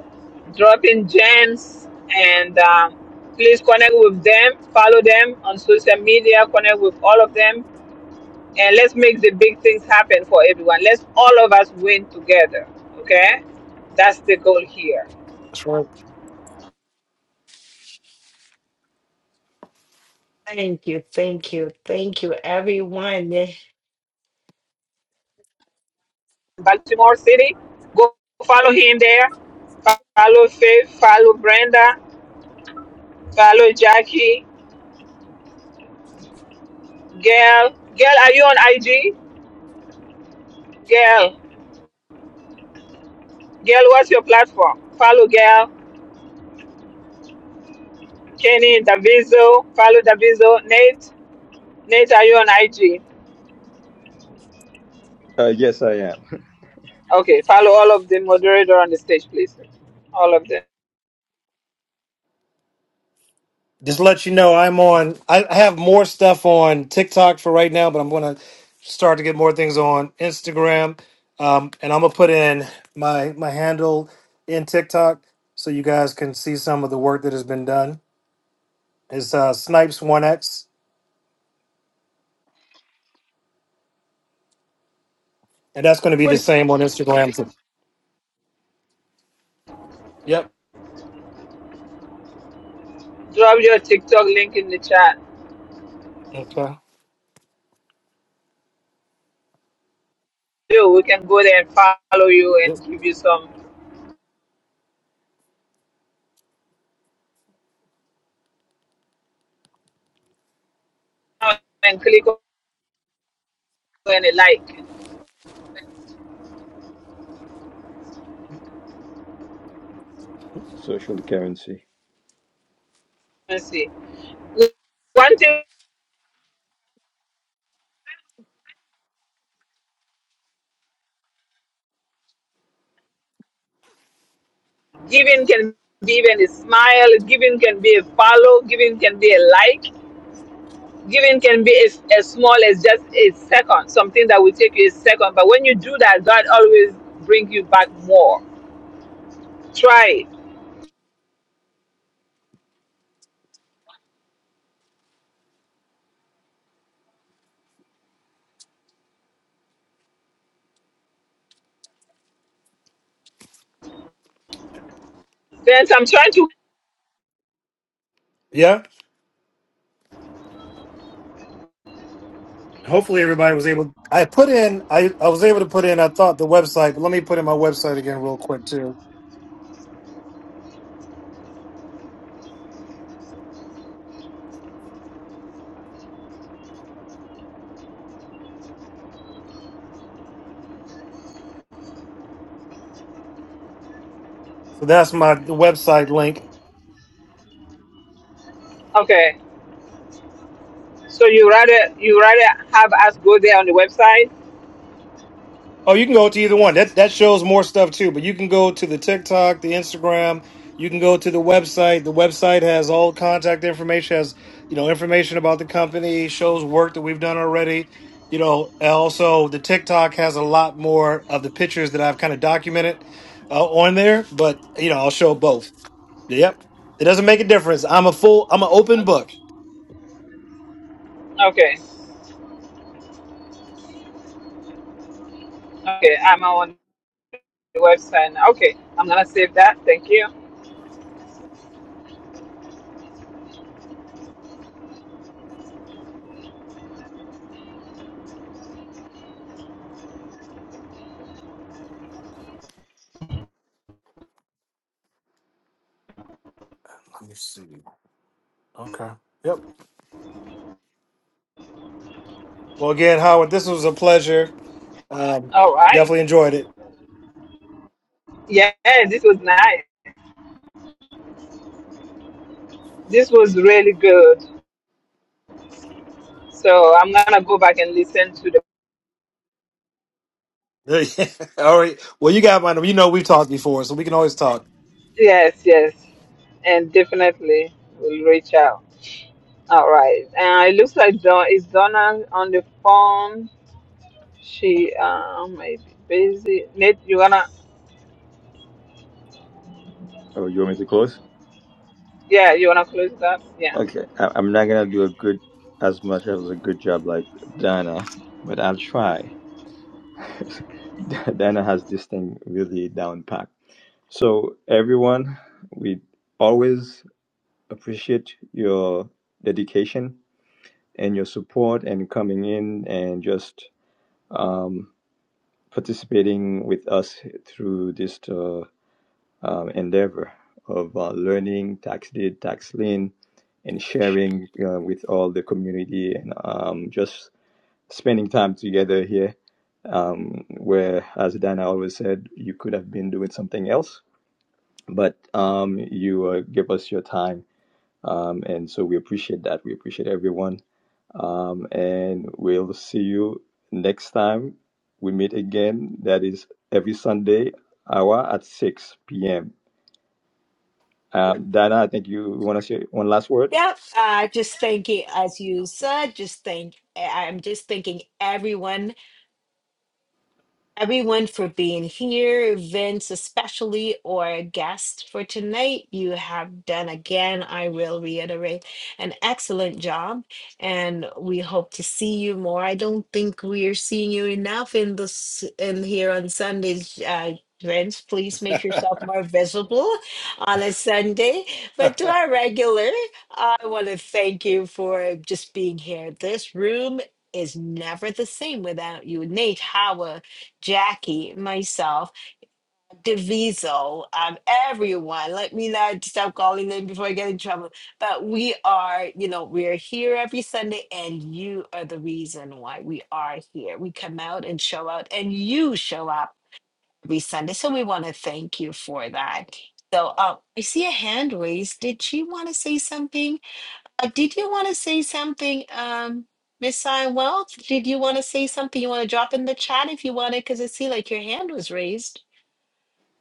Speaker 1: dropping gems. And um, please connect with them, follow them on social media, connect with all of them. and let's make the big things happen for everyone. Let's all of us win together. Okay, that's the goal here.
Speaker 3: That's right.
Speaker 2: Thank you, thank you, thank you, everyone.
Speaker 1: Baltimore City, go follow him there. Follow Faith. Follow Brenda. Follow Jackie. Gail. Gail, are you on IG? Gail. Gail, what's your platform? Follow Gail. Kenny Daviso. Follow Daviso. Nate. Nate, are you on IG?
Speaker 7: Uh, yes, I am.
Speaker 1: Okay. Follow all of the moderator on the stage, please. All of them.
Speaker 3: just let you know I'm on. I I have more stuff on TikTok for right now, but I'm going to start to get more things on Instagram. Um, and I'm gonna put in my my handle in TikTok so you guys can see some of the work that has been done. It's uh, Snipes One X, and that's going to be the same on Instagram. too. Yep.
Speaker 1: Drop your TikTok link in the chat.
Speaker 3: Okay.
Speaker 1: Yo, we can go there and follow you
Speaker 3: Yep.
Speaker 1: and give you some and click on and a like
Speaker 7: Social currency.
Speaker 1: and see. One thing giving can be even a smile, giving can be a follow, giving can be a like, giving can be as, as small as just a second, something that will take you a second. But when you do that, God always bring you back more. Try it. Then I'm trying to
Speaker 3: Yeah. Hopefully everybody was able. I put in. I I was able to put in. I thought the website, but let me put in my website again real quick too. So that's my the website link
Speaker 1: okay. So you rather you rather have us go there on the website?
Speaker 3: Oh, you can go to either one. That that shows more stuff too, but you can go to the TikTok, the Instagram, you can go to the website. The website has all contact information, has you know, information about the company, shows work that we've done already. You know, and also the TikTok has a lot more of the pictures that I've kind of documented uh, on there, but you know, I'll show both. Yep. It doesn't make a difference. I'm a full I'm an open book.
Speaker 1: Okay. Okay, I'm on the website now. Okay, I'm gonna save that. Thank you.
Speaker 3: Let me see. Okay. Yep. Well, again, Howard, this was a pleasure. Um,
Speaker 1: All right.
Speaker 3: definitely enjoyed it.
Speaker 1: Yeah, this was nice. This was really good. So I'm gonna go back and listen to the.
Speaker 3: All right. Well, you got my number. You know we've talked before, so we can always talk.
Speaker 1: Yes, yes, and definitely we'll reach out. All right. Uh, it looks like Don is Donna on the phone. She um may be busy. Nate, you wanna?
Speaker 7: Oh, you want me to close?
Speaker 1: Yeah, you wanna close that? Yeah.
Speaker 7: Okay, I, I'm not gonna do a good as much as a good job like Dana, but I'll try. Dana has this thing really down packed. So, everyone, we always appreciate your dedication and your support and coming in and just um, participating with us through this uh, um, endeavor of uh, learning tax deed, tax lien, and sharing uh, with all the community and um, just spending time together here. Um, where, as Dana always said, you could have been doing something else but um, you uh, give us your time. Um, and so we appreciate that. We appreciate everyone. Um, and we'll see you next time we meet again. That is every Sunday hour at 6 p.m. Um, Dana, I think you want to say one last word.
Speaker 2: Yeah, I just think, it- as you said, just think, I'm just thinking everyone everyone for being here, Vince especially, or guest for tonight. You have done again, I will reiterate, an excellent job, and we hope to see you more. I don't think we are seeing you enough in this in here on Sundays. Uh, Vince, please make yourself more visible on a Sunday. But to our regular, I want to thank you for just being here. This room is never the same without you. Nate, Howard. Jackie, myself, Deviso, um, everyone. Let me not stop calling them before I get in trouble. But we are, you know, we're here every Sunday, and you are the reason why we are here. We come out and show out, and you show up every Sunday. So we want to thank you for that. So um, I see a hand raised. Did she want to say something? Uh, did you want to say something, um, Miss Sion Did you want to say something? You want to drop in the chat if you wanted, because I see like your hand was raised.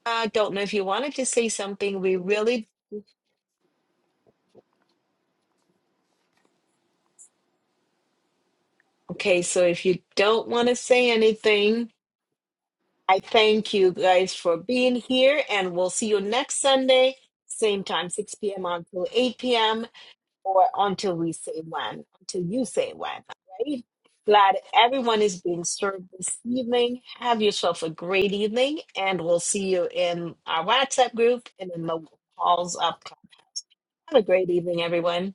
Speaker 2: I don't know if you wanted to say something. We really okay. So if you don't want to say anything, I thank you guys for being here, and we'll see you next Sunday, same time, 6 p.m. until 8 p.m. or until we say when, until you say when, right? Glad everyone is being served this evening. Have yourself a great evening, and we'll see you in our WhatsApp group and in the halls up. Have a great evening, everyone.